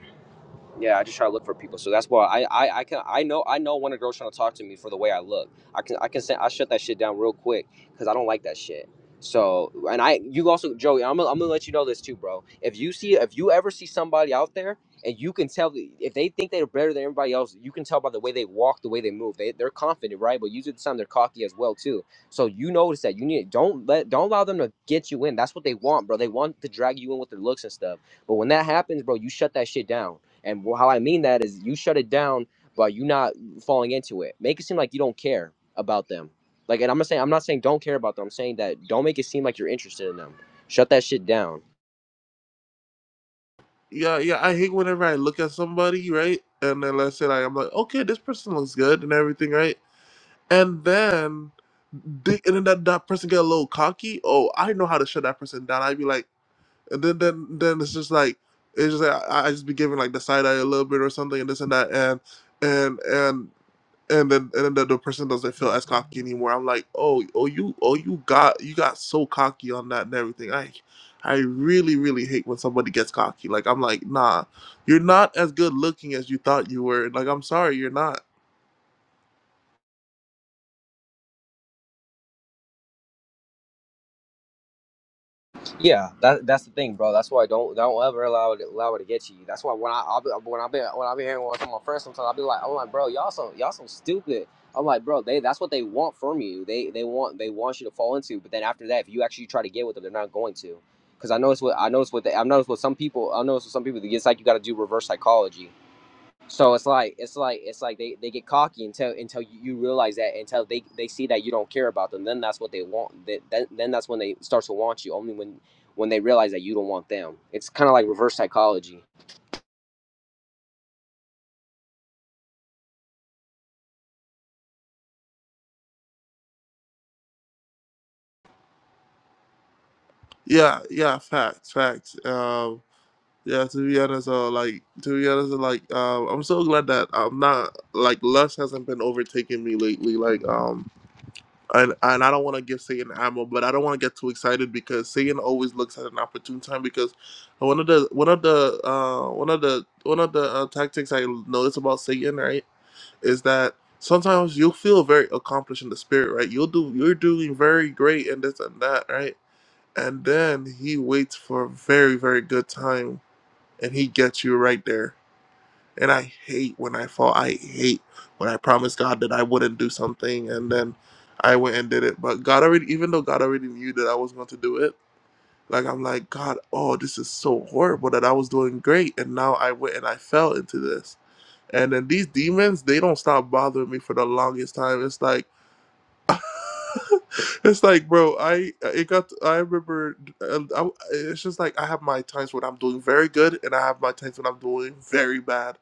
D: yeah, I just try to look for people. So that's why I, I, I can I know I know when a girl's trying to talk to me for the way I look. I can I can say I shut that shit down real quick because I don't like that shit. So and I you also Joey, I'm gonna, I'm gonna let you know this too, bro. If you see if you ever see somebody out there and you can tell if they think they're better than everybody else, you can tell by the way they walk, the way they move. They they're confident, right? But usually at the time they're cocky as well too. So you notice that you need don't let don't allow them to get you in. That's what they want, bro. They want to drag you in with their looks and stuff. But when that happens, bro, you shut that shit down and how I mean that is you shut it down, but you not falling into it. Make it seem like you don't care about them. Like, and I'm not saying I'm not saying don't care about them. I'm saying that don't make it seem like you're interested in them. Shut that shit down
B: Yeah, yeah. I hate whenever I look at somebody, right? And then let's say like I'm like, okay, this person looks good and everything, right? And then, they, and then that, that person get a little cocky. Oh, I know how to shut that person down. I'd be like, and then then then it's just like it's just like I, I just be giving like the side eye a little bit or something and this and that and and and and then and then the, the person doesn't feel as cocky anymore. I'm like, oh oh you oh you got you got so cocky on that and everything. I I really really hate when somebody gets cocky. Like I'm like, nah, you're not as good looking as you thought you were. Like I'm sorry, you're not.
D: Yeah, that that's the thing, bro. That's why I don't don't ever allow it allow it to get you. That's why when I I'll be, when I be when I be hearing one from my friends sometimes I'll be like I'm like bro y'all so y'all so stupid. I'm like bro they that's what they want from you. They they want they want you to fall into. But then after that, if you actually try to get with them, they're not going to. Because I noticed what I noticed what they, I noticed what some people I noticed with some people it's like you got to do reverse psychology. So it's like it's like it's like they, they get cocky until until you you realize that until they, they see that you don't care about them then that's what they want Th- then then that's when they start to want you only when when they realize that you don't want them it's kind of like reverse psychology
B: Yeah, yeah, facts, facts. Um Yeah, to be honest, uh, like to be honest, like um, I'm so glad that I'm not like lust hasn't been overtaking me lately. Like um, and and I don't want to give Satan ammo, but I don't want to get too excited because Satan always looks at an opportune time. Because one of the one of the uh one of the one of the uh, tactics I notice about Satan, right, is that sometimes you will feel very accomplished in the spirit, right? You'll do you're doing very great and this and that, right? And then he waits for a very very good time and he gets you right there. And I hate when I fall. I hate when I promised God that I wouldn't do something and then I went and did it. But God already, even though God already knew that I was going to do it, like I'm like, God, oh, this is so horrible that I was doing great and now I went and I fell into this. And then these demons, they don't stop bothering me for the longest time. It's like, [laughs] it's like, bro, I it got. I remember. uh, I, it's just like I have my times when I'm doing very good, and I have my times when I'm doing very bad.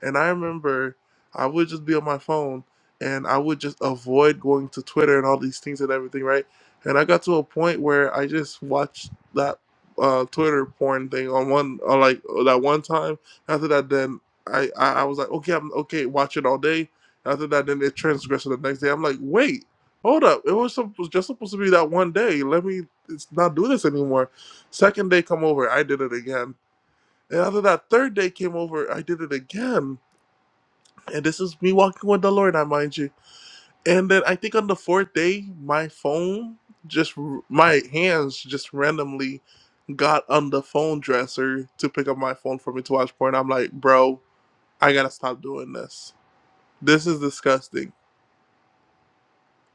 B: And I remember I would just be on my phone, and I would just avoid going to Twitter and all these things and everything, right? And I got to a point where I just watched that uh, Twitter porn thing on one, on like that one time. After that, then I, I I was like, okay, I'm okay, watch it all day. After that, then it transgressed to the next day. I'm like, wait. Hold up. It was, supp- was just supposed to be that one day. Let me it's not do this anymore. Second day come over, I did it again. And after that third day came over, I did it again. And this is me walking with the Lord, I mind you. And then I think on the fourth day, my phone just r- my hands just randomly got on the phone dresser to pick up my phone for me to watch porn. I'm like, bro, I gotta stop doing this. This is disgusting.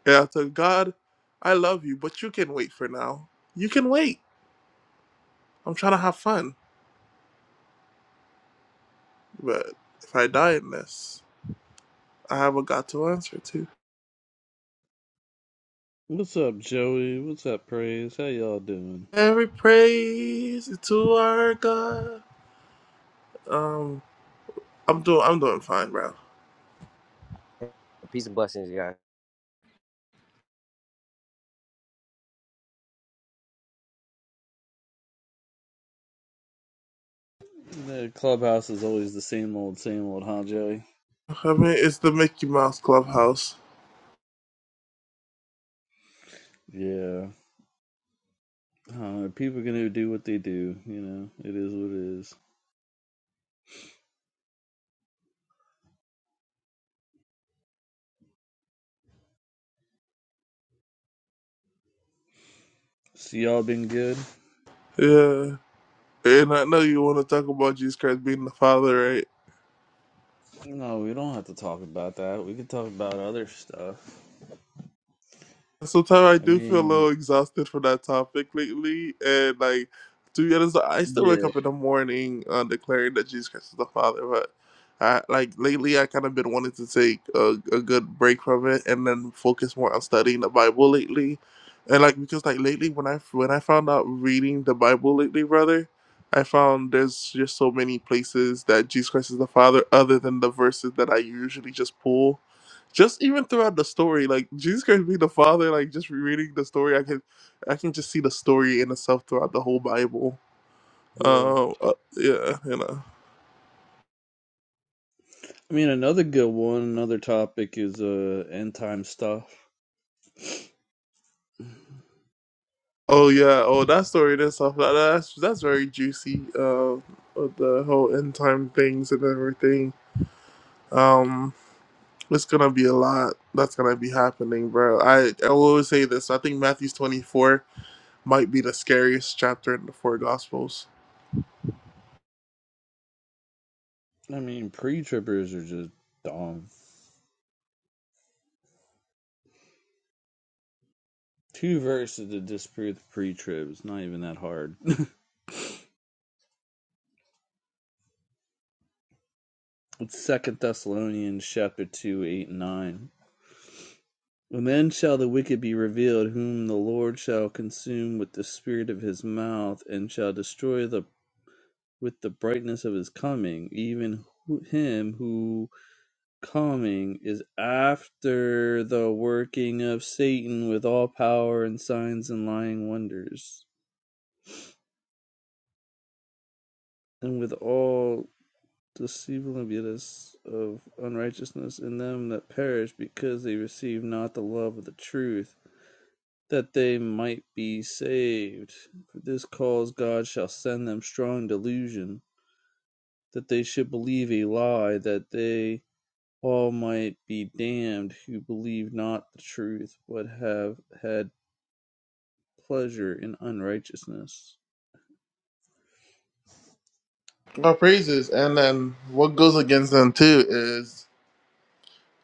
B: And I said, God, I love you, but you can wait for now. You can wait. I'm trying to have fun, but if I die in this, I have a got to answer to.
E: What's up, Joey? What's up, Praise? How y'all doing?
B: Every praise is to our God. Um, I'm doing, I'm doing fine, bro.
D: peace and blessings guys
E: The clubhouse is always the same old, same old, huh, Joey?
B: I mean, it's the Mickey Mouse Clubhouse.
E: Yeah. Uh, people gonna do what they do, you know. It is what it is. So y'all been good?
B: Yeah, and I know you want to talk about Jesus Christ being the Father, right?
E: No, we don't have to talk about that. We can talk about other stuff.
B: Sometimes I
E: I
B: do feel a little
E: mean,
B: exhausted from that topic lately, and like to be honest, I still wake
E: yeah,
B: up in the morning uh, declaring that Jesus Christ is the Father. But I, like lately, I kind of been wanting to take a, a good break from it and then focus more on studying the Bible lately. And like because like lately, when I when I found out reading the Bible lately, brother, I found there's just so many places that Jesus Christ is the Father other than the verses that I usually just pull just even throughout the story, like Jesus Christ being the Father, like just reading the story, I can I can just see the story in itself throughout the whole Bible.
E: yeah.
B: Um, uh, yeah, you know.
E: I mean, another good one, another topic is uh end time stuff.
B: Oh yeah, oh that story and stuff. That, that's that's very juicy. Uh, with the whole end time things and everything. Um, it's gonna be a lot that's gonna be happening, bro. I I will always say this. I think Matthew's twenty four might be the scariest chapter in the four Gospels.
E: I mean, pre-trippers are just dumb. Two verses to disprove the pre-trib. It's not even that hard. It's Second Thessalonians chapter two, eight and nine. And then shall the wicked be revealed, whom the Lord shall consume with the spirit of his mouth, and shall destroy the with the brightness of his coming, even who- him who coming is after the working of Satan with all power and signs and lying wonders, and with all deceivableness of unrighteousness in them that perish, because they receive not the love of the truth that they might be saved. For this cause God shall send them strong delusion, that they should believe a lie, that they all might be damned who believe not the truth, but have had pleasure in unrighteousness.
B: Well, praises, and then what goes against them too is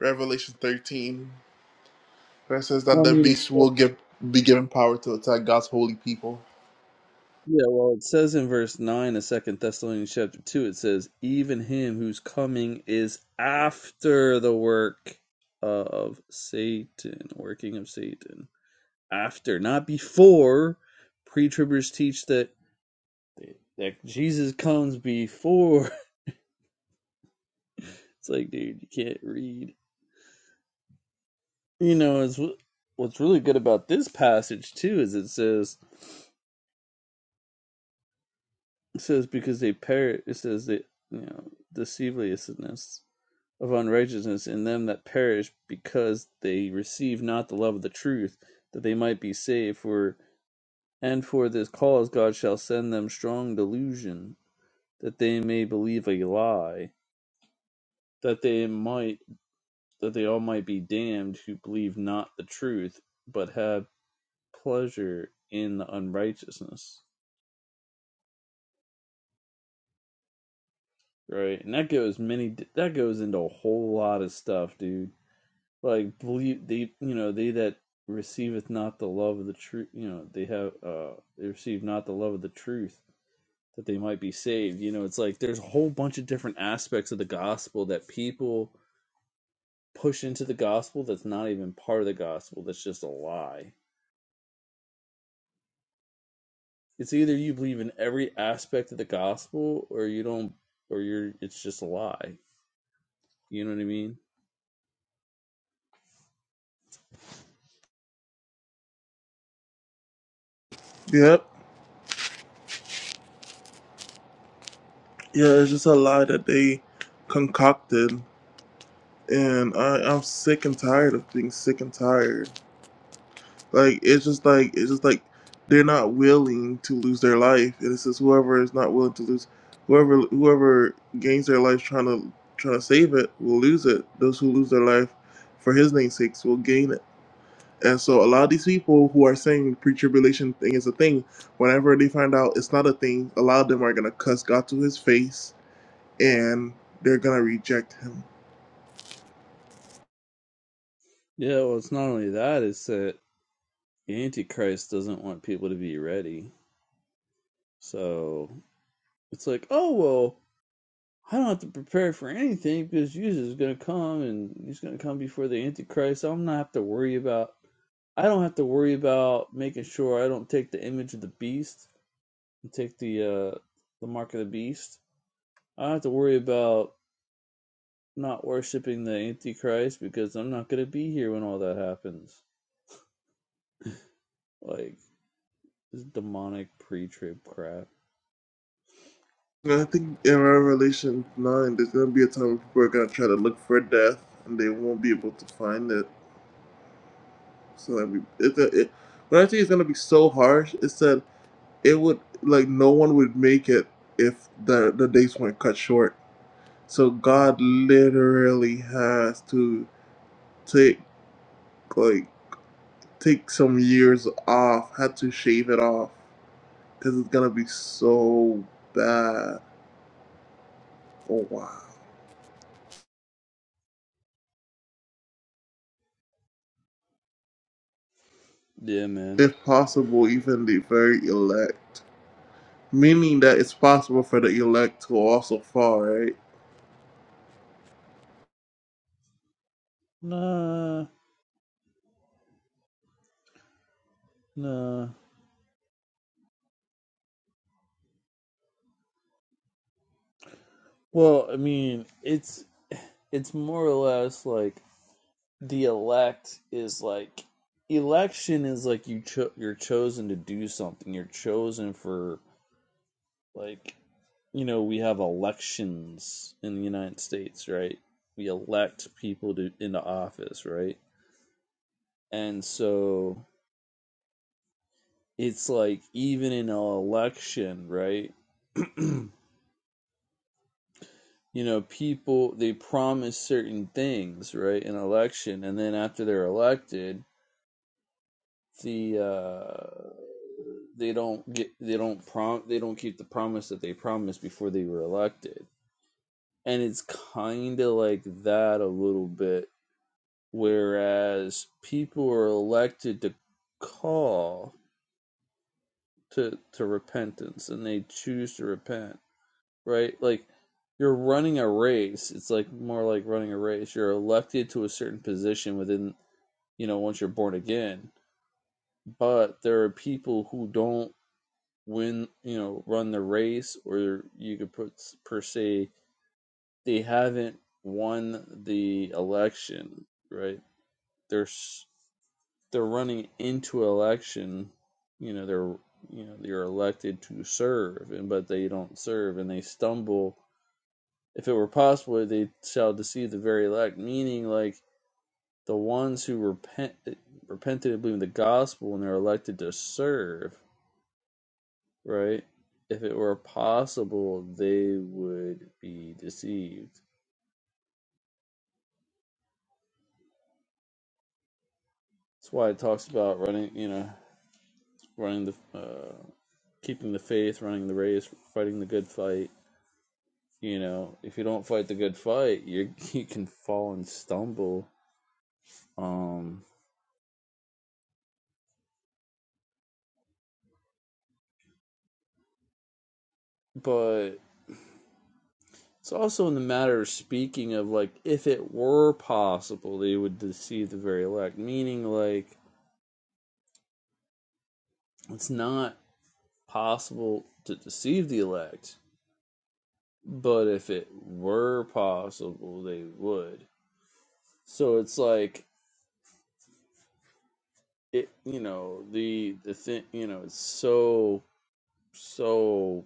B: Revelation 13, where it says that
E: Well, I
B: the
E: mean,
B: beast will give be given power to attack God's holy people.
E: yeah, well, it says in verse 9 of second Thessalonians chapter 2, it says, Even him whose coming is after the work of Satan, working of Satan. after, not before. Pre-tribbers teach that that Jesus comes before. [laughs] It's like, dude, you can't read. You know, it's what's really good about this passage too is it says it says because they perish. It says that you know the deviousness of unrighteousness in them that perish because they receive not the love of the truth that they might be saved. For and for this cause God shall send them strong delusion that they may believe a lie that they might that they all might be damned who believe not the truth but have pleasure in the unrighteousness right and that goes many that goes into a whole lot of stuff dude like believe they you know they that receiveth not the love of the truth you know they have uh they receive not the love of the truth that they might be saved you know it's like there's a whole bunch of different aspects of the gospel that people push into the gospel that's not even part of the gospel that's just a lie It's either you believe in every aspect of the gospel or you don't or you're it's just a lie. You know what I mean?
B: Yep. Yeah, it's just a lie that they concocted. And I, I'm sick and tired of being sick and tired. Like it's just like it's just like they're not willing to lose their life. And it says whoever is not willing to lose whoever whoever gains their life trying to trying to save it will lose it. Those who lose their life for his name's sake will gain it. And so a lot of these people who are saying pre-tribulation thing is a thing, whenever they find out it's not a thing, a lot of them are gonna cuss God to his face and they're gonna reject him.
E: Yeah, well it's not only that, it's that the Antichrist doesn't want people to be ready. So it's like, oh well, I don't have to prepare for anything because Jesus is gonna come and he's gonna come before the Antichrist. So I'm not have to worry about I don't have to worry about making sure I don't take the image of the beast and take the uh the mark of the beast. I don't have to worry about not worshiping the Antichrist because I'm not gonna be here when all that happens. Like this demonic pre-trip crap.
B: And I think in Revelation nine there's gonna be a time where people are gonna try to look for death and they won't be able to find it. So I mean, it's a, it, when I say it's gonna be so harsh, it's that it would like no one would make it if the the days weren't cut short. So God
E: Mm-hmm.
B: literally has to take like take some years off, had to shave it off because it's gonna be so bad. Oh wow!
E: Yeah, man.
B: If possible, even the very elect, meaning that it's possible for the elect to also fall, right?
E: Nah, nah. Well, I mean, it's it's more or less like the elect is like election is like you cho- you're chosen to do something. You're chosen for like you know we have elections in the United States, right? We elect people to into office, right? And so it's like even in an election, right? [clears throat] you know, people they promise certain things, right, in an election, and then after they're elected, the uh, they don't get they don't prom they don't keep the promise that they promised before they were elected, and it's kind of like that a little bit. Whereas people are elected to call to to repentance, and they choose to repent right? Like you're running a race. It's like more like running a race. You're elected to a certain position within, you know, once you're born again. But there are people who don't win, you know, run the race, or you could put per se they haven't won the election, right? They're they're running into election. You know, they're you know they're elected to serve, and but they don't serve, and they stumble if it were possible, they shall deceive the very elect, meaning like the ones who repent, repented and believe in the gospel and they are elected to serve, right? If it were possible, they would be deceived. That's why it talks about running, you know, running the, uh, keeping the faith, running the race, fighting the good fight. You know, if you don't fight the good fight, you [laughs] you can fall and stumble. Um, but It's also in the matter of speaking of like if it were possible they would deceive the very elect, meaning like it's not possible to deceive the elect, but if it were possible they would. So it's like it you know, the the thing you know, it's so so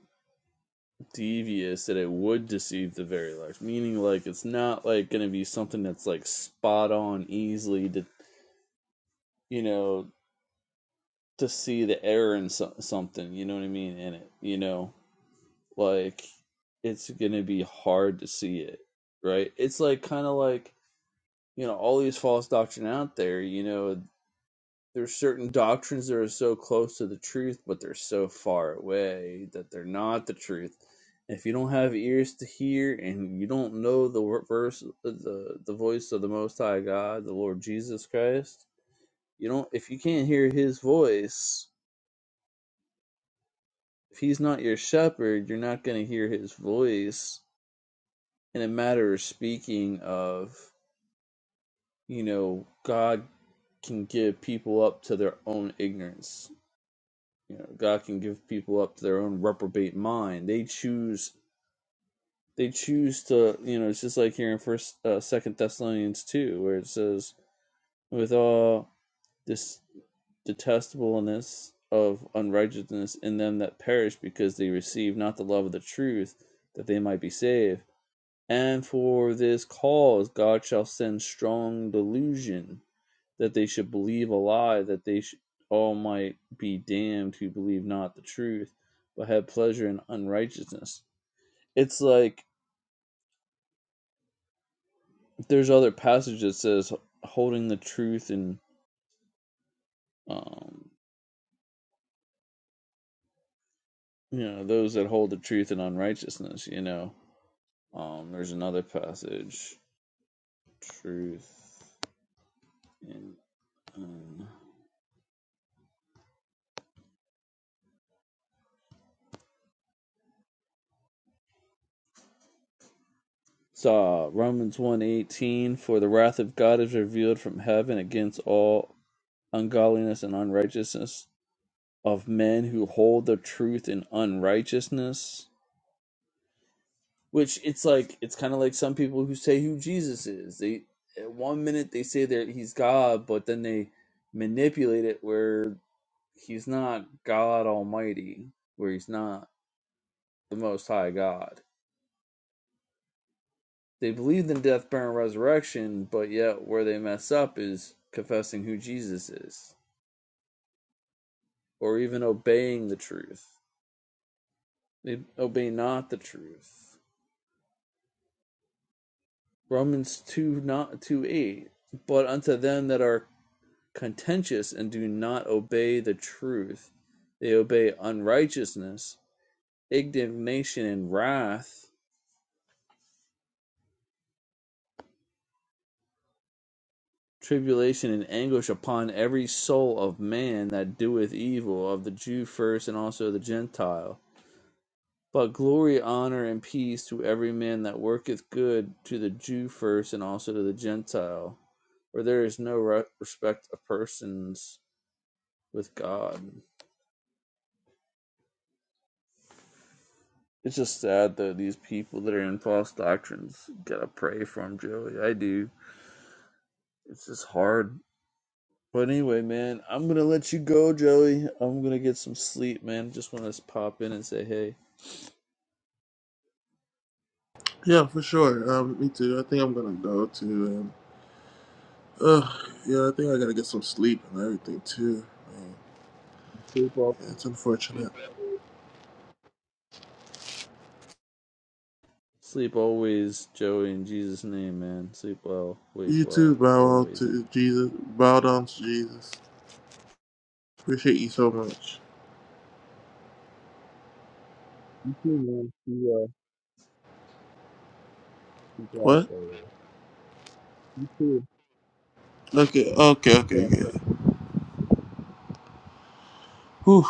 E: devious that it would deceive the very elect. Meaning like it's not like gonna be something that's like spot on easily to you know to see the error in so- something, you know what I mean, in it, you know? Like it's going to be hard to see it, right? It's like kind of like, you know, all these false doctrine out there, you know, there's certain doctrines that are so close to the truth, but they're so far away that they're not the truth. If you don't have ears to hear and you don't know the verse, the the voice of the Most High God, the Lord Jesus Christ, you don't. If you can't hear His voice, if he's not your shepherd, you're not going to hear his voice. In a matter of speaking of, you know, God can give people up to their own ignorance. You know, God can give people up to their own reprobate mind. They choose. They choose to. You know, it's just like here in First, uh, Second Thessalonians two, where it says, "With all this detestableness of unrighteousness in them that perish, because they receive not the love of the truth, that they might be saved." And for this cause God shall send strong delusion, that they should believe a lie, that they sh- all might be damned who believe not the truth, but have pleasure in unrighteousness. It's like there's other passage that says holding the truth and um, you know those that hold the truth in unrighteousness. You know, um, there's another passage, truth in. Um, So Romans 1.18, For the wrath of God is revealed from heaven against all ungodliness and unrighteousness of men who hold the truth in unrighteousness. Which it's like it's kind of like some people who say who Jesus is. They at one minute they say that he's God, but then they manipulate it where he's not God Almighty, where he's not the Most High God. they believed in death, burial, and resurrection, but yet where they mess up is confessing who Jesus is, or even obeying the truth. They obey not the truth. Romans two not two eight. But unto them that are contentious and do not obey the truth, they obey unrighteousness, indignation and wrath, tribulation and anguish upon every soul of man that doeth evil, of the Jew first and also the Gentile But glory, honor, and peace to every man that worketh good, to the Jew first, and also to the Gentile. For there is no re- respect of persons with God. It's just sad though these people that are in false doctrines gotta pray for them, Joey. I do. It's just hard. But anyway, man, I'm gonna let you go, Joey. I'm gonna get some sleep, man. Just want to pop in and say, hey,
B: Yeah, for sure. Um, me too. I think I'm gonna go to and uh, yeah, I think I gotta get some sleep and everything too.
E: sleep well,
B: Yeah, it's unfortunate.
E: sleep always, Joey. In Jesus' name, man. Sleep well, wake
B: You too.
E: well,
B: Bow out
E: always.
B: to Jesus. Bow down to Jesus. Appreciate you so much.
E: He wants to uh, keep us
B: What?
E: there. He wants to
B: Okay. Okay.
E: keep us
B: Okay. Okay. Whew.